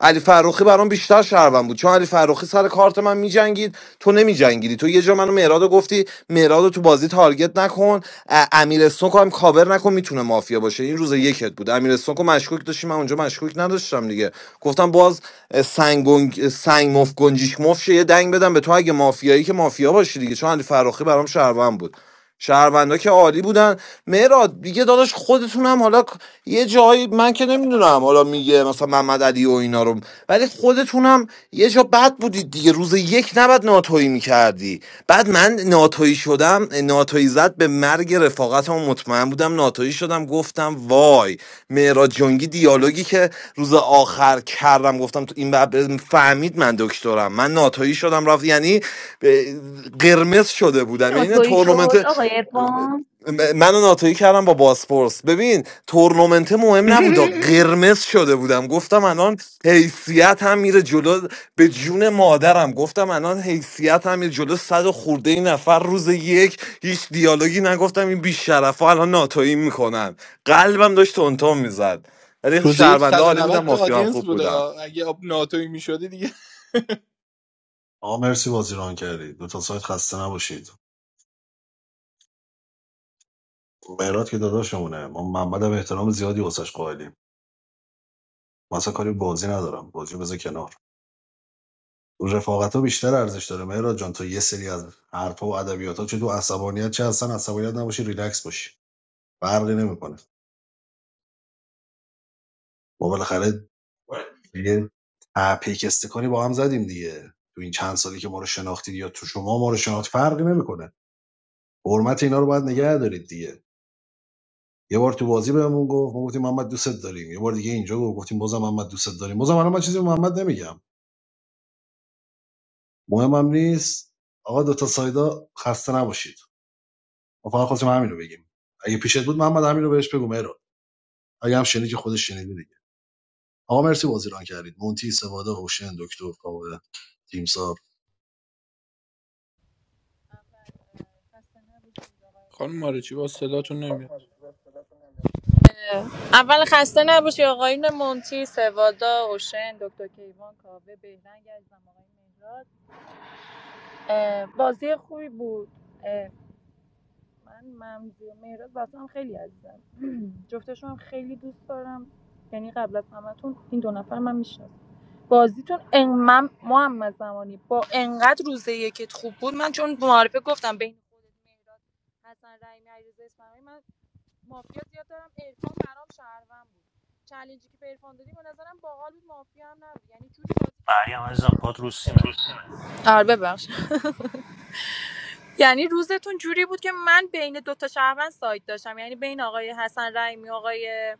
علی فرخی برام بیشتر شهروند بود چون علی فرخی سر کارت من میجنگید تو نمیجنگیدی تو یه جا منو مهراد رو گفتی مهراد تو بازی تارگت نکن ا- امیر اسنوک هم کاور نکن میتونه مافیا باشه این روز یکت بود امیر اسنوک رو مشکوک داشتی من اونجا مشکوک نداشتم دیگه گفتم باز اه، سنگ گنگ- سنگ مف گنجیش مف یه دنگ بدم به تو اگه مافیایی که مافیا باشی دیگه چون علی فرخی برام شهروند بود شهروندا که عالی بودن مهراد دیگه داداش خودتون هم حالا یه جایی من که نمیدونم حالا میگه مثلا محمد علی و اینا رو ولی خودتون هم یه جا بد بودید دیگه روز یک نباید ناتویی میکردی بعد من ناتویی شدم ناتویی زد به مرگ رفاقتم مطمئن بودم ناتویی شدم گفتم وای مهراد جنگی دیالوگی که روز آخر کردم گفتم تو این بب- فهمید من دکترم من ناتویی شدم رفت یعنی به- قرمز شده کی بودم یعنی نه ناتویی شد تورنمنت آقای ارفان م- منو ناتویی کردم با باسپورس ببین تورنمنت مهم نبودا قرمز شده بودم گفتم الان حیثیت هم میره جلو به جون مادرم گفتم الان حیثیت هم میره جلو صد و خورده این نفر روز یک هیچ دیالوگی نگفتم این بیشرف ها الان ناتویی میکنن قلبم داشت تونتون میزد ولی روز یک شهرونده حالی 190 بودم تا مافیا هم آدینس خوب بوده بودم اگه آب ناتوی میشدی دیگه آقا مرسی بازی ران کردی دو تا سایت خسته نباشید مهراد که داداشمونه ما منبع احترام زیادی واسش قائلیم مثلا کاری بازی ندارم بازی رو بذار کنار رفاقت ها بیشتر ارزش داره مهراد جان تو یه سری از حرفها و ادبیات چه تو عصبانیت چه اصلا عصبانیت نباشی ریلکس باشی فرقی نمیکنه ما بالاخره یه پیکسته کنی با هم زدیم دیگه تو این چند سالی که ما رو شناختید یا تو شما ما رو شناخت فرقی نمیکنه حرمت اینا رو باید نگه دارید دیگه یه بار تو بازی بهمون گفت ما گفتیم محمد دوستت داریم یه بار دیگه اینجا گفت گفتیم بازم محمد دوستت داریم بازم الان من چیزی به محمد نمیگم مهمم نیست آقا دو تا سایدا خسته نباشید ما فقط خواستیم همین رو بگیم اگه پیشت بود محمد همین رو بهش بگو مهران اگه هم شنیدی که خودش شنیده دیگه آقا مرسی بازی ران کردید مونتی سوادا هوشن دکتر کاوه تیم خانم مارچی با صداتون نمیاد اول خسته نباشی آقایون مونتی سوادا اوشن دکتر کیوان کاوه بهرنگ از آقای مهراد بازی خوبی بود من ممزی و مهراد واسه هم خیلی از جفتشون هم خیلی هم یعنی تو این دو نفر من میشناسم بازیتون ان من محمد زمانی با انقدر روزه یکت خوب بود من چون معارفه گفتم بین خودت مهراد حسن رحیمی علیرضا اصفهانی من مافیا زیاد دارم عرفان برام شهروند بود چالنجی که به عرفان دادی به نظرم باحال بود مافیا هم نبود یعنی جوری بازی کردی مریم که عزیزم من پات رو سیمه آره یعنی روزتون جوری بود که من بین دوتا شهروند سایت داشتم یعنی بین آقای حسن رحیمی و آقای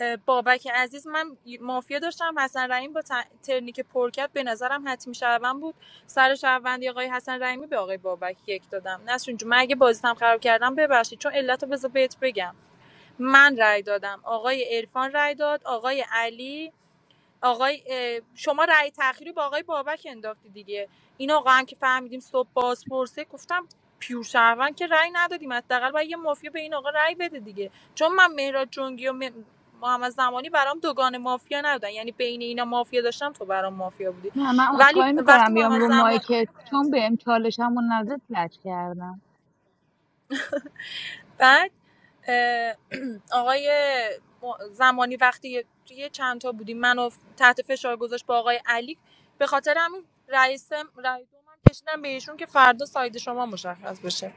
اه، بابک عزیز من مافیا داشتم حسن رحیم با ت- ترنی که به نظرم حتمی شهروند بود سر شهروندی آقای حسن رحیمی به آقای بابک یک دادم نسرین جون من اگه بازیتم خراب کردم ببخشید چون علت رو بذار بهت بگم من رأی دادم آقای عرفان رأی داد آقای علی آقای شما رأی تأخیری با آقای بابک انداختی دیگه این آقا هم که فهمیدیم صبح بازپرسه پرسه گفتم پیور شهروند که رأی ندادیم حداقل باید یه مافیا به این آقا رأی بده دیگه چون من مهراد جنگی و م- محمد زمانی برام دوگان مافیا نبودن یعنی بین اینا مافیا داشتم تو برام مافیا بودی نه من ولی عذرخواهی وقتی میکنم بیام محمد رو زمان مایکت چون بهم چالشمو نزد لج کردم بعد آقای زمانی وقتی یه- یه چند تا بودیم منو تحت فشار گذاشت با آقای علی به خاطر همین رئیس رئیس من کشیدم به ایشون که فردا ساید شما مشخص بشه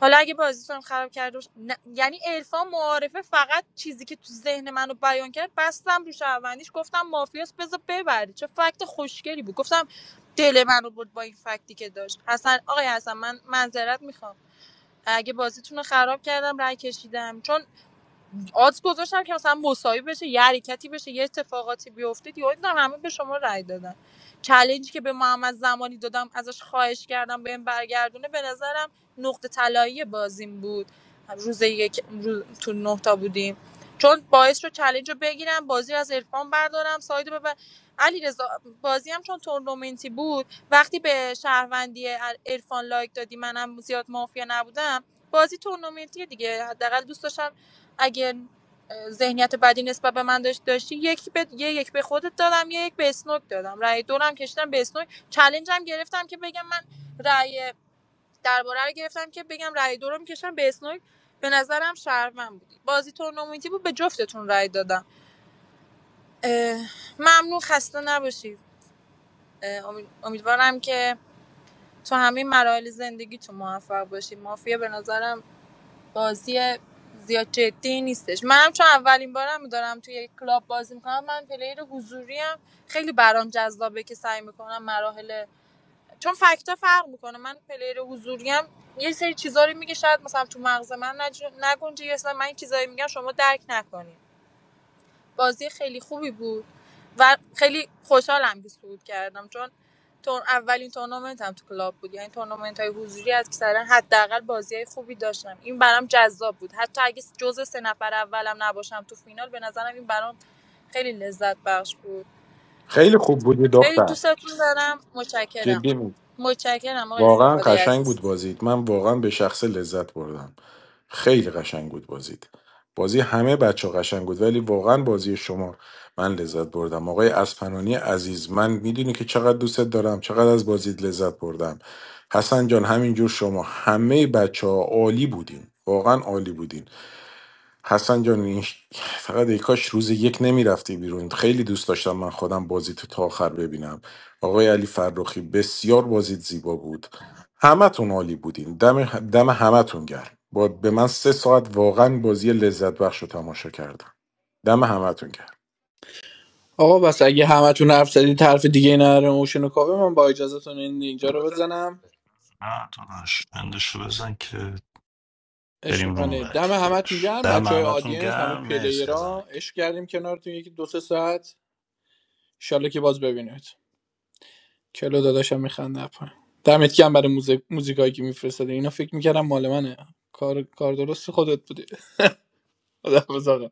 حالا اگه بازیتون خراب کرده باشه- یعنی عرفان معارفه فقط چیزی که تو ذهن منو بیان کرد بستم رو شهروندیش گفتم مافیاس بذار ببری چه فکت خوشگلی بود گفتم دل منو برد با این فکتی که داشت حسن آقای حسن من معذرت میخوام اگه بازیتون رو خراب کردم رای کشیدم چون آدز گذاشتم که مثلا مساوی بشه یه حرکتی بشه یه اتفاقاتی بیفته دیگه دیدم همه به شما رای دادن چالنجی که به محمد زمانی دادم ازش خواهش کردم بهم برگردونه به نظرم نقطه طلایی بازیم بود روز یک روز تو نه تا بودیم چون باعث رو چالنج رو بگیرم بازی رو از عرفان بردارم ساید رو ببر علیرضا بازی هم چون تورنمنتی بود وقتی به شهروندی عرفان لایک دادی منم زیاد مافیا نبودم بازی تورنمنتی دیگه حداقل دوست داشتم اگر ذهنیت بدی نسبت به من داشت داشتی یک به یه یک به خودت دادم یه یک به اسنوک دادم رأی دورم کشیدم به اسنوک چلنجم گرفتم که بگم من رأی درباره رو گرفتم که بگم رأی دورم کشم به اسنوک به نظرم شهروند بودی بازی تورنمنتی بود به جفتتون رأی دادم اه، ممنون خسته نباشید امید- امیدوارم که تو همه مراحل زندگی تو موفق باشید مافیا به نظرم بازی زیاد جدی نیستش منم چون اولین بارم دارم توی یک کلاب بازی میکنم من پلیر حضوری هم خیلی برام جذابه که سعی میکنم مراحل چون فکتا فرق میکنه من پلیر حضوری هم یه سری چیزا رو میگه شاید مثلا تو مغز من نج... نگنجه یا اصلا من یه چیزایی میگم شما درک نکنید. بازی خیلی خوبی بود و خیلی خوشحالم که صعود کردم چون تور اولین تورنمنت هم تو کلاب بود یعنی تورنمنت های حضوری از که حداقل بازی های خوبی داشتم این برام جذاب بود حتی اگه جزء سه نفر اولم نباشم تو فینال به نظرم این برام خیلی لذت بخش بود خیلی خوب بودی خیلی دختر دوستتون دارم متشکرم جدی بود متشکرم آقای واقعا استفاده قشنگ عزیز بود بازید من واقعا به شخص لذت بردم خیلی قشنگ بود بازید بازی همه بچه قشنگ بود ولی واقعا بازی شما من لذت بردم آقای اسپنانی عزیز من میدونی که چقدر دوستت دارم چقدر از بازیت لذت بردم حسن جان همینجور شما همه بچه ها عالی بودین واقعا عالی بودین حسن جان این- فقط ای کاش روز یک نمیرفتی بیرون خیلی دوست داشتم من خودم بازی تو تا آخر ببینم آقای علی فرخی بسیار بازیت زیبا بود همتون عالی بودین دم, دم همتون گرم با به من سه ساعت واقعا بازی لذت بخش رو تماشا کردم دم همتون گرم آقا بس اگه همتون حرف زدید حرف دیگه نره اوشن و کاوه من با اجازهتون این اینجا رو بزنم نه داداش بندشو بزن که بریم عشق روم منه بعدی دم همتون داداش گرم ده بچهای های محمدتون آدینس همه گرم مرسی از پلیرها همگی عشق کردیم کنارتون یکی دو سه ساعت انشالله که باز ببینید کلو داداشم میخنده پایین دمت گرم برای موزیک موزیکایی که میفرستاده اینا فکر میکردم مال منه کار کار درست خودت بودی خدا حافظ آقا.